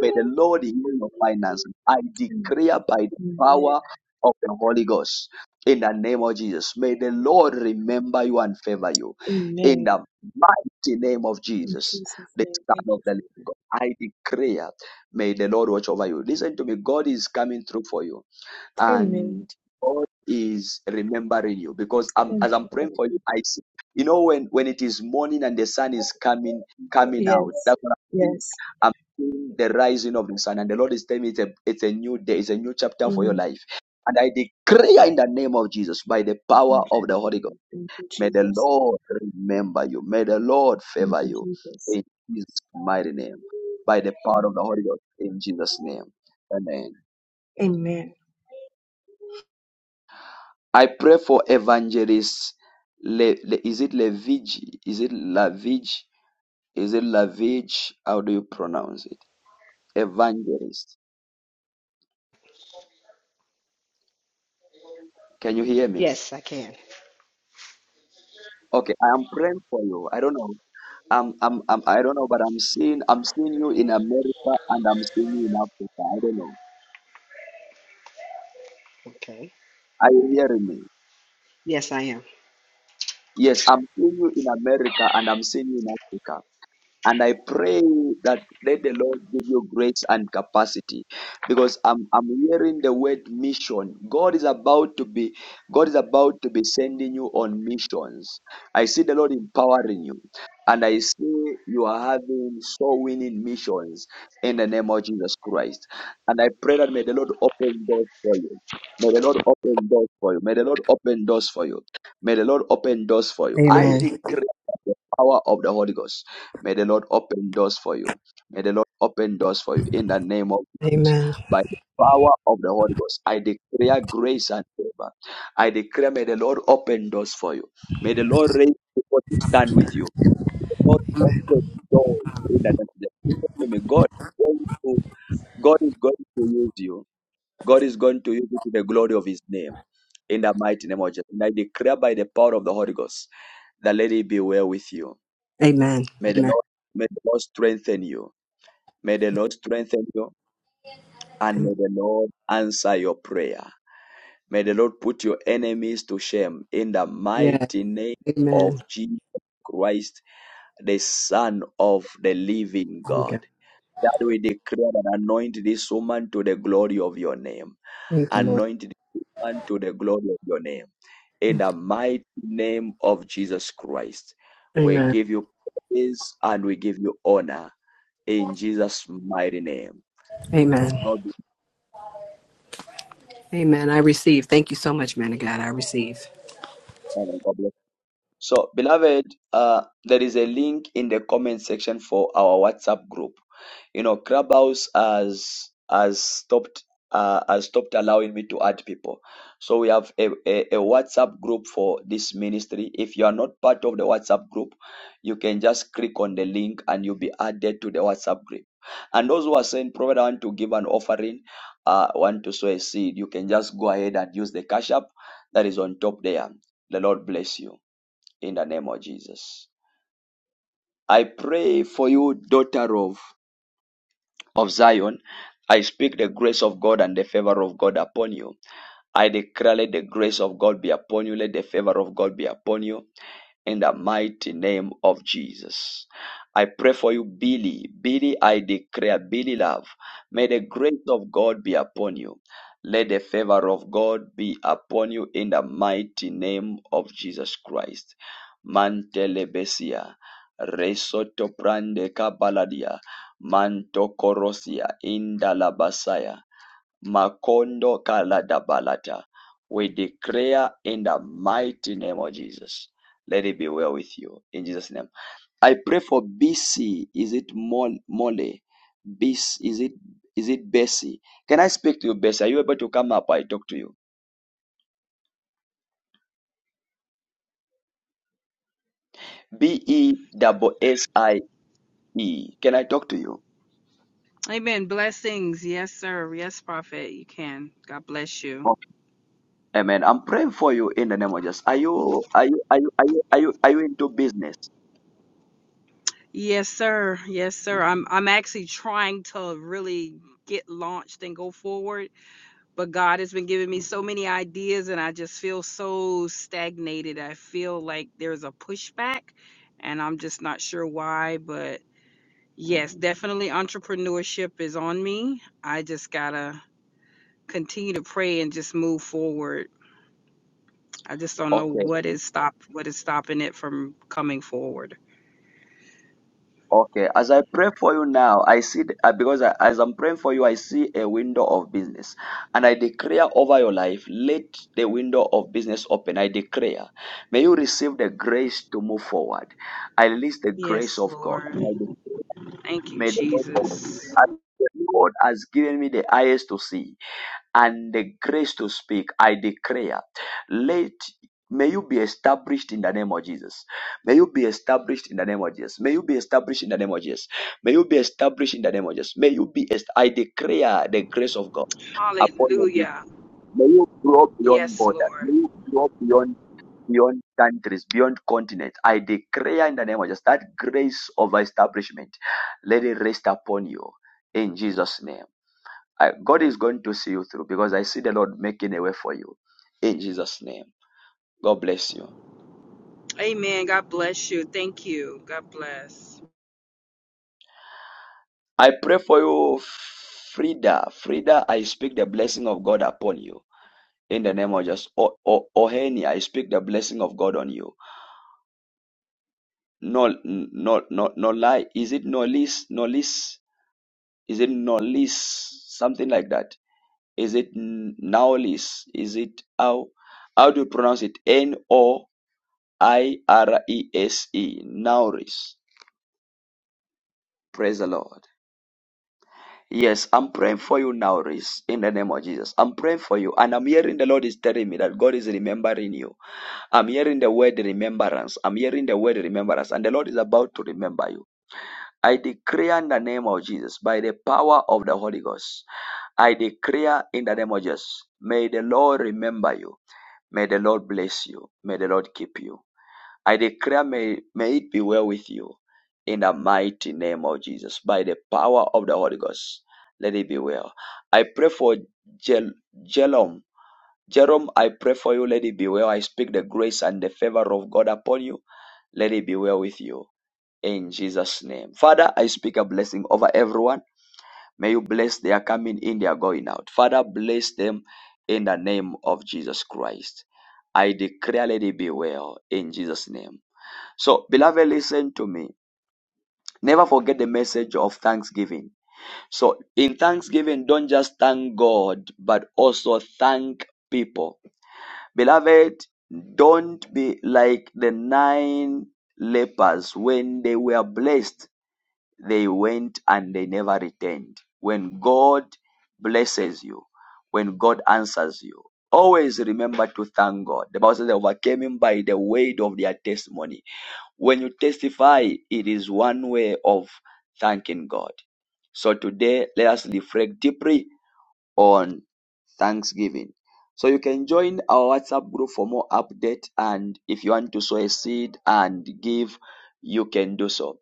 May the Lord heal your finances. I declare by the
Amen.
power of the Holy Ghost in the name of Jesus. May the Lord remember you and favor you in
Amen.
the mighty name of
In
Jesus,
Jesus'
the
name, thank
Son of
you,
the Living
Father.
God. I declare, may the Lord watch over you. Listen to me. God is coming through for you
Amen.
and God is remembering you because I'm,
Thank
as I'm
you,
praying for
Father.
you, I see. You know when when it is morning and the sun is coming coming out.
Yes.
That's what I'm seeing.
Yes.
I'm seeing the rising of the sun, and the Lord is telling me it's a it's a new day, it's a new chapter for your
Mm.
life. And I declare in the name of Jesus, by the power of
Thank
the Holy Ghost,
you,
may the
Jesus.
Lord remember you. May the Lord
Thank
favor
you,
you
Jesus.
in Jesus'
Thank
mighty name. By the
you,
power of
Jesus.
the Holy Ghost, in Jesus' name. Amen.
Amen.
I pray for evangelist. Le, Le, is it Levige? Is it Lavige? Is it Lavige? How do you pronounce it? Evangelist. Can you hear me?
Yes, I can.
Okay, I am praying for you. I don't know. I'm, I'm, I'm, I don't know, but I'm seeing, I'm seeing you in America and I'm seeing you in Africa. I don't know.
Okay.
Are you hearing me?
Yes, I am.
Yes, I'm seeing you in America and I'm seeing you in Africa. And I pray that let the Lord give you grace and capacity because I'm, I'm hearing the word mission. God is about to be, God is about to be sending you on missions. I see the Lord empowering you. And I see you are having soul winning missions in the name of Jesus Christ. And I pray that may the Lord open doors for you. May the Lord open doors for you. May the Lord open doors for you. May the Lord open doors for you. I
Amen.
decree the power of the Holy Ghost. May the Lord open doors for you. May the Lord open doors for you in the name of Jesus.
Amen.
By the power of the Holy Ghost, I declare grace and favor. I declare, may the Lord open doors for you. May the Lord raise people to stand with you. May the Lord open doors in the name of Jesus. Listen to me. God, God is going to- God is going to use you. God is going to use you to the glory of His name. In the mighty name of Jesus. And I declare by the power of the Holy Ghost, the lady be well with you
Amen.
May the
Amen.
Lord, may the Lord strengthen you. May the Lord strengthen you and may the Lord answer your prayer. May the Lord put your enemies to shame in the
Yes.
mighty name of
Amen.
Jesus Christ, the Son of the living
Thank
God.
you,
That we declare and anoint this woman to the glory of your name.
Thank you, Lord.
Anoint this woman to the glory of your name. In the mighty name of Jesus Christ, we
Amen.
give you praise and we give you honor in Jesus' mighty name.
Amen.
God bless.
Amen. I receive. Thank you so much, man of God. I receive.
you, and God bless you. So, beloved, uh, there is a link in the comment section for our WhatsApp group. you know clubhouse has has stopped uh, has stopped allowing me to add people so we have a, a, a whatsapp group for this ministry if you are not part of the whatsapp group you can just click on the link and you'll be added to the whatsapp group and those who are saying prophet i want to give an offering uh want to sow a seed you can just go ahead and use the cash app that is on top there the lord bless you in the name of jesus i pray for you daughter of of Zion, I speak the grace of God and the favor of God upon you. I declare let the grace of God be upon you. Let the favor of God be upon you in the mighty name of Jesus. I pray for you, Billy. Billy, I declare, Billy, love. May the grace of God be upon you. Let the favor of God be upon you in the mighty name of Jesus Christ. Mantelebesia, Resoto Prande Kabaladia, Manto Korosia, Indalabasaya. Makondo Kaladabalata. We declare in the mighty name of Jesus. Let it be well with you. In Jesus' name. I pray for BC. Is it Mol- Mole? BC, is it is it Bessie? Can I speak to you, Bessie? Are you able to come up? I talk to you. B E double S I E. Can I talk to you?
Amen. Blessings. Yes, sir. Yes, prophet. You can. God bless you.
Okay. Amen. I'm praying for you in the name of Jesus. Are you are you are you are you are you, are you into business?
Yes, sir. Yes, sir. I'm I'm actually trying to really get launched and go forward, but God has been giving me so many ideas and I just feel so stagnated. I feel like there's a pushback and I'm just not sure why, but yes, definitely entrepreneurship is on me. I just got to continue to pray and just move forward I just don't know
Okay.
what is stop what is stopping it from coming forward.
Okay, as I pray for you now, I see the- uh, because I, as I'm praying for you, I see a window of business, and I declare over your life, let the window of business open. I declare, may you receive the grace to move forward. I release the grace
Yes,
of God.
Lord.
May the
Thank you,
may the Lord put you.
Jesus.
As the Lord has given me the eyes to see and the grace to speak, I declare, let may you be established in the name of Jesus. May you be established in the name of Jesus. May you be established in the name of Jesus. May you be established in the name of Jesus. May you be est- I declare the grace of God upon your business.
Hallelujah.
May you grow beyond
Yes,
borders.
Lord.
May you grow beyond beyond countries, beyond continents. I declare in the name of Jesus that grace of establishment. Let it rest upon you in Jesus' name. I, God is going to see you through because I see the Lord making a way for you. In Jesus' name, God bless you.
Amen. God bless you. Thank you. God bless.
I pray for you, Frida. Frida, I speak the blessing of God upon you. In the name of Jesus. O- O- Oheni, I speak the blessing of God on you. No, no, no, no lie. Is it no lease? No lease? Is it no lease? Something like that. Is it now Is it how? How do you pronounce it? N O I R E S E. Nauris. Praise the Lord. Yes, I'm praying for you now, Reese, in the name of Jesus. I'm praying for you, and I'm hearing the Lord is telling me that God is remembering you. I'm hearing the word remembrance. I'm hearing the word remembrance, and the Lord is about to remember you. I declare in the name of Jesus, by the power of the Holy Ghost, I declare in the name of Jesus, may the Lord remember you. May the Lord bless you. May the Lord keep you. I declare, may, may it be well with you in the mighty name of Jesus, by the power of the Holy Ghost. Let it be well. I pray for Jel- Jelom. Jerome, I pray for you. Let it be well. I speak the grace and the favor of God upon you. Let it be well with you. In Jesus' name. Father, I speak a blessing over everyone. May you bless their coming in, their going out. Father, bless them in the name of Jesus Christ. I declare, let it be well. In Jesus' name. So, beloved, listen to me. Never forget the message of thanksgiving. So, in thanksgiving, don't just thank God, but also thank people. Beloved, don't be like the nine lepers. When they were blessed, they went and they never returned. When God blesses you, when God answers you, always remember to thank God. The Bible says they overcame him by the weight of their testimony when you testify, it is one way of thanking God. So today, let us reflect deeply on Thanksgiving. So you can join our WhatsApp group for more update, and if you want to sow a seed and give, you can do so.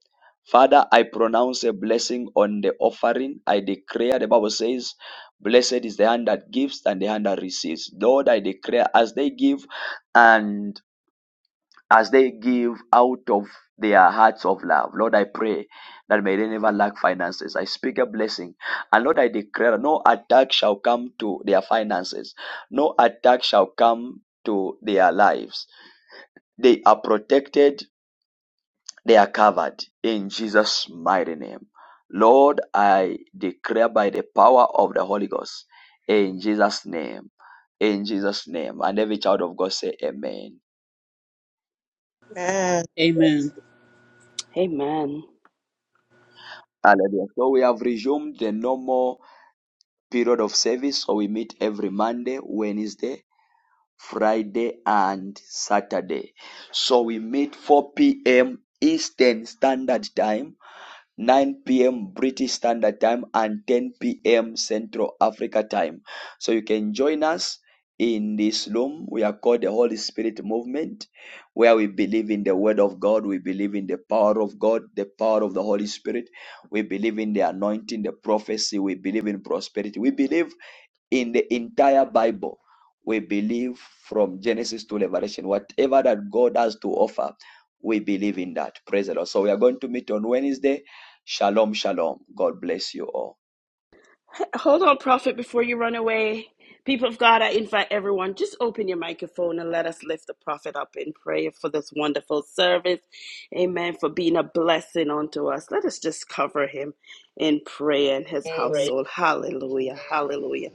Father, I pronounce a blessing on the offering. I declare, the Bible says, Blessed is the hand that gives and the hand that receives. Lord, I declare as they give and as they give out of their hearts of love. Lord, I pray that may they never lack finances. I speak a blessing. And Lord, I declare no attack shall come to their finances, no attack shall come to their lives. They are protected, they are covered in Jesus' mighty name. Lord, I declare by the power of the Holy Ghost in Jesus' name, in Jesus' name. And every child of God say, Amen.
Amen.
Amen.
Amen.
Hallelujah. So we have resumed the normal period of service. So we meet every Monday, Wednesday, Friday, and Saturday. So we meet 4 p.m. Eastern Standard Time, 9 p.m. British Standard Time, and 10 p.m. Central Africa Time. So you can join us in this room. We are called the Holy Spirit Movement, where we believe in the Word of God, we believe in the power of God, the power of the Holy Spirit, we believe in the anointing, the prophecy, we believe in prosperity, we believe in the entire Bible. We believe from Genesis to Revelation, whatever that God has to offer, we believe in that. Praise the Lord. So we are going to meet on Wednesday. Shalom, shalom. God bless you all.
Hold on, Prophet, before you run away. People of God, I invite everyone, just open your microphone and let us lift the Prophet up in prayer for this wonderful service. Amen. For being a blessing unto us. Let us just cover him in prayer and his household. Hallelujah.
Amen.
Hallelujah.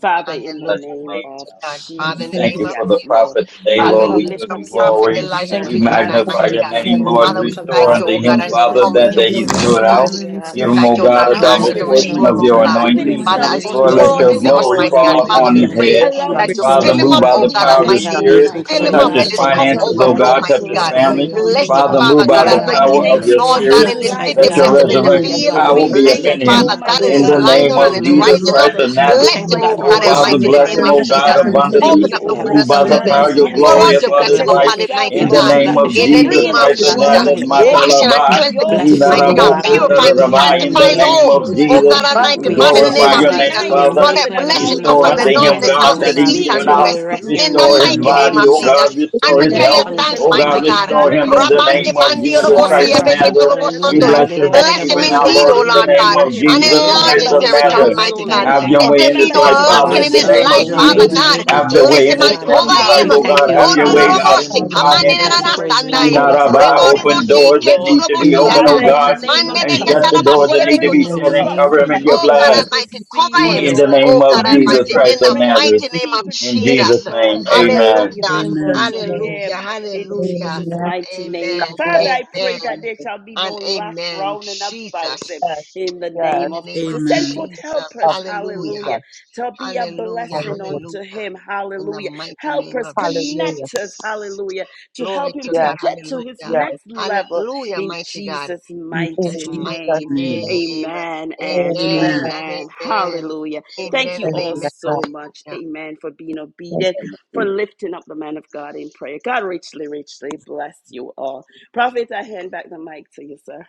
Father,
We
in the
bless
Hallelujah.
your
name
Glory
name,
of
to
God.
God.
We
Father, in
We
the
pray
Jesus,
thank
for
name
you
of
for
yes,
the
Jesus,
Lord.
prophet today,
God,
the
we
Father,
Lord.
we
Amen,
We
lift
public.
give
lift
up
up
you
Jesus.
your
Thank you,
Prophet
glory.
man
Lord.
Elijah
That
to
Thank
We
you
you,
you
servant
cover
The
God,
tonight,
me with
magnify
for
mighty
your
unto
public.
your
God.
blood
you,
prophet.
Thank
name,
We
you,
Lord.
and
thank
Lord.
you
Father,
for
Lord.
we
come
covering
on
Thank
Restore
his
thank
us
you,
unto
Father,
life,
oh
oh
you,
God,
for
him,
God.
as
Jesus.
his
you
We ask
Father,
come
for the
with
that
We
your
that
We
word,
he's
dedication,
adore,
blessing,
you,
thank
this
oh
you
mighty
given
for
God.
adore
God.
out.
this
God,
you,
Almighty
we
morning.
we
God
ask for
lift
the
Give
message.
you.
Thank
him,
you,
Thank
O
you, oh
shield.
We
God,
God.
coming
a
We
And
pray
out
your
ask
Da-
if
you
double
I
da-
to
here,
da-
hear
da- da-
any
portion
restore
blessing
him,
bo-
of
more,
Almighty
O
upon
your
shata,
him,
God,
God,
God.
da-
cover
giving
upon
di-
him
di-
dear
his
anointing.
di-
under
Father,
himself
di-
your
as
oh,
father's
he
Jesus.
Lord,
We
blood,
fears,
unto
shanda,
give
pour
let
out
you
God,
your
you,
We
into
I
us,
Jesus.
ask
the
glory
Lord.
us,
mighty
for the
God,
glory.
fall
We
mighty
give
Father,
upon
grace,
I
we
Hallelujah.
and
you the glory.
his
God.
oh
beg
God,
him.
pray
grace
head.
and
We
by
Holy
that
your
pray,
Allowing
you
God,
you
Father,
spirit,
fill
that
Spirit,
to
oh
him
move
We
up,
by
God.
give you
O
the
God
use
power
you
of
the
the
Mighty
him,
on
pray
furnish
him,
him,
Almighty.
that
glory.
God,
oh
grace
Spirit.
mighty
God,
you
and
I
Fill
cover
God,
Almighty
pour
him
his
beg
back
up.
Touch
Blessed
and
God,
of
Let
his
life,
you.
into
his
oh
so
be
that
cup
God.
the
to
finances,
he
Mighty
Lord,
O
the
God,
will
be
we
overflow,
God.
a
kingdom,
ask for
Touch
mighty
his
God
just
the
God.
to
pour
blessing
family.
blessed
back
be
continue to
blessing, him,
the
Bless
oh
unto
him,
into
Father,
God.
us.
Lord,
We
move
Father
us.
by
God
declare,
the
pursue
Father,
In
God,
the
we
that
In
he
Almighty.
power
and
will
name
of
of
thank
not
Jesus'
do.
you
your
Lord
for
lack.
God,
his
Spirit.
the
name,
in
blessed
the
be
Jesus.
the
life.
Mighty
city,
Let
Bless
amen.
your
God,
him
bless him
I
Lord,
in
the
the
pray, oh
Hallelujah.
resurrection
field.
financially,
God, that you
power
Lord.
Lord.
would
We
be
God.
Bless him,
Let
thank
upon
We
protect
you,
him,
him
oh
come
him.
Father
God,
up to us,
cover
God,
Almighty
go
in
In
his
we
his
God,
the
back
for
family,
to
the
lying
name
seek you,
down and
increase
of
him
his
me,
on
we
giftings,
never
every
Jesus
be
rising
bless
Lord,
up.
Christ
us,
side.
hurt.
of
that
we
you
bless
We
have
Nazareth.
you, we
Bless
thank you,
him,
bless
God,
O
placed
you.
for
Oh,
God
his
upon
Bless
his
Father,
him
life,
Almighty, in
oh
with
the
God.
bless
name
life.
We
So
him,
of
health
thank
oh
you
that
for the
and
we
God,
Jesus.
Father,
can
strength,
plans
we
and
use
thank
Heavenly
purpose
Open
abundantly.
this
you,
up
that you
to
the
have
Father.
in
pour
Move
windows of
Almighty
by
out
store
the
God,
for
Strengthen
into
heaven.
that
power
him,
us,
his
of
he
your
God.
has
body
We
Pour
we
glory
out
bless
ask
your
you the
upon
as
his
blessing
dedicated
you
you.
blessing.
life.
upon him,
promise
himself,
So
We
In
mighty
in
it's
the
your
so
ask
God.
Lord,
you,
name
God, to
many
strength
of
to
In
shield
the
Jesus
him,
bringing
name of
the
sacrifices
mighty
Christ
to
of
of
God,
the
Jesus.
cover
word,
Nazareth,
weak.
his
to
sacrifices,
life, oh
Wash him
God.
and
edifying
Matalaba,
cleanse
sacrifices
him
of
your
Mighty
Bless
you,
God,
him,
Mighty
and
oh
in
it's
the
God,
name
people.
God,
family, and
purify and
Hallelujah
we
hallelujah.
bless
In
Inarabokutarabah.
the
in
you,
to
sanctify
and
the
we
his
bless
name
Father,
being
name
of
a
we
home.
you.
of
give
Jesus,
Jesus.
Oh
Cover
thanks
him
Jesus,
God
God.
blessing.
under
to
your
Father,
you.
we
Almighty,
we
We
We
praise
blood,
Father, in
you.
the
Hallelujah.
ask
cover
you,
glorify
name
oh
this
praise.
of
Jesus.
your
We
God, to
name,
Jesus,
person,
Denying
cover him.
we
Glorify
We
Father.
bless
Lord,
himself
your
you.
let
and
declare
Jesus.
that he will
blessing
name.
We
allowing
not
come
Restore
from
you,
unto
the
Thank
cover this
lack
north,
you,
him,
Lord,
the
God,
person, we bless
south,
God,
anything,
to
for
oh
you,
the
that
we
your
God.
he's
bless
We
east,
speak
name.
you.
and
pray
given
to
that
the
Jesus.
you
out.
us
will
west.
In the
We
rest
through
your
In the
him.
bless
mighty
Restore
anointing,
you,
his
your
we
mighty
name
power,
name
of
your
body,
Father,
of
oh
for
Jesus.
strength,
God,
Jesus.
his
and
And
restore
we
your
his
tell
grace
you
health.
upon his
dedication,
thanks,
Oh
life.
mighty
Amen.
God,
Mighty
Almighty
bless
God.
you, we
God,
God,
restore
we
and
him
bless
his
in
thank
you.
the
you.
Jesus.
Rabande
name
Thank
of
obedience,
you,
bandi
Lord,
Jesus
For
Jesus.
your
orobosi
Christ
allowing
of
you to
ebeki
prophet,
Nazareth.
order
turobo
his
We
hallelujah.
steps,
bless your
Lord.
name
Bless him
even
Da-da-da-da-da-bo,
now,
Bless
indeed,
Lord,
shapa,
oh
him.
in the
Lord
name
God,
Remember
di-di-di-di-o,
of
him.
and
shanda,
Jesus
enlarge
Christ
Remember
his
da-da-da-da-bo,
of
his
see, ah,
territory,
Nazareth.
Mighty
mighty
household,
God,
God.
we
Lord.
Have
thank
your
Let
you.
way
there
in
be
this
Remember
We
no
his
thank
life,
you for
Father,
lacking
in
wife,
in
the
grace
his
his
in him,
Have
name
life,
of
oh
your
God,
way,
in
Father
children,
the
Jesus.
my
his
God.
name of
God.
Have your
Jesus,
Bless
way in
him and
this
ministry.
God.
cover
family's life,
We
him.
oh
thank
God.
you.
Hallelujah.
Have
We
your
Ondi
Father,
way,
let the
God,
bless
in
orobosi,
you,
his
book of
God. We
kamandi
bless
finances.
you
nanana
for
remembrance
his
be
life. We
standai.
bless you
open
for
up
Inaraba,
his
Rebo
wife
unto
open
and
ribosi,
him,
doors
children.
that
ketu
Lord.
need to
In
be
the
robosi,
open,
name
oh
Father,
yanda.
of
Amen.
in the
God,
Jesus,
Oh
name
God,
of
and
cover
Jesus.
shut the
him.
doors that need
Whatever
to be
In the
he's
shut and
name
cover them
of
trusting
in
you
your
for
Jesus.
God
blood.
in this
Almighty, cover
In
him.
season,
In the
Jesus'
Lord,
Oh
name
God
of
whatever is
Jesus
Almighty,
that
name.
in
Christ of
the
prayer in a
Nazareth.
mighty name of
secret
In
place,
Jesus.
Jesus'
Lord,
name,
let it
amen.
be
Hallelujah.
available
Amen.
unto
Hallelujah.
him in
Hallelujah.
Jesus' mighty name.
Amen.
Father, I
Amen.
pray that there shall be no
And
lack
amen.
round and about him
Jesus.
in the
In
name
the
of
name of
Jesus. Send
Amen.
forth
Jesus.
helpers,
Hallelujah.
hallelujah, to be a
Hallelujah.
blessing
Hallelujah.
unto
Hallelujah.
him,
In the
hallelujah.
mighty name of
Helpers,
Hallelujah.
connectors,
Jesus.
hallelujah, to
Glory
help him
to
to
Yes,
God.
get to his
Hallelujah.
yes.
next level
Hallelujah,
in
mighty God.
Jesus'
In
mighty
In
Jesus'
Jesus'
Jesus'
mighty
name.
name.
name.
name.
Amen
Amen
and
Amen.
and
Amen.
amen.
amen.
Hallelujah. Thank
Amen
you
and
Amen.
all
Thank
so much.
amen.
Amen. For being
you.
obedient, for lifting up the man of God in prayer. God richly, richly bless you all. Prophet, I hand back the mic to you, sir.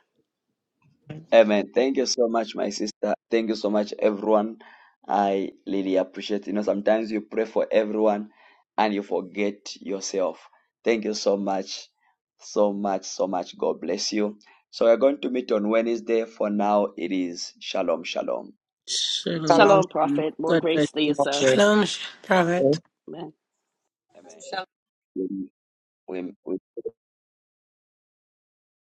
Amen. Thank you so much, my sister. Thank you so much, everyone. I really appreciate You know, sometimes you pray for everyone and you forget yourself. Thank you so much, so much, so much. God bless you. So we're going to meet on Wednesday. For now, it is Shalom, Shalom.
Shalom.
Shalom.
Shalom, Prophet. More
God bless
grace to you,
you.
sir.
shalom.
Shalom, prophet.
Amen.
Amen. We, we